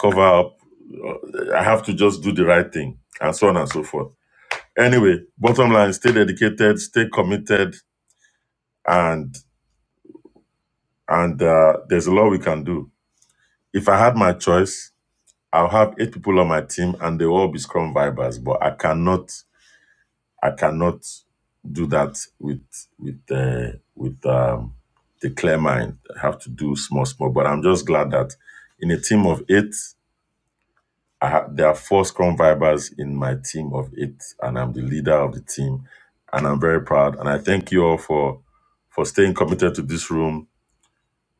cover up. uh, I have to just do the right thing, and so on and so forth. Anyway, bottom line: stay dedicated, stay committed, and and uh, there's a lot we can do. If I had my choice, I'll have eight people on my team, and they will all be Scrum vibers. But I cannot, I cannot do that with with uh, with um, the clear mind. I have to do small, small. But I'm just glad that in a team of eight. I have there are four Scrum Vibers in my team of eight, and I'm the leader of the team, and I'm very proud. And I thank you all for for staying committed to this room,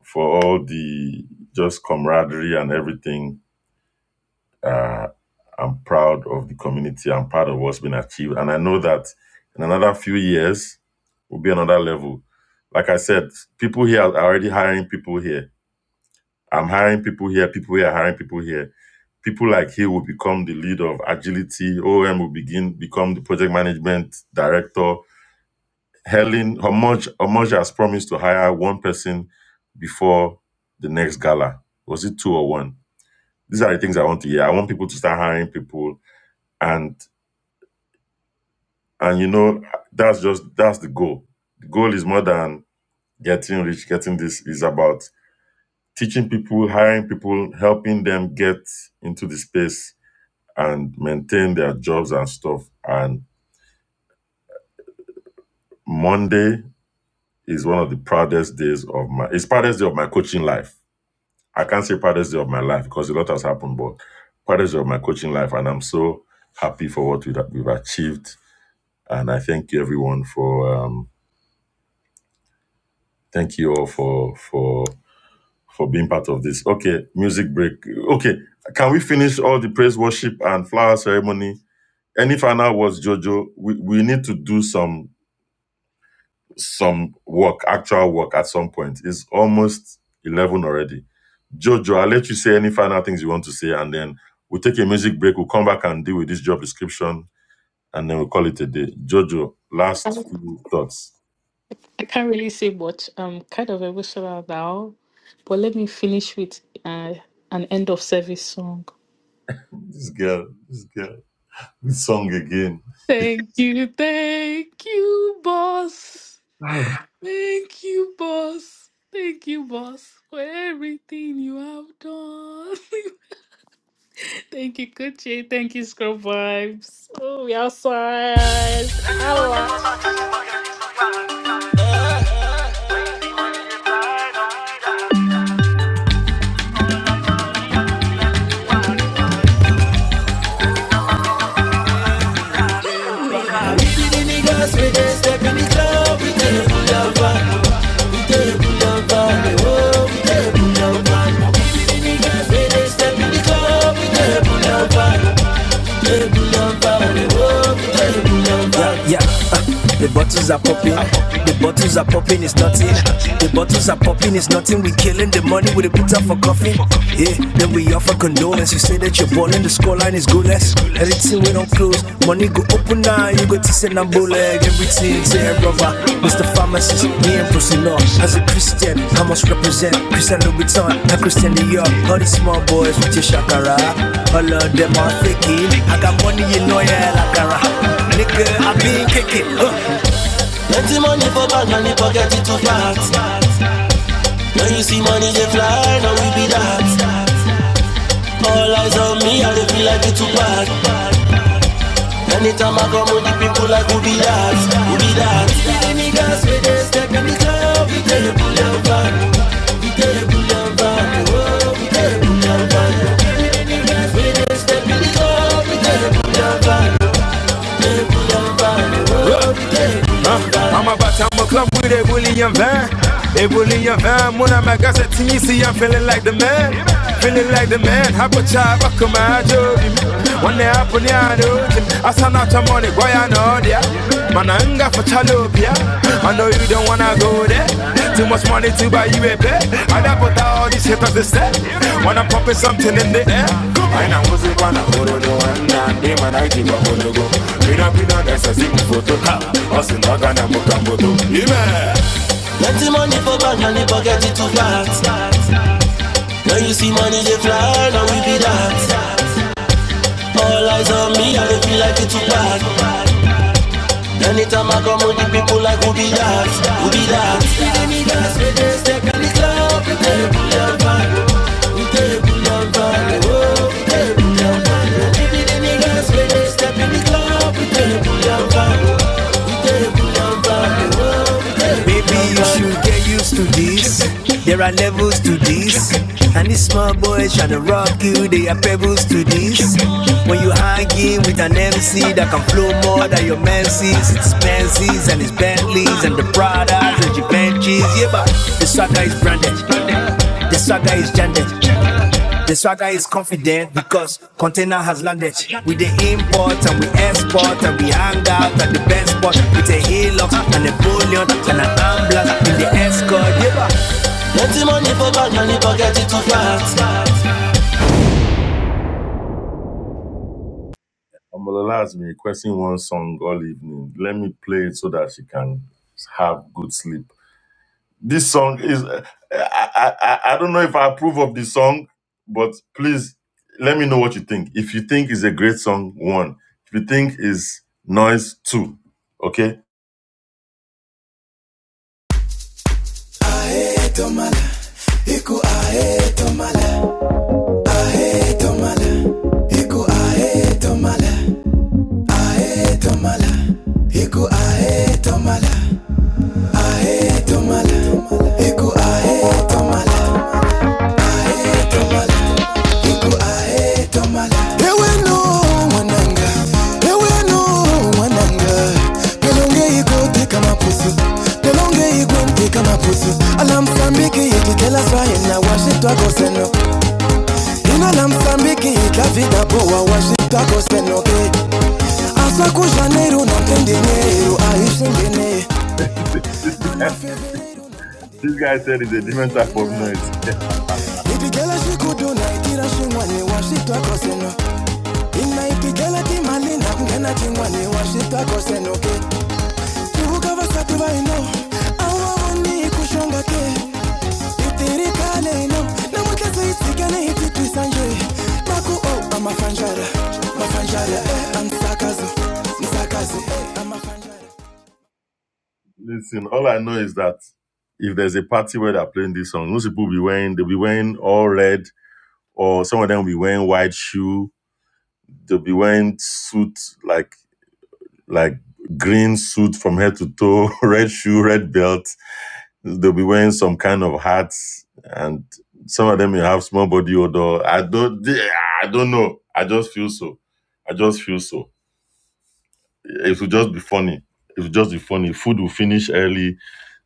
for all the just camaraderie and everything. Uh, I'm proud of the community. I'm proud of what's been achieved, and I know that in another few years will be another level. Like I said, people here are already hiring people here. I'm hiring people here. People here are hiring people here people like he will become the leader of agility. OM will begin become the project management director. Helen Homoj Homoj has promised to hire one person before the next gala. Was it two or one? These are the things I want to hear. I want people to start hiring people, and and you know that's just that's the goal. The goal is more than getting rich. Getting this is about teaching people, hiring people, helping them get into the space and maintain their jobs and stuff. And Monday is one of the proudest days of my it's proudest day of my coaching life. I can't say proudest day of my life because a lot has happened, but proudest day of my coaching life, and I'm so happy for what we've, we've achieved. And I thank you everyone for um, thank you all for for for being part of this. Okay, music break. Okay, can we finish all the praise worship and flower ceremony? Any final words, Jojo? We we need to do some some work, actual work at some point. It's almost 11 already. Jojo, I'll let you say any final things you want to say, and then we'll take a music break. We'll come back and deal with this job description, and then we'll call it a day. Jojo, I last few thoughts. I can't really say much. I'm kind of emotional now, but let me finish with uh, an end of service song. This girl, this girl, this song again. Thank you, thank you, boss. Thank you, boss. Thank you, boss, for everything you have done. thank you, Kuchi. Thank you, Scrub Vibes. Oh, we outside. Holla. bottles are popping. The bottles are popping, it's nothing. The bottles are popping, it's nothing. We killing the money with a pizza for coffee. Yeah, then we offer condolence. You say that you're balling, the scoreline is goalless. Everything we don't close, money go open now. You go to send a bullet. Everything to brother. Mr. Pharmacist, me and Prosino. As a Christian, I must represent Christian Louboutin and Christian Dior. All these small boys with your shakara. All of them are faking. I got money in oil, I Nigga, I been kicking. Uh. Empty money for bag, money pocket it too fat. When you see money they fly, now we be that. Anytime I come with the people like huh? I'm a to, I'm a club with a bully and van. A bully and van, when I'm a gas at TC, I'm feeling like the man. Feeling like the man, I've hapa cha bako they Wane hapo ni I Asa out your money, boy I know yeah. Man I'm dia Mananga for chalopia I know you don't wanna go there. Too much money to buy you a bed. And I put out all these haters to step. When I'm pumping something in the air. And I was a man, I hold on, and I'm not be We don't aina kuzikwana horodo anna ndimanaitiwa horogo vinapinanasasimufoto vasinakana mukamboto ime Plenty money for bank and the pocket it too fat. Now you see money they fly, now we be that. All eyes on me, I dey feel like it's too bad. Anytime I come with the people like who be that, who be that. Baby, you should get used to this. There are levels to this. And these small boys tryna rock you, they are pebbles to this. When you hanging with an MC that can flow more than your MCs, it's Benzes and it's Bentleys and the Pradas and the Givenchy's. Yeah, but the swagger is branded. The swagger is branded. The swagger is confident because container has landed. We the import and we export and we hang out at the best spot with a Hilux and a bullion and an ambulance in the escort. Yeah. Amalola has been requesting one song all evening. Let me play it so that she can have good sleep. This song is, I, I, I I don't know if I approve of the song, but please let me know what you think. If you think it's a great song, one. If you think it's noise, two. Okay? etomala etomala iku ae etomala iku ae etomala Ewe no wananga, ewe no wananga. Pelonge igo teka mapusu, pelonge igo teka mapusu. Ala Msambiki ikitela swaye na washitwa koseno. Ina la Msambiki ikafika poa washitwa koseno ke. Aswa ku Janeiro na mtende Nero aishindene. This guy said it's a different type of noise. Ipigela shikudu na itira shingwane washitwa koseno. Ina ipigela timali na kungena chingwane washitwa koseno ke. Listen, all I know is that if there's a party where they're playing this song, most people will be wearing, they'll be wearing all red, or some of them will be wearing white shoe. They'll be wearing suit like like green suit from head to toe, red shoe, red belt. They'll be wearing some kind of hats, and some of them will have small body odor. I don't, I don't know. I just feel so. I just feel so. It will just be funny. It will just be funny. Food will finish early.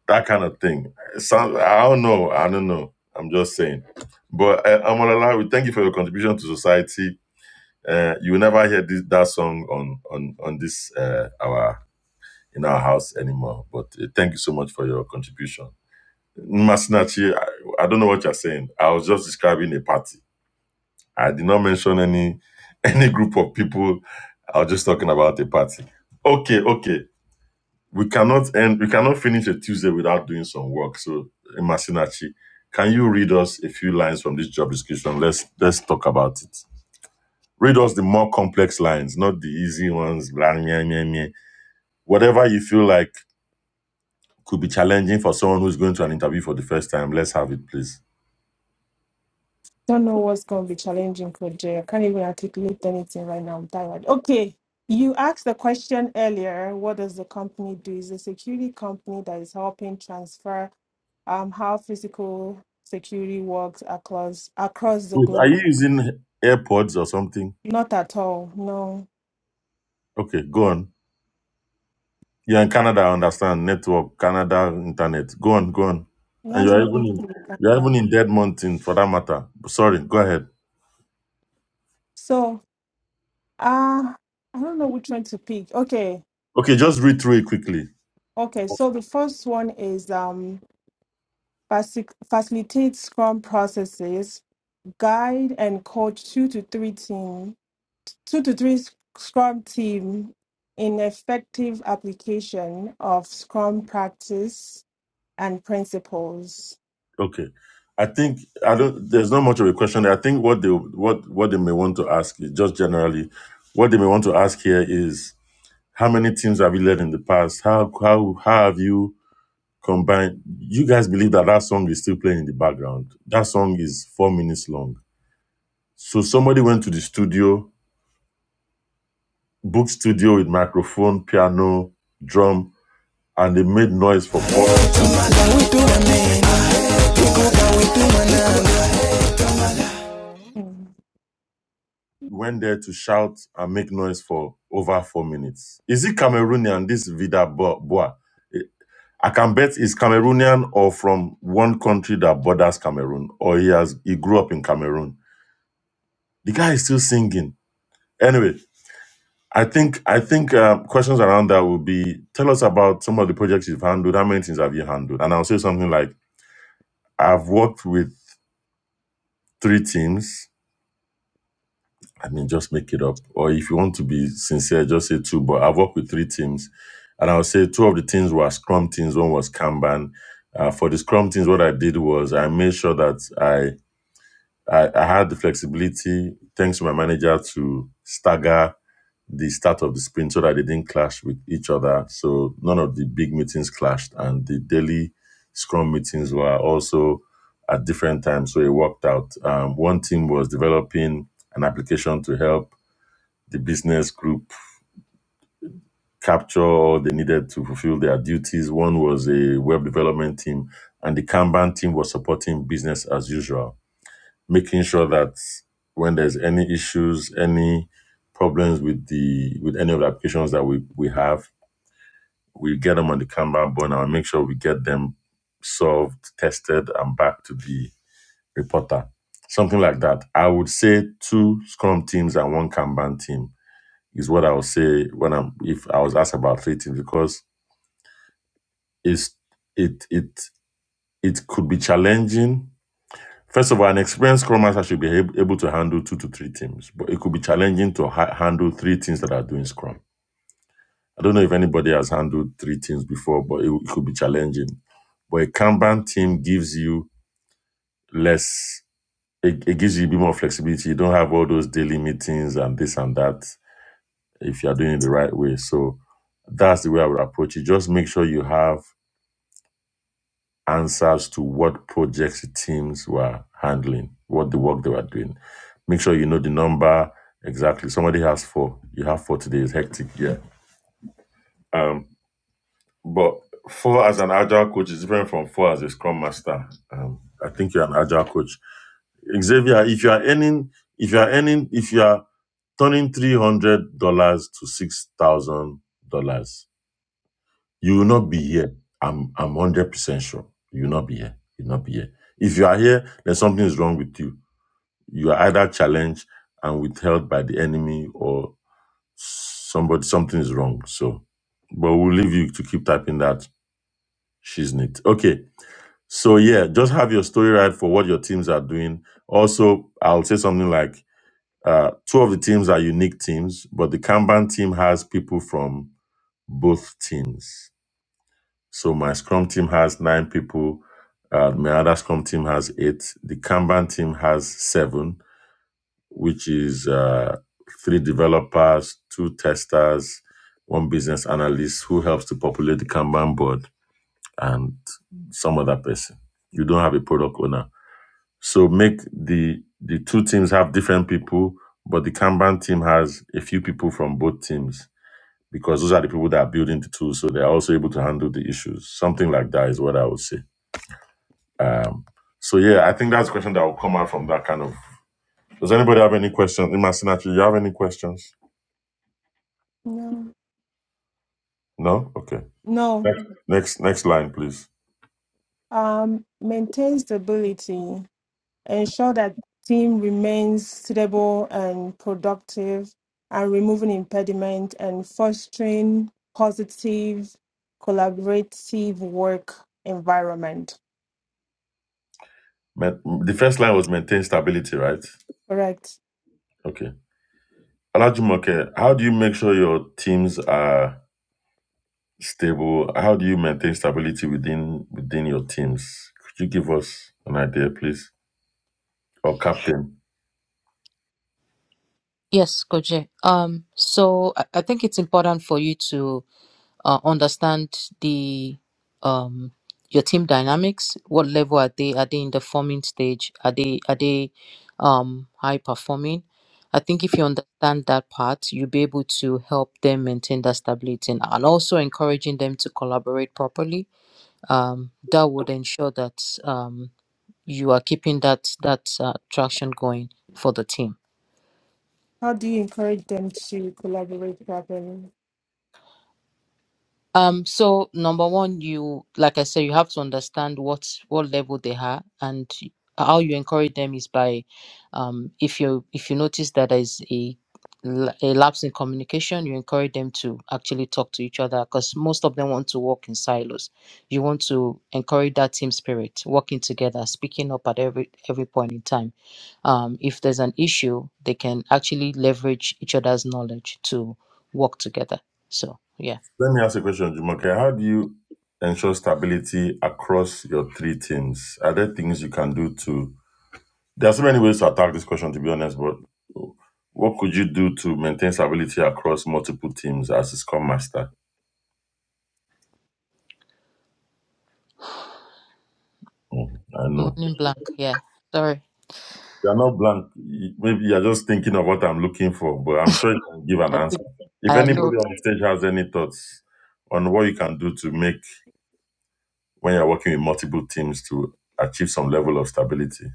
That kind of thing. Some, I don't know. I don't know. I'm just saying. But uh, Amalala, we thank you for your contribution to society. Uh, you will never hear this that song on on on this uh, our in our house anymore. But uh, thank you so much for your contribution. Masinachi, I, I don't know what you're saying. I was just describing a party. I did not mention any any group of people. I was just talking about a party. Okay, okay. We cannot end. We cannot finish a Tuesday without doing some work. So, Masinachi, can you read us a few lines from this job description? Let's let's talk about it. Read us the more complex lines, not the easy ones. Blah, meh, meh, meh. Whatever you feel like could be challenging for someone who's going to an interview for the first time. Let's have it, please. don't know what's going to be challenging, Coach Jay. I can't even articulate anything right now. I'm tired. Okay. You asked the question earlier what does the company do? Is a security company that is helping transfer um, how physical security works across across the Wait, are you globe. using AirPods or something? Not at all. No, Okay, go on. You're in Canada, I understand. Network, Canada, internet. Go on, go on. it And has you're even nothing to in do with you're even Canada. in Dead Mountain for that matter. Sorry, go ahead. So, uh, I don't know which one to pick. Okay, Okay, just read through it quickly. okay. So the first one is um, faci- facilitate Scrum processes guide and coach two to three team, two to three sc- Scrum team in effective application of Scrum practice and principles. Okay. I think I don't there's not much of a question. there. I think what they what what they may want to ask is just generally, what they may want to ask here is how many teams have you led in the past? How how how have you combined. You guys believe that that song is still playing in the background. That song is four minutes long. So somebody went to the studio, booked studio with microphone, piano, drum, and they made noise for four. See, Mm, went there to shout and make noise for over four minutes. Is it Cameroonian? This Vida Bo- Boa. Eh, I can bet it's Cameroonian or from one country that borders Cameroon, or he has he grew up in Cameroon. The guy is still singing. Anyway, I think I think uh, questions around that would be tell us about some of the projects you've handled. How many things have you handled? And I'll say something like I've worked with three teams. I mean, just make it up. Or if you want to be sincere, just say two. But I've worked with three teams, and I'll say two of the teams were Scrum teams. One was Kanban. Uh, for the Scrum teams, what I did was I made sure that I I, I had the flexibility, thanks to my manager, to stagger the start of the sprint so that they didn't clash with each other. So none of the big meetings clashed, and the daily scrum meetings were also at different times. So it worked out. Um, one team was developing an application to help the business group capture all they needed to fulfill their duties. One was a web development team, and the Kanban team was supporting business as usual, making sure that when there's any issues, any problems with the with any of the applications that we, we have we get them on the camera burner and make sure we get them solved, tested, and back to the reporter. Something like that. I would say two Scrum teams and one Kanban team is what I would say when I'm if I was asked about three teams because it's it it it could be challenging. First of all, an experienced Scrum Master should be ab- able to handle two to three teams, but it could be challenging to ha- handle three teams that are doing Scrum I don't know if anybody has handled three teams before, but it, it could be challenging. But a Kanban team gives you less, it, it gives you a bit more flexibility. You don't have all those daily meetings and this and that if you are doing it the right way. So that's the way I would approach it. Just make sure you have answers to what projects the teams were handling, what the work they were doing. Make sure you know the number exactly. Somebody has four. You have four today. It's hectic. Yeah. Um, But four as an agile coach is different from four as a scrum master. Um, I think you're an agile coach. Xavier, if you are earning, if you are earning, if you are turning three hundred dollars to six thousand dollars, you will not be here. I'm I'm hundred percent sure you will not be here. You will not be here. If you are here, then something is wrong with you. You are either challenged and withheld by the enemy, or somebody something is wrong. So, but we'll leave you to keep typing that She's neat. Okay. So yeah, just have your story right for what your teams are doing. Also, I'll say something like uh, two of the teams are unique teams, but the Kanban team has people from both teams. So my Scrum team has nine people. Uh, my other Scrum team has eight. The Kanban team has seven, which is uh, three developers, two testers, one business analyst who helps to populate the Kanban board and some other person. You don't have a product owner. So make the the two teams have different people, but the Kanban team has a few people from both teams because those are the people that are building the tools. So they're also able to handle the issues. Something like that is what I would say. Um, so yeah, I think that's a question that will come out from that kind of. Does anybody have any questions? Imasinachi, you have any questions? No, No? Okay. no. Next next line, please. Um, maintain stability. Ensure that team remains stable and productive, and removing impediment and fostering positive collaborative work environment. Ma- The first line was maintain stability, right? Correct. Okay. Alajumoke, how do you make sure your teams are stable? How do you maintain stability within within your teams? Could you give us an idea, please? Or captain? Yes, Koje. Um, so I, I think it's important for you to uh, understand the um your team dynamics what level are they are they in the forming stage are they are they um high performing i think if you understand that part you'll be able to help them maintain that stability and and also encouraging them to collaborate properly um that would ensure that um you are keeping that that uh, traction going for the team How do you encourage them to collaborate properly? Um, so number one, you like I said, you have to understand what what level they are and how you encourage them is by um if you if you notice that there is a la- a lapse in communication, you encourage them to actually talk to each other because most of them want to work in silos. You want to encourage that team spirit, working together, speaking up at every every point in time. Um, if there's an issue, they can actually leverage each other's knowledge to work together. So yeah. Let me ask a question, Jumoke. How do you ensure stability across your three teams? Are there things you can do to there are so many ways to attack this question to be honest, but what could you do to maintain stability across multiple teams as a scrum master? Mm, I know. Morning blank. Yeah. Sorry. You're not blank. Maybe you're just thinking of what I'm looking for, but I'm sure you can give an I answer. think If I know. anybody on stage has any thoughts on what you can do to make when you're working with multiple teams to achieve some level of stability.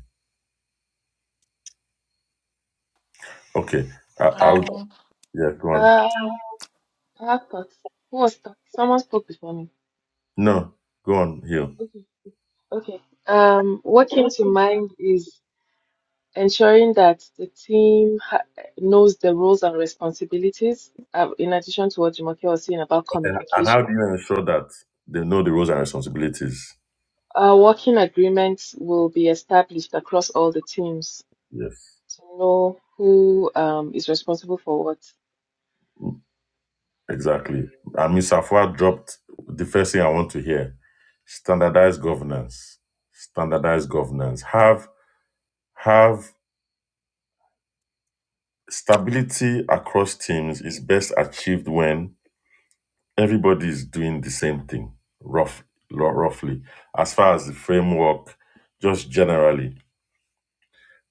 Okay. I, I would, nine. yeah, go on. Um, I have thoughts. Who was talk- Someone spoke before me. No, go on, Hill. Okay, okay. Um, what came to mind is ensuring that the team ha- knows the roles and responsibilities, uh, in addition to what Jumoke was saying about And how do communication. you ensure that they know the roles and responsibilities? Uh, working agreements will be established across all the teams Yes, to know who um, is responsible for what. exactly. And Ms. Safwa dropped the first thing I want to hear standardized governance standardized governance have have Stability across teams is best achieved when everybody is doing the same thing, rough, lo- roughly. As far as the framework, just generally,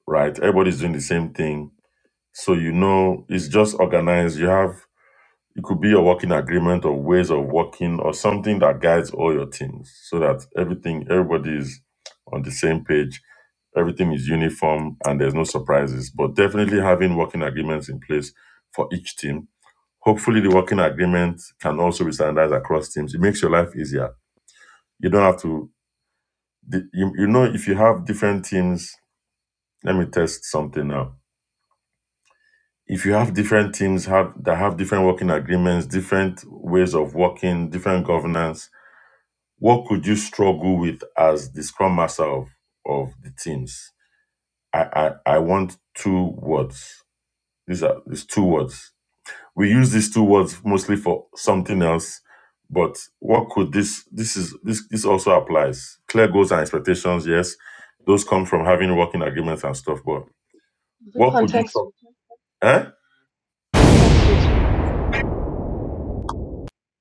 right? Everybody's doing the same thing. So, you know, it's just organized. You have, it could be a working agreement or ways of working or something that guides all your teams so that everything, everybody is on the same page, everything is uniform and there's no surprises. But definitely having working agreements in place for each team Hopefully, the working agreement can also be standardized across teams. It makes your life easier. You don't have to, the- you, you know, if you have different teams, let me test something now. If you have different teams have that have different working agreements, different ways of working, different governance, what could you struggle with as the scrum master of, of the teams? I, I, I want two words. These are these two words we use these two words mostly for something else but what could this this is this this also applies clear goals and expectations yes those come from having working agreements and stuff but Is it what could you contact talk switching? eh? Contact switching?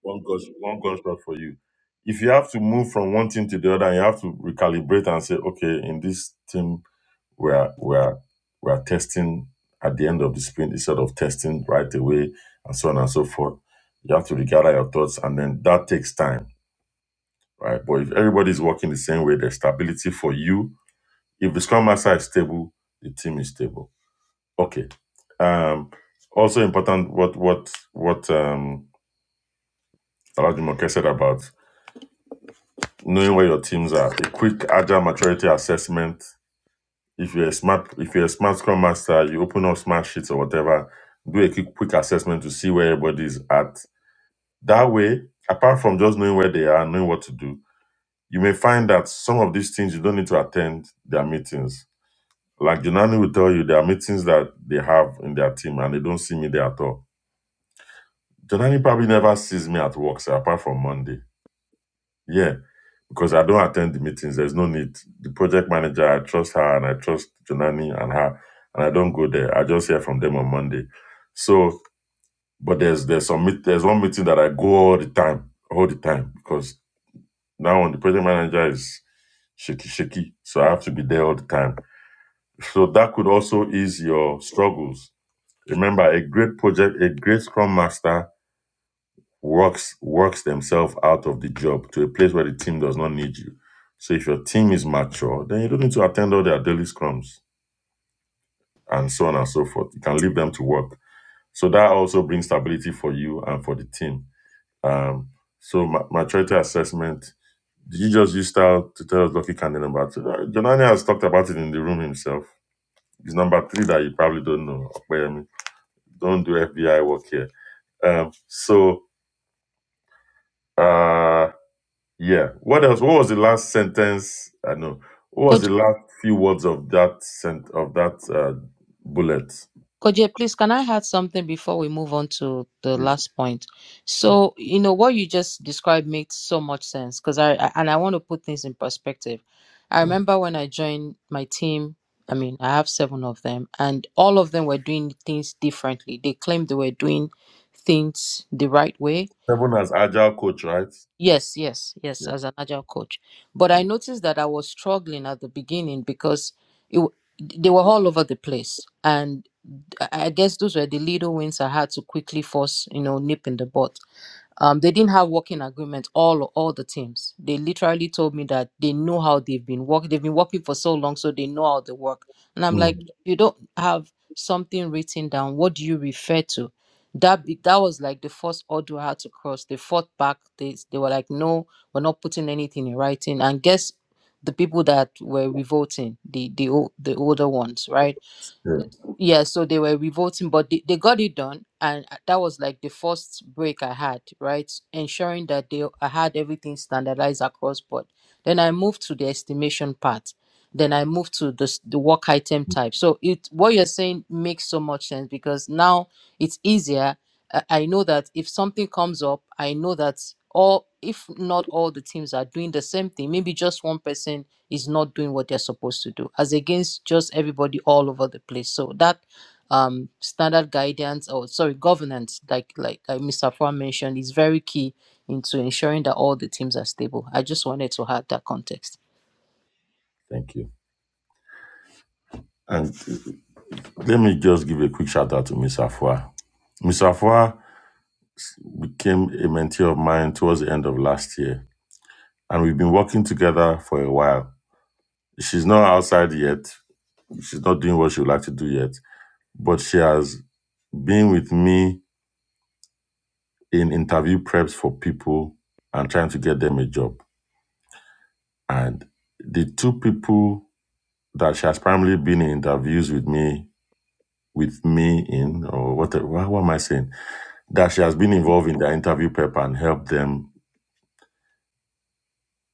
one gosh one gunshot for you if you have to move from one team to the other and you have to recalibrate and say okay in this team we're we're we're testing at the end of the sprint instead of testing right away and so on and so forth you have to regather your thoughts and then that takes time right? But if everybody's working the same way, there's stability for you. If the scrum master is stable, the team is stable. Okay. Um, also important what what what um Alajumoke said about knowing where your teams are. A quick agile maturity assessment. If you're a smart if you're a smart scrum master, you open up smart sheets or whatever, do a quick quick assessment to see where everybody is at. That way, apart from just knowing where they are, knowing what to do, you may find that some of these things you don't need to attend their meetings Like Jonani will tell you, there are meetings that they have in their team and they don't see me there at all. Jonani probably never sees me at work, sir, apart from Monday. Yeah, because I don't attend the meetings. There's no need. The project manager, I trust her and I trust Jonani and her, and I don't go there. I just hear from them on Monday. So, but there's there's some meet, there's one meeting that I go all the time, all the time, because now on the project manager is shaky shaky, so I have to be there all the time. So that could also ease your struggles Remember, a great project, a great scrum master works works themselves out of the job to a place where the team does not need you. So if your team is mature, then you don't need to attend all their daily scrums and so on and so forth. You can leave them to work. So that also brings stability for you and for the team. Um, so ma- maturity assessment. Did you just use style to tell us Lucky Cannon about it? Uh, Jonani has talked about it in the room himself. It's number three that you probably don't know. Okpeyemi. Don't do FBI work here. Um, so Uh yeah. What else? What was the last sentence? I know. What was Koje, the last few words of that sent of that uh, bullet? Koje, please, can I add something before we move on to the Please. last point? Yeah. So, you know, what you just described makes so much sense because I, I, and I want to put things in perspective. I Mm. remember when I joined my team, I mean, I have seven of them, and all of them were doing things differently. They claimed they were doing things the right way Seven as agile coach, right? Yes, yes, yes, Yeah. as an agile coach. But I Mm. noticed that I was struggling at the beginning because it, w- they were all over the place. And I I guess those were the little wins I had to quickly force, you know, nip in the bud um, they didn't have working agreement all all the teams they literally told me that they know how they've been working they've been working for so long so they know how they work and i'm like Mm. if you don't have something written down what do you refer to that be, that was like the first order i had to cross they fought back they, they were like no we're not putting anything in writing and guess the people that were revolting the the, ol- the older ones right Yeah. yeah so they were revolting but they, they got it done and uh, that was like the first break i had right ensuring that they i had everything standardized across board then i moved to the estimation part then i moved to the, s- the work item type so it what you're saying makes so much sense because now it's easier i I know that if something comes up i know that all if not all the teams are doing the same thing maybe just one person is not doing what they're supposed to do as against just everybody all over the place so that um standard guidance or sorry governance like like uh, mr Farr mentioned is very key into ensuring that all the teams are stable i just wanted to add that context Thank you. And let me just give a quick shout out to Miss Afua. Miss Afua became a mentee of mine towards the end of last year, and we've been working together for a while. She's not outside yet. She's not doing what she would like to do yet. But she has been with me in interview preps for people and trying to get them a job. And the two people that she has primarily been in interviews with me, with me in, or what, what, what am I saying? That she has been involved in their interview prep and helped them.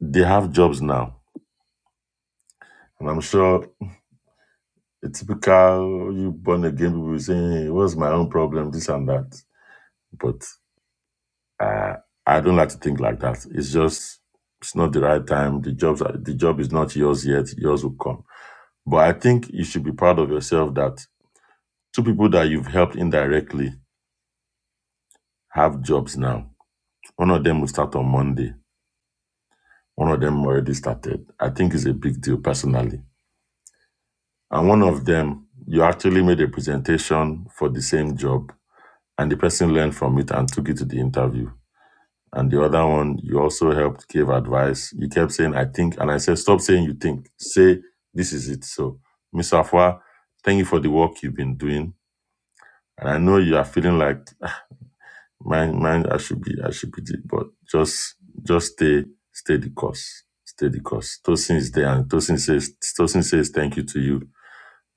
They have jobs now. And I'm sure a typical you born again people will say, hey, what's my own problem? This and that. But Uh, I don't like to think like that. It's just it's not the right time. The jobs are- the job is not yours yet. Yours will come. But I think you should be proud of yourself that two people that you've helped indirectly have jobs now. One of them will start on Monday. One of them already started. I think it's a big deal personally. And one of them, you actually made a presentation for the same job, and the person learned from it and took it to the interview. And the other one, you also helped give advice. You kept saying, I think. And I said, Stop saying you think. Say, this is it. So, Miss Afua, thank you for the work you've been doing. And I know you are feeling like, "Ah, mine, mine, I should be, I should be, the-" but just, just stay, stay the course. Stay the course. Tosin is there. And Tosin says, Tosin says, thank you to you.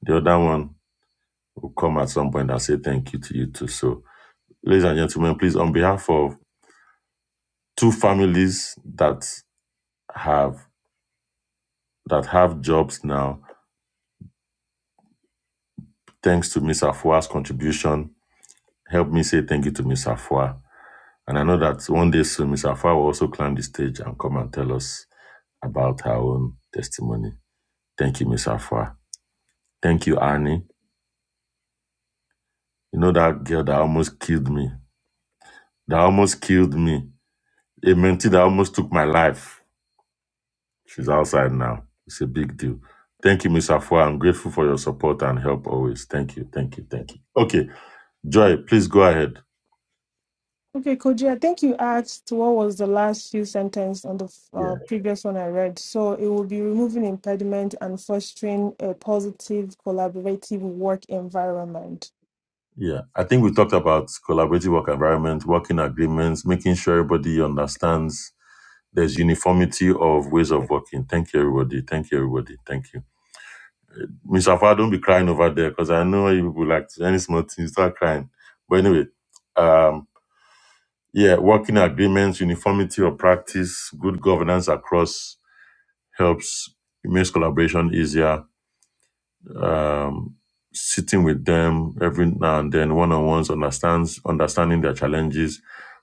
The other one will come at some point and say thank you to you too. So, ladies and gentlemen, please, on behalf of two families that have that have jobs now, thanks to Miss Afua's contribution. Help me say thank you to Miss Afua. And I know that one day soon, Miss Afua will also climb the stage and come and tell us about her own testimony. Thank you, Miss Afua. Thank you, Annie. You know that girl that almost killed me. That almost killed me. A mentee that almost took my life. She's outside now. It's a big deal. Thank you, Miss Afua. I'm grateful for your support and help always. Thank you, thank you, thank you. Okay, Joy, please go ahead. Okay, Koji, I think you asked what was the last few sentences on the Yeah. uh, previous one I read. So it will be removing impediment and fostering a positive collaborative work environment. Yeah, I think we talked about collaborative work environment, working agreements, making sure everybody understands there's uniformity of ways of working. Thank you, everybody. Thank you, everybody. Thank you. Miss Afar, don't be crying over there because I know you people like to- any small thing, you start crying. But anyway, um, yeah, working agreements, uniformity of practice, good governance across helps, it makes collaboration easier. um, sitting with them every now and then, one on ones, understands understanding their challenges,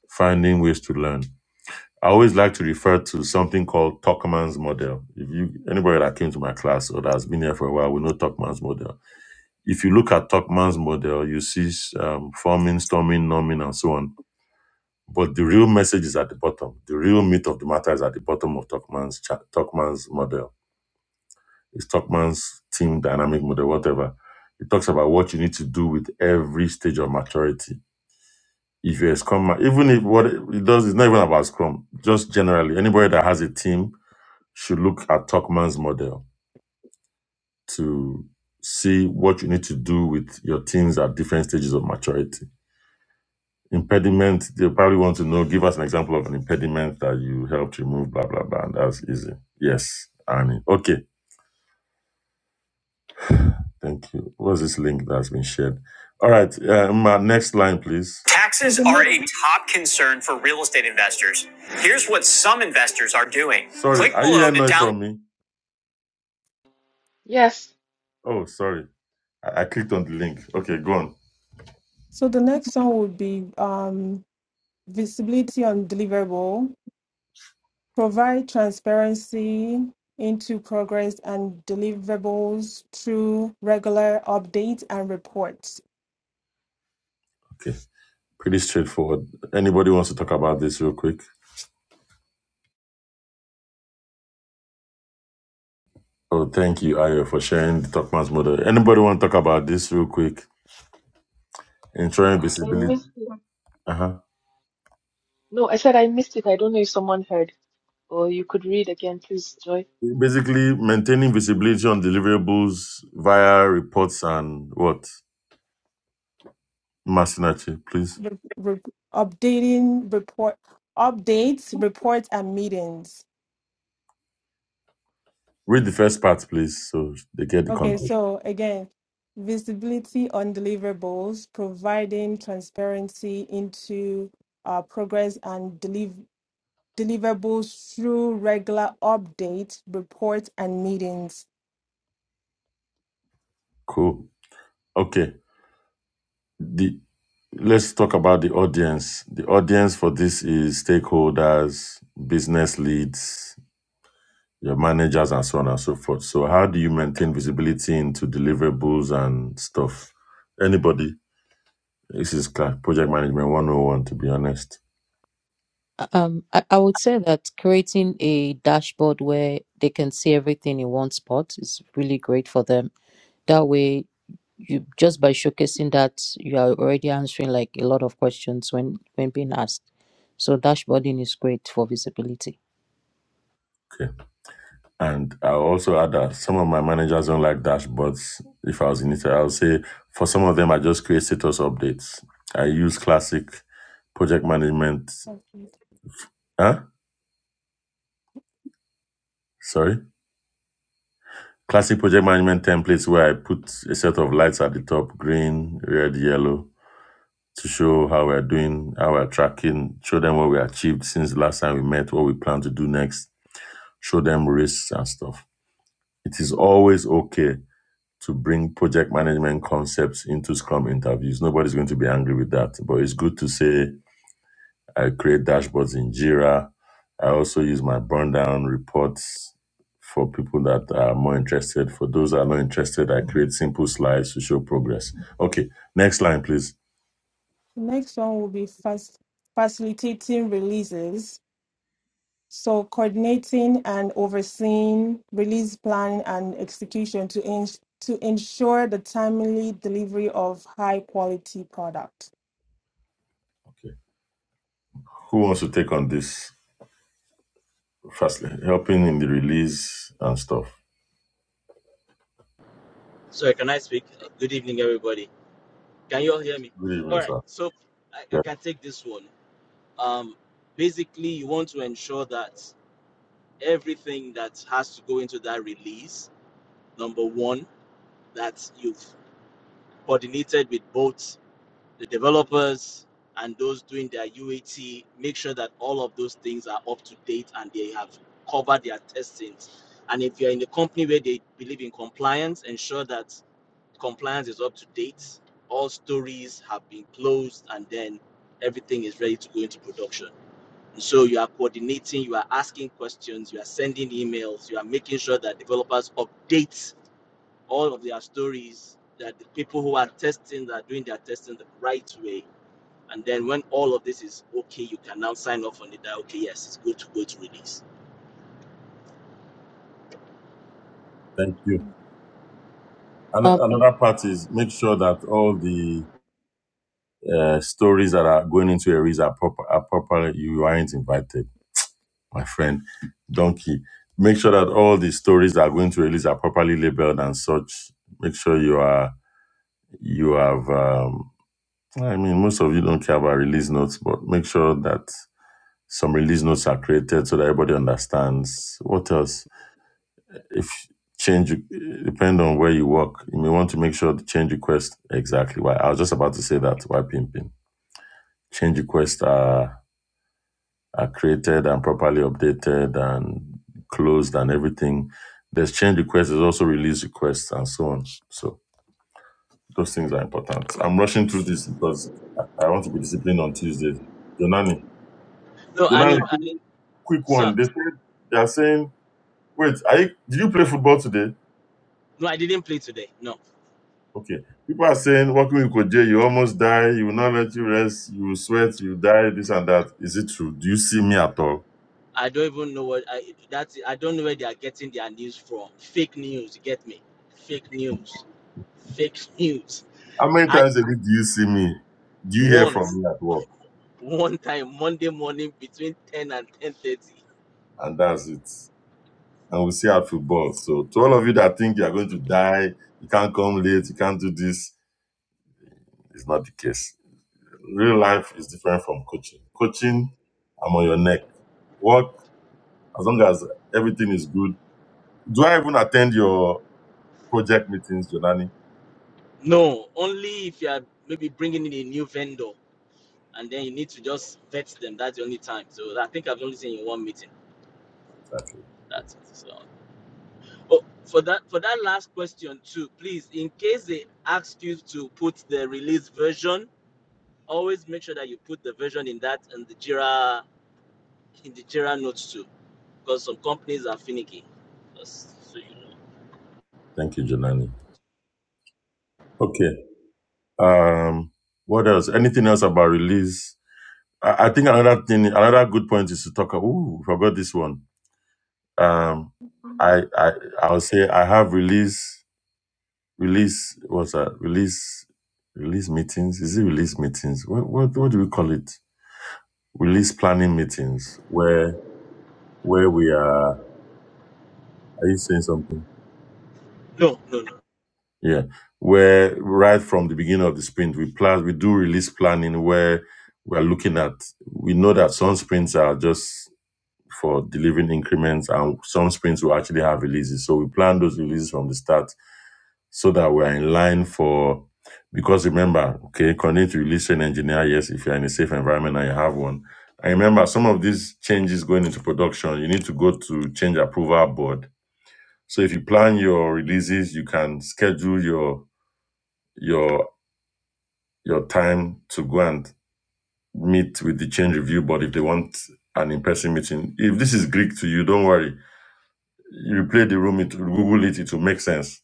finding ways to learn. I always like to refer to something called Tuckman's model. If you anybody that came to my class or that has been here for a while, we know Tuckman's model. If you look at Tuckman's model, you see um, forming, storming, numbing, and so on. But the real message is at the bottom. The real meat of the matter is at the bottom of Tuckman's cha- Tuckman's model Stockman's team dynamic model, whatever. It talks about what you need to do with every stage of maturity. If you're a scrum, ma- even if what it does is not even about scrum, just generally, anybody that has a team should look at Tuckman's model to see what you need to do with your teams at different stages of maturity. Impediment, they probably want to know, give us an example of an impediment that you helped remove, blah, blah, blah. And that's easy. Yes, Annie. Okay. Thank you. What's this link that's been shared? All right, uh, my next line, please. So Taxes the are next a top concern for real estate investors. Here's what some investors are doing. Sorry, Click are you below hearing to noise down- from me? Yes, Oh, sorry. I, I clicked on the link. Okay, go on. so the next one would be um visibility on deliverable. provide transparency into progress and deliverables through regular updates and reports. Okay, pretty straightforward. Anybody wants to talk about this real quick? Oh, thank you, Ayo, for sharing the Talkman's model. Anybody want to talk about this real quick? Ensuring I visibility. missed it. Uh huh. No, I said I missed it. I don't know if someone heard. Or you could read again, please, Joy. Basically, maintaining visibility on deliverables via reports and what? Masinachi, please Re- re- updating report updates, reports and meetings. read the first part, please, so they get the Okay, context. so again, visibility on deliverables, providing transparency into uh, progress and deliv deliverables through regular updates, reports and meetings. Cool. Okay. The let's talk about the audience. The audience for this is stakeholders, business leads, your managers, and so on and so forth. So, how do you maintain visibility into deliverables and stuff? Anybody? This is Clark, Project Management 101, to be honest. um I, I would say that creating a dashboard where they can see everything in one spot is really great for them that way you just by showcasing that you are already answering like a lot of questions when when being asked so dashboarding is great for visibility okay. And I'll also add that some of my managers don't like dashboards. If I was in it, I'll say for some of them, I just create status updates. I use classic project management, huh? Sorry, classic project management templates where I put a set of lights at the top green, red, yellow to show how we're doing, how we're tracking, show them what we achieved since the last time we met, what we plan to do next, show them risks and stuff. It is always okay to bring project management concepts into Scrum interviews. Nobody's going to be angry with that. But it's good to say I create dashboards in Jira. I also use my burn down reports for people that are more interested. For those that are not interested, I create simple slides to show progress. Okay, next line, please. The Next one will be fas- facilitating releases. So, coordinating and overseeing release planning and execution to, ens to ensure the timely delivery of high quality product. Okay. Who wants to take on this firstly? Helping in the release and stuff. Sorry, can I speak? Good evening, everybody. Can you all hear me? Good All evening, right, sir. so I, I Yeah, can take this one. Um, basically, you want to ensure that everything that has to go into that release, number one, that you've coordinated with both the developers and those doing their UAT, make sure that all of those things are up to date and they have covered their testings. And if you're in a company where they believe in compliance, ensure that Compliance is up to date. All stories have been closed, and then everything is ready to go into production. And so you are coordinating, you are asking questions, you are sending emails, you are making sure that developers update all of their stories, that the people who are testing are doing their testing the right way. And then when all of this is okay, you can now sign off on it that okay, yes, it's good to go to release. thank you. um Ano- Another part is make sure that all the uh, stories that are going into areas are proper, are proper, you aren't invited, my friend. Donkey. Make sure that all the stories that are going to release are properly labeled and such. Make sure you are you have. Um, I mean, most of you don't care about release notes, but make sure that some release notes are created so that everybody understands. What else? If change depend on where you work, you may want to make sure the change request exactly. Why I was just about to say that. Why pimping? Change requests are are created and properly updated and closed and everything. There's change requests, there's also release requests and so on. So those things are important. I'm rushing through this because I I want to be disciplined on Tuesday. Jonani, No, and Jonani, if, quick and if quick sir, one. They said they are saying, wait, are you, did you play football today? no, I didn't play today. No. Okay. People are saying working with Koje, you almost die, you will not let you rest, you will sweat, you die, this and that. Is it true? Do you see me at all? I don't even know what I that's I don't know where they are getting their news from. Fake news, you get me? Fake news. Fake news. How many I times a week do you see me? Do you hear from once, me at work? one time, Monday morning between 10 and 10:30. and that's it. And we see how football. So to all of you that think you're going to die, you can't come late, you can't do this, it's not the case. Real life is different from coaching. Coaching, I'm on your neck. Work, as long as everything is good. Do I even attend your project meetings, Jonani? No, only if you are maybe bringing in a new vendor and then you need to just vet them. That's the only time. So I think I've only seen in one meeting. Exactly. That's it. So oh, for that for that last question too, please, in case they ask you to put the release version always make sure that you put the version in that and the Jira in the Jira notes too, because some companies are finicky. Just so you know. Thank you, Jonani. Okay. Um, what else? Anything else about release? I, I think another thing, another good point is to talk about, ooh, forgot this one Um, I I I would say I have release release what's that release release meetings? Is it release meetings? What what what do we call it? Release planning meetings where where we are. Are you saying something? No, no, no. Yeah, where right from the beginning of the sprint we plan we do release planning where we are looking at. We know that some sprints are just for delivering increments and some sprints will actually have releases. So we plan those releases from the start so that we're in line for because remember okay continue to release an engineer yes if you're in a safe environment and you have one I remember some of these changes going into production you need to go to change approval board so if you plan your releases you can schedule your your your time to go and meet with the change review board if they want an in-person meeting if this is greek to you don't worry you play the room it google it it will make sense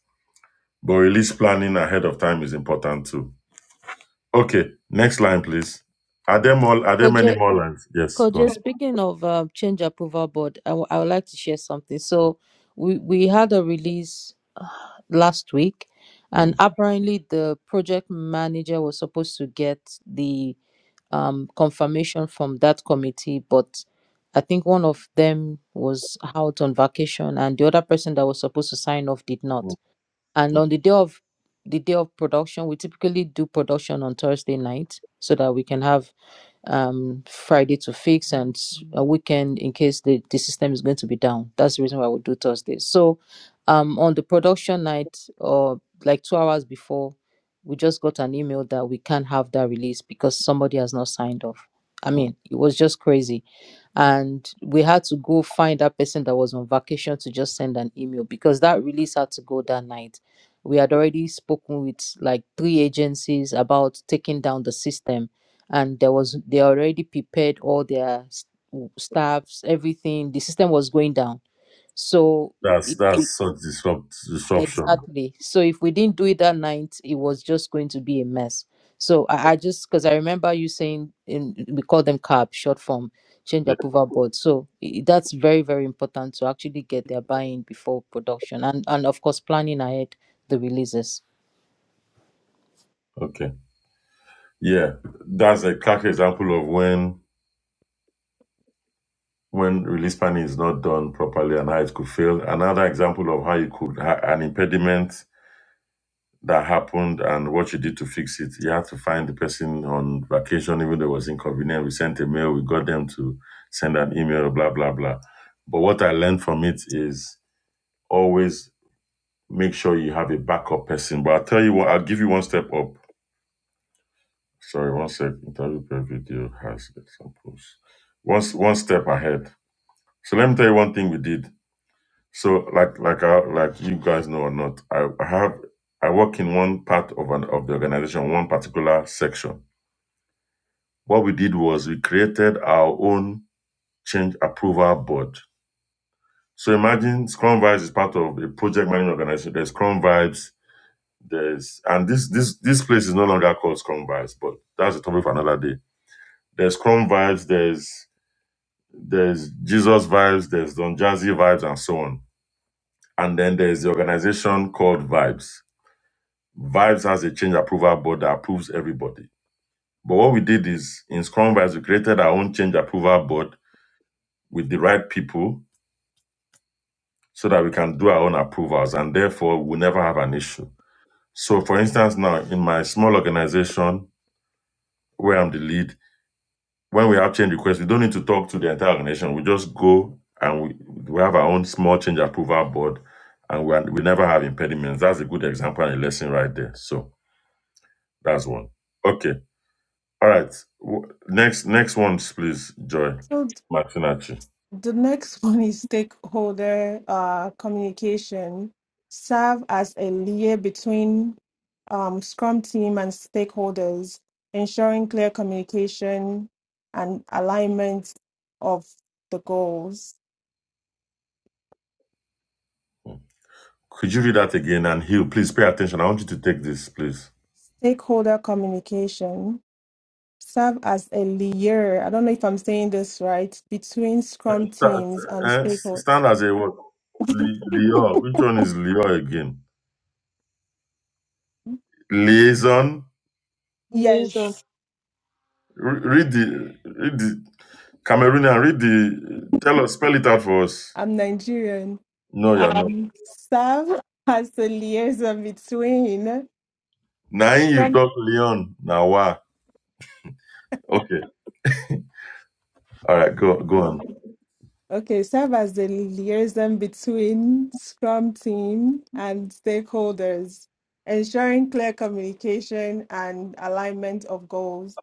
but release planning ahead of time is important too Okay, next line, please. Are there more? Are there many koje more lines? Yes, go on. koje speaking of um, change approval board I w- I would like to share something so we we had a release uh, last week and Mm, apparently the project manager was supposed to get the um, confirmation from that committee, but I think one of them was out on vacation, and the other person that was supposed to sign off did not. mm, And mm. on the day of the day of production, we typically do production on Thursday night so that we can have um, Friday to fix and a weekend in case the, the system is going to be down. That's the reason why we do Thursday. So um, on the production night or like two hours before, we just got an email that we can't have that release because somebody has not signed off. I mean, it was just crazy and we had to go find that person that was on vacation to just send an email because that release had to go that night. We had already spoken with like three agencies about taking down the system, and there was they already prepared all their s- w- staffs, everything. The system was going down, so That's if we that's such disrupt disruption. Exactly. So if we didn't do it that night, it was just going to be a mess. So I, I just because I remember you saying in we call them CAB, short form change Yeah. approval board. So i- that's very very important to actually get their buy-in before production and and of course planning ahead the releases. Okay. Yeah, that's a classic example of when when release planning is not done properly and how it could fail. Another example of how you could ha- an impediment that happened and what you did to fix it. You had to find the person on vacation, even though it was inconvenient. We sent a mail. We got them to send an email. Blah blah blah. But what I learned from it is always make sure you have a backup person. But I'll tell you what, I'll give you one step up. Sorry, one sec. Interview per video has examples. One, one step ahead. So let me tell you one thing we did. So like like I, like you guys know or not, I I have I work in one part of an of the organization, one particular section. What we did was we created our own change approval board. So imagine Scrum Vibes is part of a project management organization. There's Scrum Vibes, There's and this this this place is no longer called Scrum Vibes, but that's a topic for another day. There's Scrum Vibes, there's there's Jesus Vibes, there's Don Jazzy Vibes, and so on. And then there's the organization called Vibes. Vibes has a change approval board that approves everybody. But what we did is in Scrum Vibes, we created our own change approval board with the right people so that we can do our own approvals and therefore we'll never have an issue. So for instance, now in my small organization where I'm the lead, when we have change requests, we don't need to talk to the entire organization. We just go and we, we have our own small change approval board and we, are, we never have impediments. That's a good example and a lesson right there. So that's one. Okay. All right. W- Next, next ones, please, Joy So, Martinachi. The next one is stakeholder uh, communication. Serve as a layer between um, Scrum team and stakeholders, ensuring clear communication and alignment of the goals. Could you read that again and heal? Please pay attention. I want you to take this, please. Stakeholder communication serve as a layer. I don't know if I'm saying this right between Scrum Sta- teams and eh, stakeholders. Stand as a what? Li- liaison. Which one is Leo again? Liaison. Liaison. Yes, Re- Read the read the Cameroonian. Read the tell us spell it out for us. I'm Nigerian. No, you're not. Um, serve as the liaison between. Nine you Scrum- talk Leon Nawa. Okay. All right. Go go on. Okay, serve as the liaison between Scrum team and stakeholders, ensuring clear communication and alignment of goals.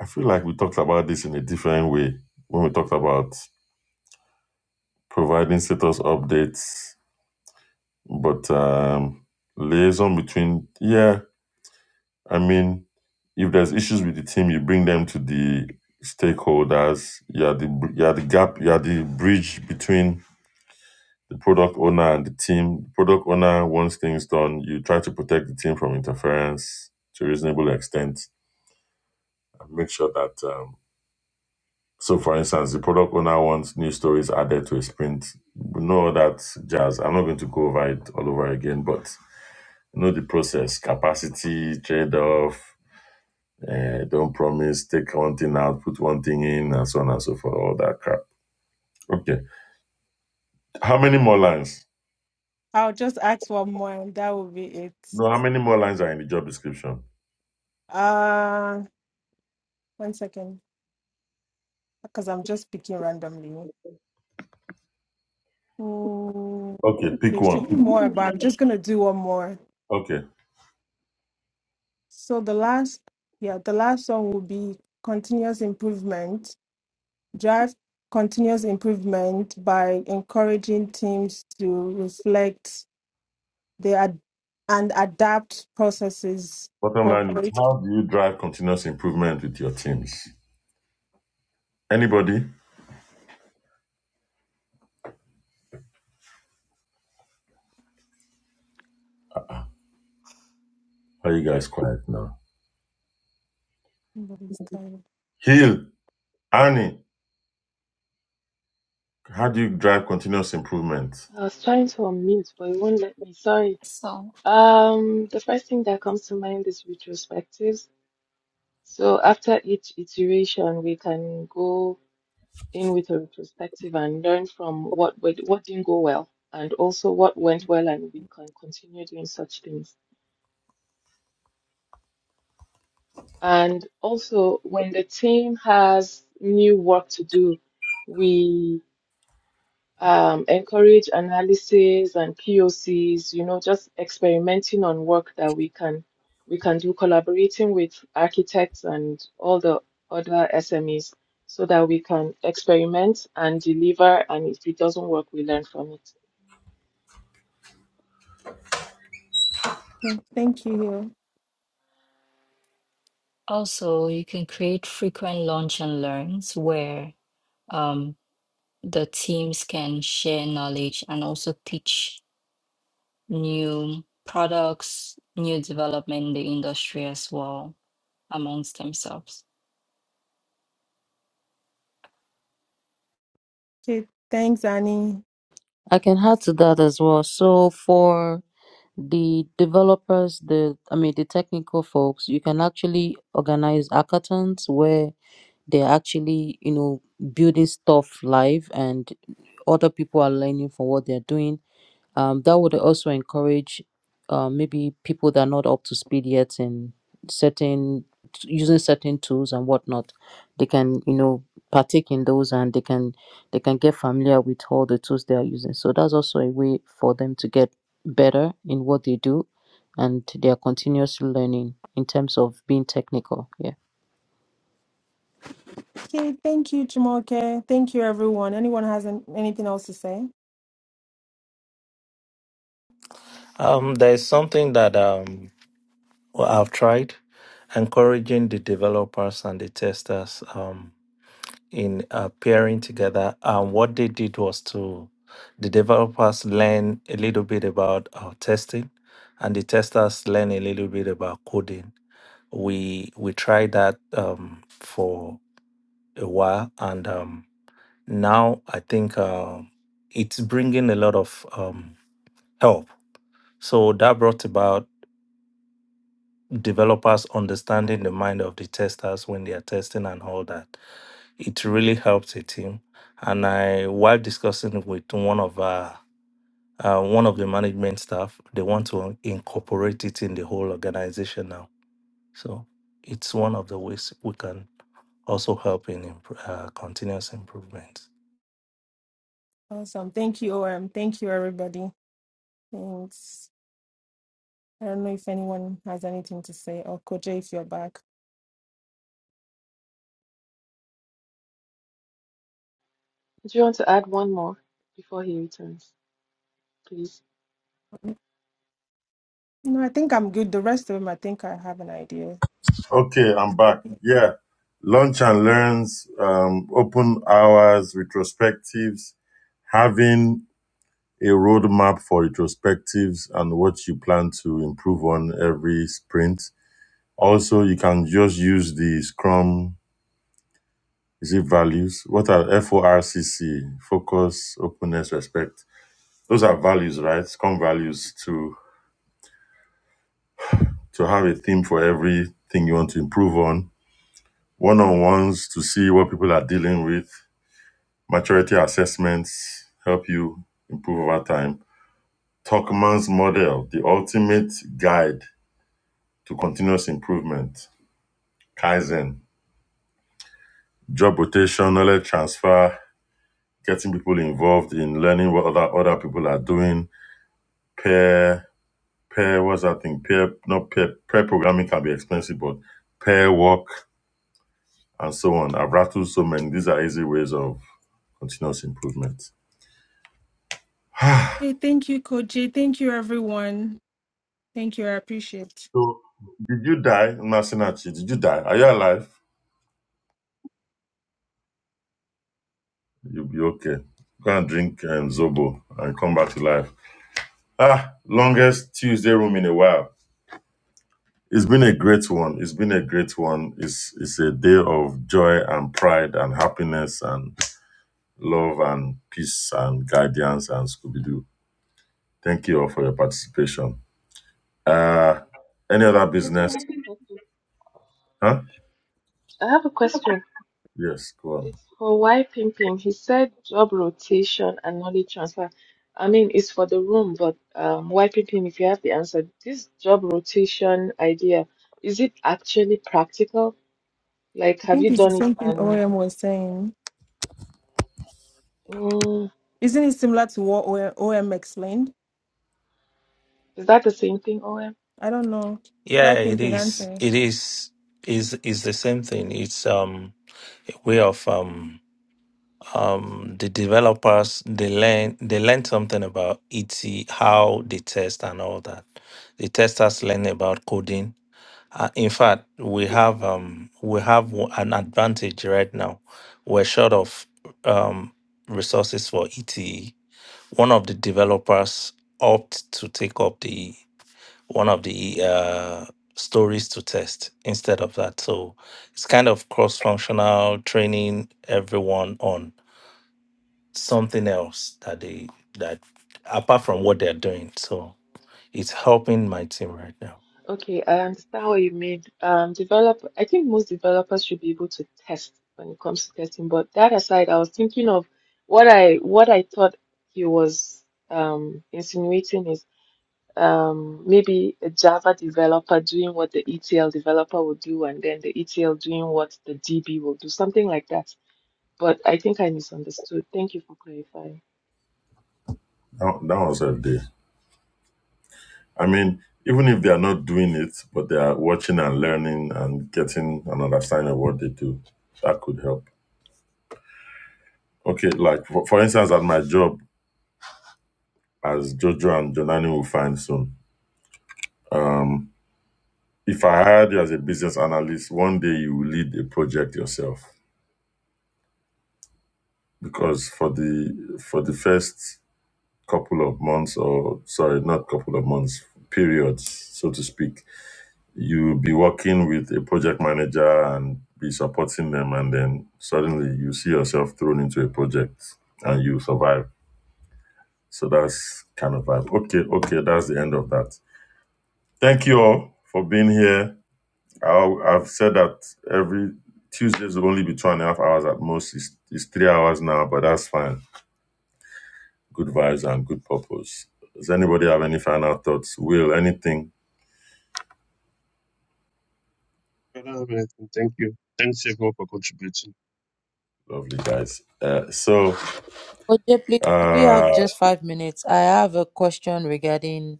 I feel like we talked about this in a different way when we talked about providing status updates, but um, liaison between yeah. I mean, if there's issues with the team, you bring them to the stakeholders. You're the br- you're the gap. You're the bridge between the product owner and the team. The Product owner wants things done. You try to protect the team from interference to a reasonable extent and make sure that. Um, so, for instance, the product owner wants new stories added to a sprint. We know that jazz. I'm not going to go over it all over again, but you know the process: capacity trade-off. Uh, don't promise. Take one thing out, put one thing in, and so on and so forth. All that crap. Okay. How many more lines? I'll just ask one more, and that will be it. No, how many more lines are in the job description? Uh, one second, because I'm just picking randomly. Mm, Okay, pick there one. should be more, but I'm just gonna do one more. Okay. So the last, yeah, the last one will be continuous improvement. Drive continuous improvement by encouraging teams to reflect their ad- and adapt processes Bottom for line is great. how do you drive continuous improvement with your teams? Anybody? Are you guys quiet now? Nobody's tired. Hill, Annie, how do you drive continuous improvement? I was trying to unmute, but it won't let me. Sorry. So Um, the first thing that comes to mind is retrospectives. So after each iteration, we can go in with a retrospective and learn from what went, what didn't go well, and also what went well, and we can continue doing such things. And also, when the team has new work to do, we um, encourage analysis and POCs, you know, just experimenting on work that we can we can do, collaborating with architects and all the other SMEs so that we can experiment and deliver and if it doesn't work we learn from it. Okay, thank you. also, you can create frequent launch and learns where um the teams can share knowledge and also teach new products, new development in the industry as well amongst themselves. Okay, thanks, Annie. I can add to that as well. So for the developers, the I mean the technical folks, you can actually organize hackathons where They're actually, you know, building stuff live and other people are learning from what they're doing. Um, that would also encourage uh, maybe people that are not up to speed yet in certain using certain tools and whatnot. They can, you know, partake in those and they can they can get familiar with all the tools they are using. So that's also a way for them to get better in what they do and they are continuously learning in terms of being technical. Yeah. Okay, thank you, Jumoke. Thank you, everyone. Anyone has an, anything else to say? Um, there is something that um well, I've tried encouraging the developers and the testers. Um, in uh, pairing together. And what they did was to the developers learn a little bit about our testing, and the testers learn a little bit about coding. We we tried that um, for a while, and um, now I think uh, it's bringing a lot of um, help. So that brought about developers understanding the mind of the testers when they are testing and all that it really helped the team. And I, while discussing with one of our, uh, one of the management staff, they want to incorporate it in the whole organization now. So it's one of the ways we can also help in imp- uh, continuous improvement. Awesome. Thank you, OM. Thank you, everybody. Thanks. I don't know if anyone has anything to say, or Koje, if you're back. Do you want to add one more before he returns, please? No, I think I'm good. The rest of them, I think I have an idea. Okay, I'm back. Yeah. Lunch and learns, um, open hours, retrospectives, having a roadmap for retrospectives and what you plan to improve on every sprint. Also, you can just use the Scrum Is it values? What are FORCC? Focus, openness, respect. Those are values, right? Come values to to have a theme for everything you want to improve on. One on ones to see what people are dealing with. Maturity assessments help you improve over time. Tuckman's model, the ultimate guide to continuous improvement. Kaizen, job rotation, knowledge transfer, getting people involved in learning what other, other people are doing, peer pair what's that thing pair not pair pair programming can be expensive but pair work and so on i've rattled so many these are easy ways of continuous improvement Okay, thank you, Koje. Thank you, everyone. Thank you. I appreciate. so did you die Masinachi? did you die are you alive you'll be okay go and drink um, zobo and come back to life ah longest tuesday room in a while it's been a great one it's been a great one it's it's a day of joy and pride and happiness and love and peace and guidance and scooby-doo Thank you all for your participation. Uh, any other Doctor, I business? have a question. Huh? I have a question. Yes, go on. It's for why pimping. He said job rotation and knowledge transfer. I mean, it's for the room, but um, why pimping? If you have the answer, this job rotation idea, is it actually practical? Like, I have think you it's the done it? same thing And OM was saying. mm, Isn't it similar to what OM explained? is that the same thing, OM? I don't know. Yeah, Why it Pimpin is. answer? It is is is the same thing. It's um a way of um um, the developers they learn they learn something about ET, how they test and all that. The testers learn about coding. Uh, in fact, we have um, we have w- an advantage right now. We're short of um, resources for ETE. One of the developers opt to take up the one of the uh, stories to test instead of that. So it's kind of cross-functional training everyone on something else that they that apart from what they're doing. So it's helping my team right now. Okay, I understand what you mean. Um, develop. I think most developers should be able to test when it comes to testing. But that aside, I was thinking of what I what I thought he was um insinuating is. um, maybe a Java developer doing what the ETL developer will do, and then the ETL doing what the DB will do, something like that. But I think I misunderstood. Thank you for clarifying. That, that was a day. I mean, even if they are not doing it, but they are watching and learning and getting an understanding of what they do, that could help. Okay, like for, for instance, at my job, as Jojo and Jonani will find soon, if I hired you as a business analyst, one day you will lead a project yourself because for the for the first couple of months or sorry not couple of months periods so to speak you'll be working with a project manager and be supporting them and then suddenly you see yourself thrown into a project and you survive so that's kind of vibe okay okay that's the end of that thank you all for being here i i've said that every tuesdays will only be two and a half hours at most it's, it's three hours now but that's fine good vibes and good purpose does anybody have any final thoughts will anything Thank you. Thanks everyone for contributing. Lovely guys. Uh, so OJ, please, do we have uh, just five minutes? I have a question regarding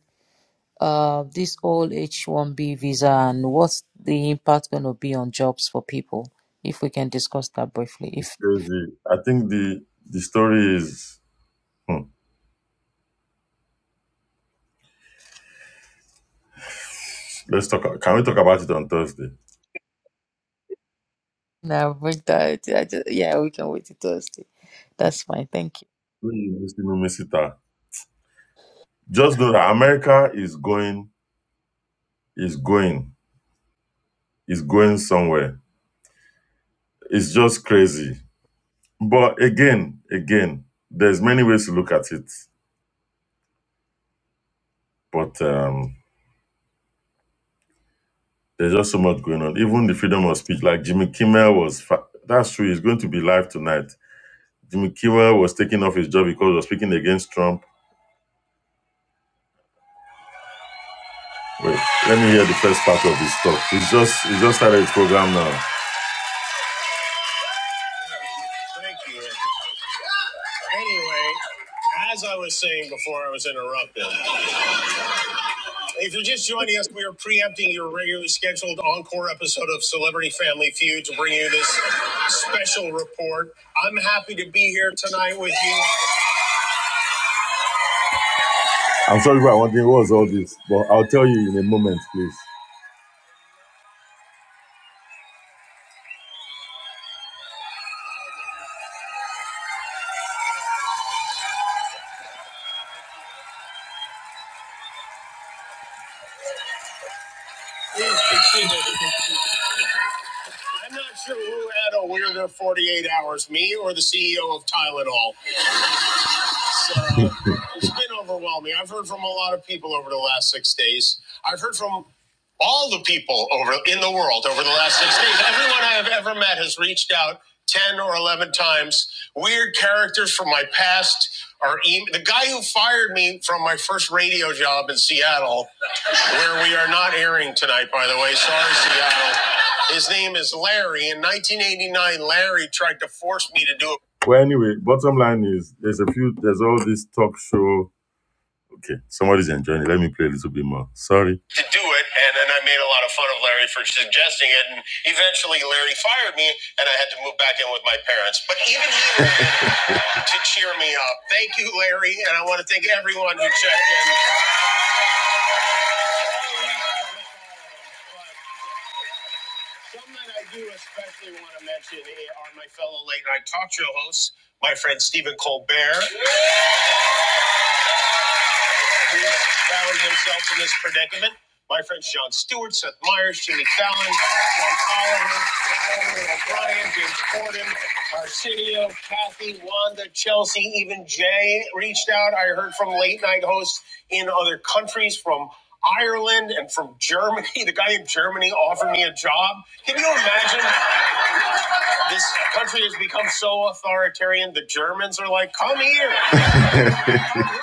uh, this whole H-1B visa and what's the impact going to be on jobs for people, if we can discuss that briefly. it's If, if crazy. I think the the story is. hmm, let's talk. Can we talk about it on Thursday? no, bring that, I ju- yeah, we can wait till Thursday. That's fine. Thank you. Hmm, we still miss it, ah. Just know that America is going, is going, is going somewhere. It's just crazy. But again, again, there's many ways to look at it. But um, there's just so much going on. Even the freedom of speech, like Jimmy Kimmel was. Fa- that's true. He's going to be live tonight Jimmy Kimmel was taking off his job because he was speaking against Trump. Wait, let me hear the first part of his talk. He's just he's just started his program now. Thank you. Anyway, as I was saying before I was interrupted, if you're just joining us, we are preempting your regularly scheduled encore episode of Celebrity Family Feud to bring you this special report. I'm happy to be here tonight with you. I'm sorry about wondering what was all this, but I'll tell you in a moment, please. Please be seated. I'm not sure who had a weirder 48 hours, me or the CEO of Tylenol. So it's been overwhelming. I've heard from a lot of people over the last six days. I've heard from all the people over in the world over the last six days. Everyone I have ever met has reached out ten or eleven times. Weird characters from my past are em- the guy who fired me from my first radio job in Seattle, where we are not airing tonight, by the way. Sorry, Seattle. His name is Larry. In 1989, Larry tried to force me to do a well, anyway, bottom line is there's a few, there's all this talk show. Okay, somebody's enjoying it. Let me play a little bit more. Sorry. To do it, and then I made a lot of fun of Larry for suggesting it, and eventually Larry fired me, and I had to move back in with my parents. But even he managed to cheer me up. Thank you, Larry, and I want to thank everyone who checked in. Someone I do especially want to mention eh, are my fellow late night talk show hosts, my friend Stephen Colbert He found himself in this predicament. My friends John Stewart, Seth Meyers, Jimmy Fallon, John Oliver, Conan O'Brien, James Corden, Arsenio, Kathy, Wanda, Chelsea, even Jay reached out. I heard from late night hosts in other countries, from Ireland and from Germany. The guy in Germany offered me a job. Can you imagine? This country has become so authoritarian. The Germans are like, come here. Come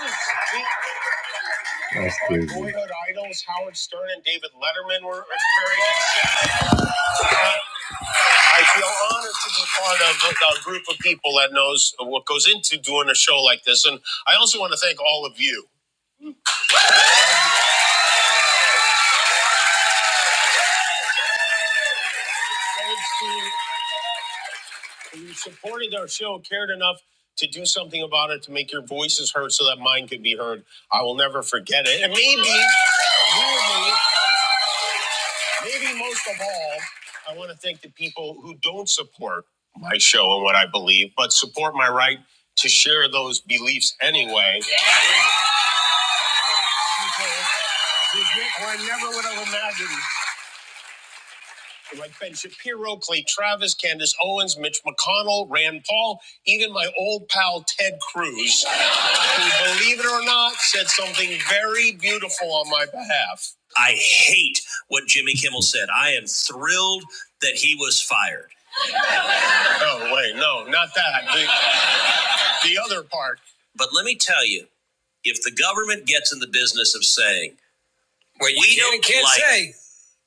loose. That's crazy. Boyhood idols Howard Stern and David Letterman were a very good shout. I feel honored to be part of a, a group of people that knows what goes into doing a show like this, and I also want to thank all of you. Thanks to who supported our show, cared enough to do something about it, to make your voices heard, so that mine could be heard. I will never forget it, and maybe. maybe Maybe most of all, I want to thank the people who don't support my show and what I believe, but support my right to share those beliefs anyway. Yeah. Or I never would have imagined. Like Ben Shapiro, Clay Travis, Candace Owens, Mitch McConnell, Rand Paul, even my old pal Ted Cruz, who, believe it or not, said something very beautiful on my behalf. I hate what Jimmy Kimmel said. I am thrilled that he was fired. Oh, wait, no, not that. The- the other part. But let me tell you, if the government gets in the business of saying what we don't can't like say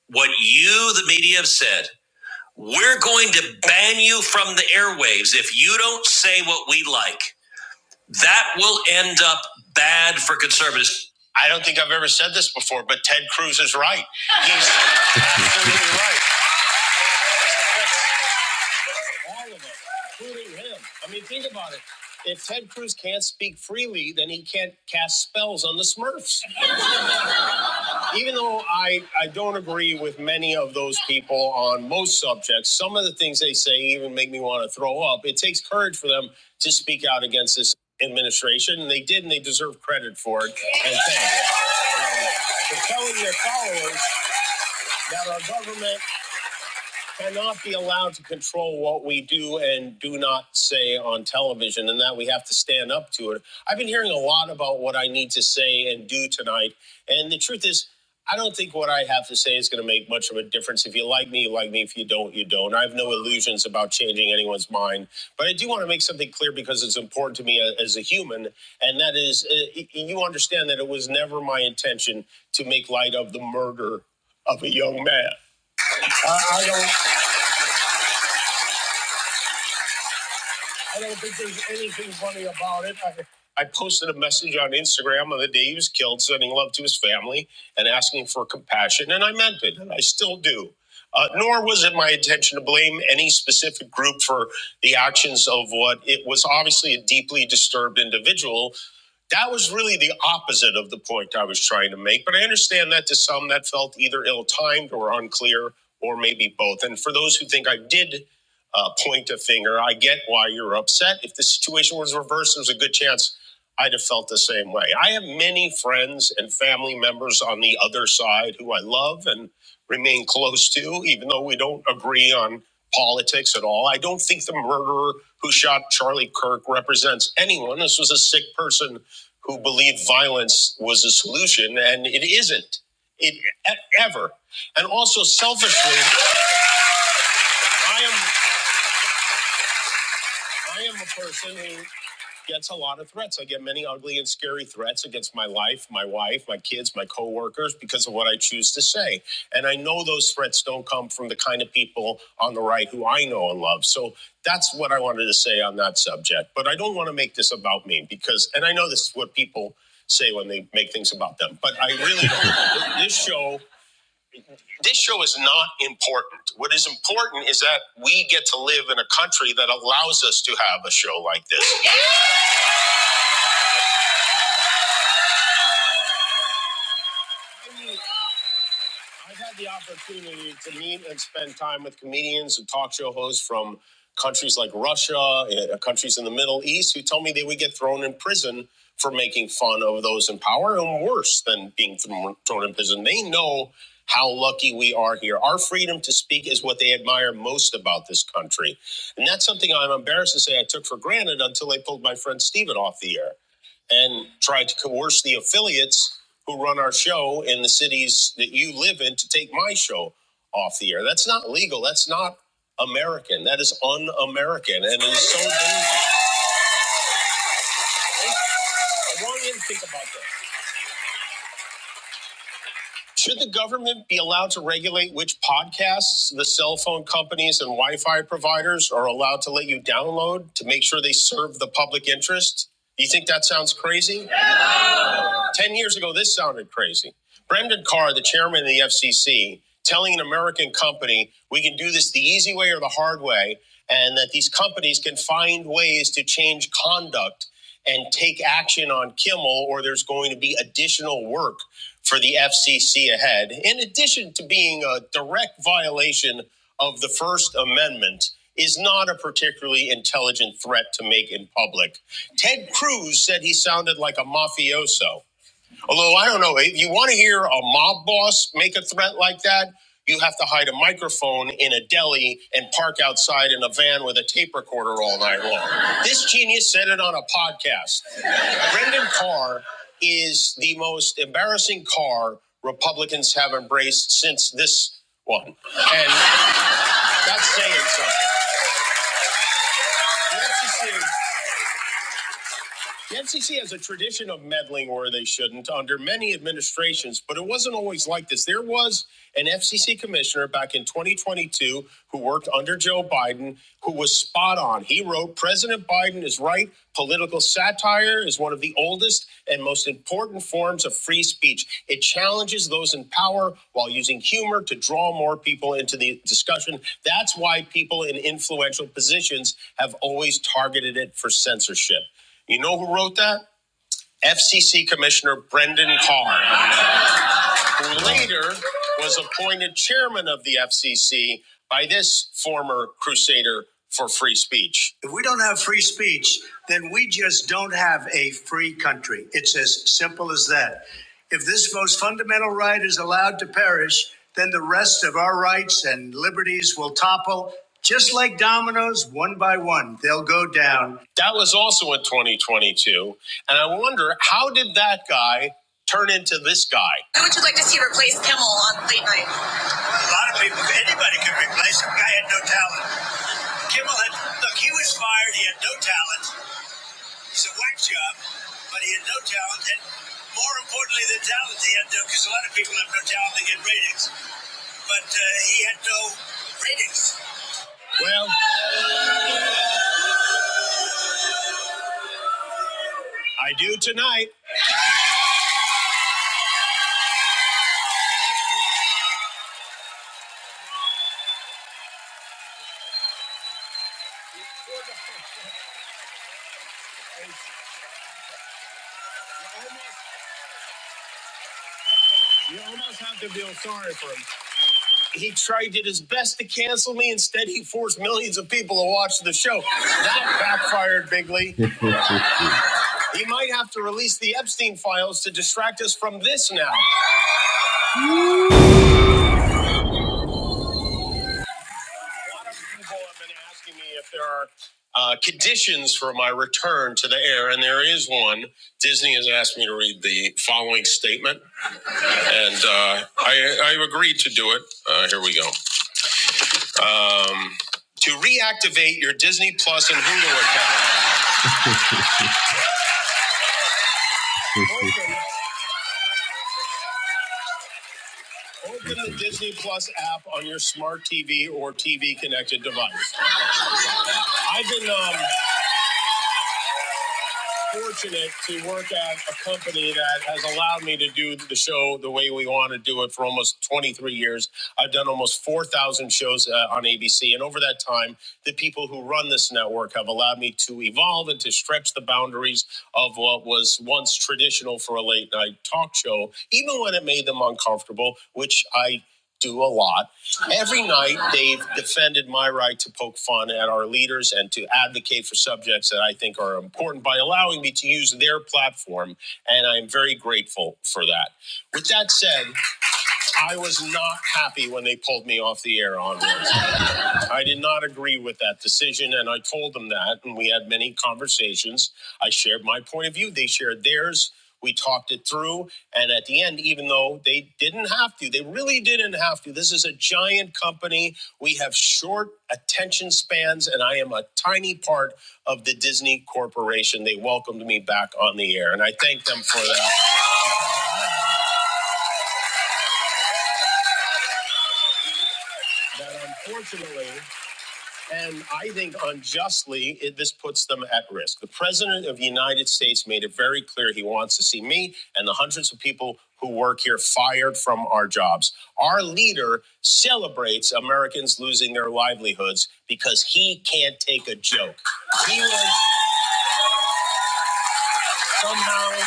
what you, the media, have said, we're going to ban you from the airwaves if you don't say what we like. That will end up bad for conservatives. I don't think I've ever said this before, but Ted Cruz is right. He's absolutely right. All of us, including him. I mean, think about it. If Ted Cruz can't speak freely, then he can't cast spells on the Smurfs. even though I, I don't agree with many of those people on most subjects, some of the things they say even make me want to throw up. It takes courage for them to speak out against this administration, and they did, and they deserve credit for it. And thanks for telling their followers that our government cannot be allowed to control what we do and do not say on television, and that we have to stand up to it. I've been hearing a lot about what I need to say and do tonight, and the truth is, I don't think what I have to say is going to make much of a difference. If you like me, you like me. If you don't, you don't. I have no illusions about changing anyone's mind, but I do want to make something clear because it's important to me uh, as a human, and that is, uh, you understand that it was never my intention to make light of the murder of a young man. I don't. I don't think there's anything funny about it. I, I posted a message on Instagram on the day he was killed, sending love to his family and asking for compassion, and I meant it, and I still do. Uh, nor was it my intention to blame any specific group for the actions of what it was obviously a deeply disturbed individual that was really the opposite of the point I was trying to make, but I understand that to some that felt either ill timed or unclear, or maybe both. And for those who think I did uh, point a finger, I get why you're upset. If the situation was reversed, there's a good chance I'd have felt the same way. I have many friends and family members on the other side who I love and remain close to, even though we don't agree on politics at all. I don't think the murderer who shot Charlie Kirk represents anyone. This was a sick person who believed violence was a solution, and it isn't. It e- ever. And also selfishly, I am I am a person who gets a lot of threats. I get many ugly and scary threats against my life, my wife, my kids, my coworkers because of what I choose to say. And I know those threats don't come from the kind of people on the right who I know and love. So that's what I wanted to say on that subject. But I don't want to make this about me because, and I know this is what people say when they make things about them, but I really don't. this show. This show is not important. What is important is that we get to live in a country that allows us to have a show like this. I mean, I've had the opportunity to meet and spend time with comedians and talk show hosts from countries like Russia, uh, countries in the Middle East, who told me they would get thrown in prison for making fun of those in power, and worse than being thrown thrown in prison. They know how lucky we are here. Our freedom to speak is what they admire most about this country. And that's something I'm embarrassed to say I took for granted until they pulled my friend Steven off the air and try to coerce the affiliates who run our show in the cities that you live in to take my show off the air. That's not legal. That's not American. That is un-American, and it is so dangerous. I want you to think about that. Should the government be allowed to regulate which podcasts the cell phone companies and Wi-Fi providers are allowed to let you download to make sure they serve the public interest? Do you think that sounds crazy? Ten years ago, this sounded crazy. Brendan Carr, the chairman of the FCC, telling an American company, we can do this the easy way or the hard way, and that these companies can find ways to change conduct and take action on Kimmel, or there's going to be additional work for the FCC ahead, in addition to being a direct violation of the First Amendment. Is not a particularly intelligent threat to make in public. Ted Cruz said he sounded like a mafioso. Although I don't know, if you want to hear a mob boss make a threat like that, you have to hide a microphone in a deli and park outside in a van with a tape recorder all night long. This genius said it on a podcast. Brendan Carr is the most embarrassing car Republicans have embraced since this one. And that's saying something. Let's assume The FCC has a tradition of meddling where they shouldn't under many administrations, but it wasn't always like this. There was an FCC commissioner back in 2022 who worked under Joe Biden who was spot on. He wrote President Biden is right. Political satire is one of the oldest and most important forms of free speech. It challenges those in power while using humor to draw more people into the discussion. That's why people in influential positions have always targeted it for censorship. You know who wrote that? FCC Commissioner Brendan Carr, who later was appointed chairman of the FCC by this former crusader for free speech. If we don't have free speech, then we just don't have a free country. It's as simple as that. If this most fundamental right is allowed to perish, then the rest of our rights and liberties will topple just like dominoes, one by one. They'll go down that was also in 2022. And I wonder how did that guy turn into this guy? Who would you like to see replace Kimmel on late night? A lot of people. Anybody could replace him. Guy had no talent. Kimmel had look. He was fired. He had no talent. He's a whack job, but he had no talent. And more importantly than talent, he had no. Because a lot of people have no talent. They get ratings, but uh, he had no ratings. Well, I do tonight. You almost have to feel sorry for him. He tried did his best to cancel me. Instead, he forced millions of people to watch the show. That backfired bigly. He might have to release the Epstein files to distract us from this now. A lot of people have been asking me if there are uh, conditions for my return to the air, and there is one. Disney has asked me to read the following statement, and uh, I, I agreed to do it. Uh, here we go. To reactivate your Disney Plus and Hulu account. Open a Disney Plus app on your smart TV or TV connected device. I've been um, fortunate to work at a company that has allowed me to do the show the way we want to do it for almost 23 years. I've done almost 4,000 shows uh, on ABC. And over that time, the people who run this network have allowed me to evolve and to stretch the boundaries of what was once traditional for a late night talk show, even when it made them uncomfortable, which I do a lot. Every night, they've defended my right to poke fun at our leaders and to advocate for subjects that I think are important by allowing me to use their platform. And I'm very grateful for that. With that said, I was not happy when they pulled me off the air on. Wednesday. I did not agree with that decision, and I told them that, and we had many conversations. I shared my point of view, they shared theirs. We talked it through, and at the end, even though they didn't have to, they really didn't have to. This is a giant company. We have short attention spans, and I am a tiny part of the Disney Corporation. They welcomed me back on the air, and I thank them for that. That unfortunately, And I think unjustly, it, this puts them at risk. The president of the United States made it very clear he wants to see me and the hundreds of people who work here fired from our jobs. Our leader celebrates Americans losing their livelihoods because he can't take a joke. He was somehow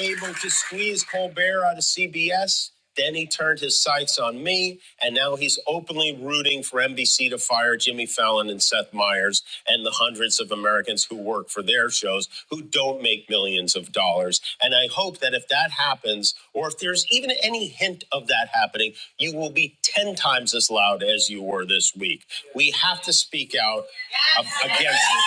able to squeeze Colbert out of CBS. Then he turned his sights on me, and now he's openly rooting for NBC to fire Jimmy Fallon and Seth Meyers and the hundreds of Americans who work for their shows who don't make millions of dollars. And I hope that if that happens, or if there's even any hint of that happening, you will be 10 times as loud as you were this week. We have to speak out ab- against it.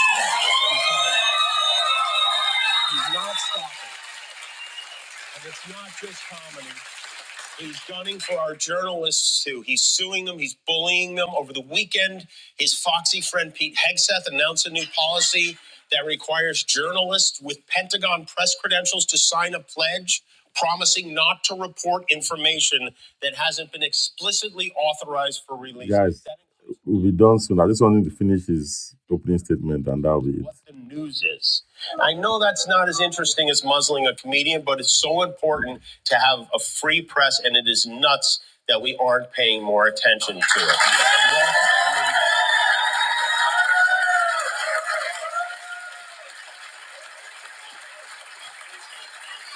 He's gunning for our journalists too. He's suing them. He's bullying them. Over the weekend, his foxy friend Pete Hegseth announced a new policy that requires journalists with Pentagon press credentials to sign a pledge promising not to report information that hasn't been explicitly authorized for release. Guys, we'll be done soon. I just wanted to finish his opening statement, and that'll be it the news is. I know that's not as interesting as muzzling a comedian, but it's so important to have a free press, and it is nuts that we aren't paying more attention to it.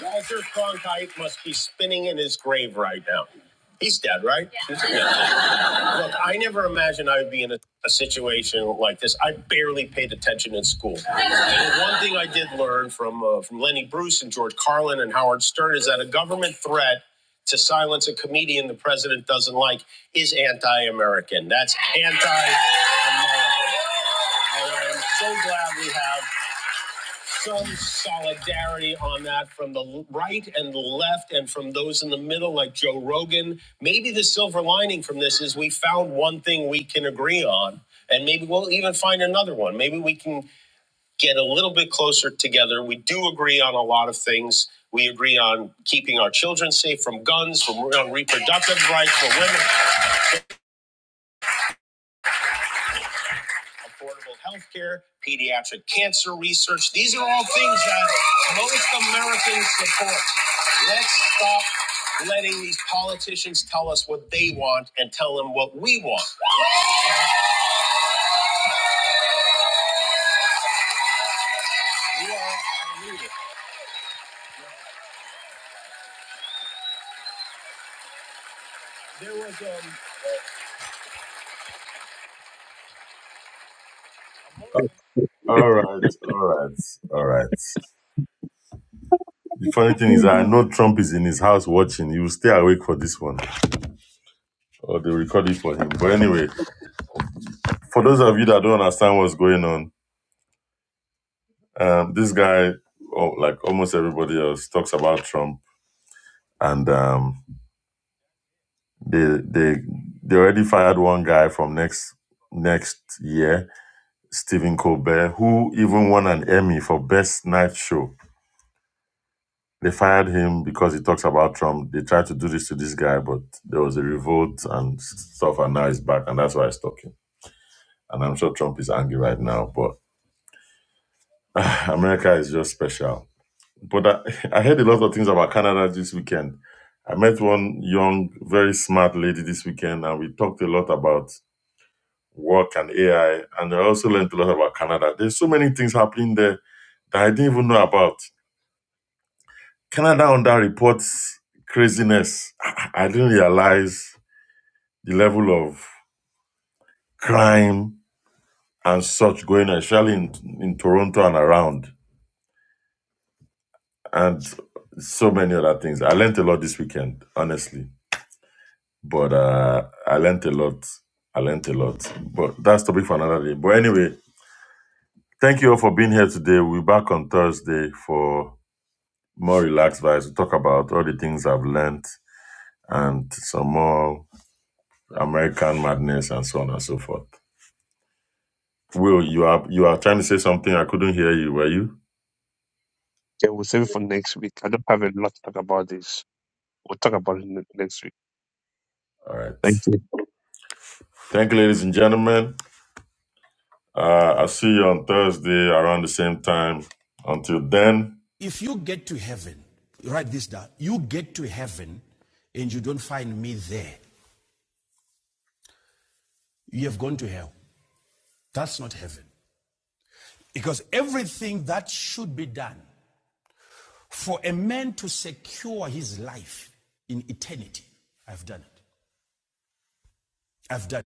Walter Cronkite must be spinning in his grave right now. He's dead, right? Yeah. Look, I never imagined I would be in a, a situation like this. I barely paid attention in school. And one thing I did learn from uh, from Lenny Bruce and George Carlin and Howard Stern is that a government threat to silence a comedian the president doesn't like is anti-American. That's anti-American. And I am so glad we have some solidarity on that from the right and the left and from those in the middle like Joe Rogan. Maybe the silver lining from this is we found one thing we can agree on and maybe we'll even find another one. Maybe we can get a little bit closer together. We do agree on a lot of things. We agree on keeping our children safe from guns, from on reproductive rights for women. affordable health care, pediatric cancer research. These are all things that most Americans support. Let's stop letting these politicians tell us what they want and tell them what we want. All right, all right, all right. The funny thing is, I know Trump is in his house watching. He will stay awake for this one, or they record it for him. But anyway, for those of you that don't understand what's going on, um, this guy, oh, like almost everybody else, talks about Trump and um, They they they already fired one guy from next next year, Stephen Colbert, who even won an Emmy for best night show. They fired him because he talks about Trump. They tried to do this to this guy, but there was a revolt and stuff, and now he's back, and that's why he's talking. And I'm sure Trump is angry right now, but America is just special. But I, I heard a lot of things about Canada this weekend. I met one young, very smart lady this weekend, and we talked a lot about work and AI. And I also learned a lot about Canada. There's so many things happening there that I didn't even know about. Canada under reports craziness. I I didn't realize the level of crime and such going on, especially in, in Toronto and around, and so many other things. I learned a lot this weekend, honestly. But uh, I learned a lot. I learned a lot. But that's topic for another day. But anyway, thank you all for being here today. We'll be back on Thursday for more relaxed vibes. We talk about all the things I've learned and some more American madness and so on and so forth. Will, you are you are trying to say something? I couldn't hear you. Were you? Okay, we'll save it for next week. I don't have a lot to talk about this. We'll talk about it ne- next week. All right. Thank you. Thank you, ladies and gentlemen. Uh, I'll see you on Thursday around the same time. Until then. If you get to heaven, write this down. You get to heaven and you don't find me there, you have gone to hell. That's not heaven. Because everything that should be done for a man to secure his life in eternity, I've done it. I've done it.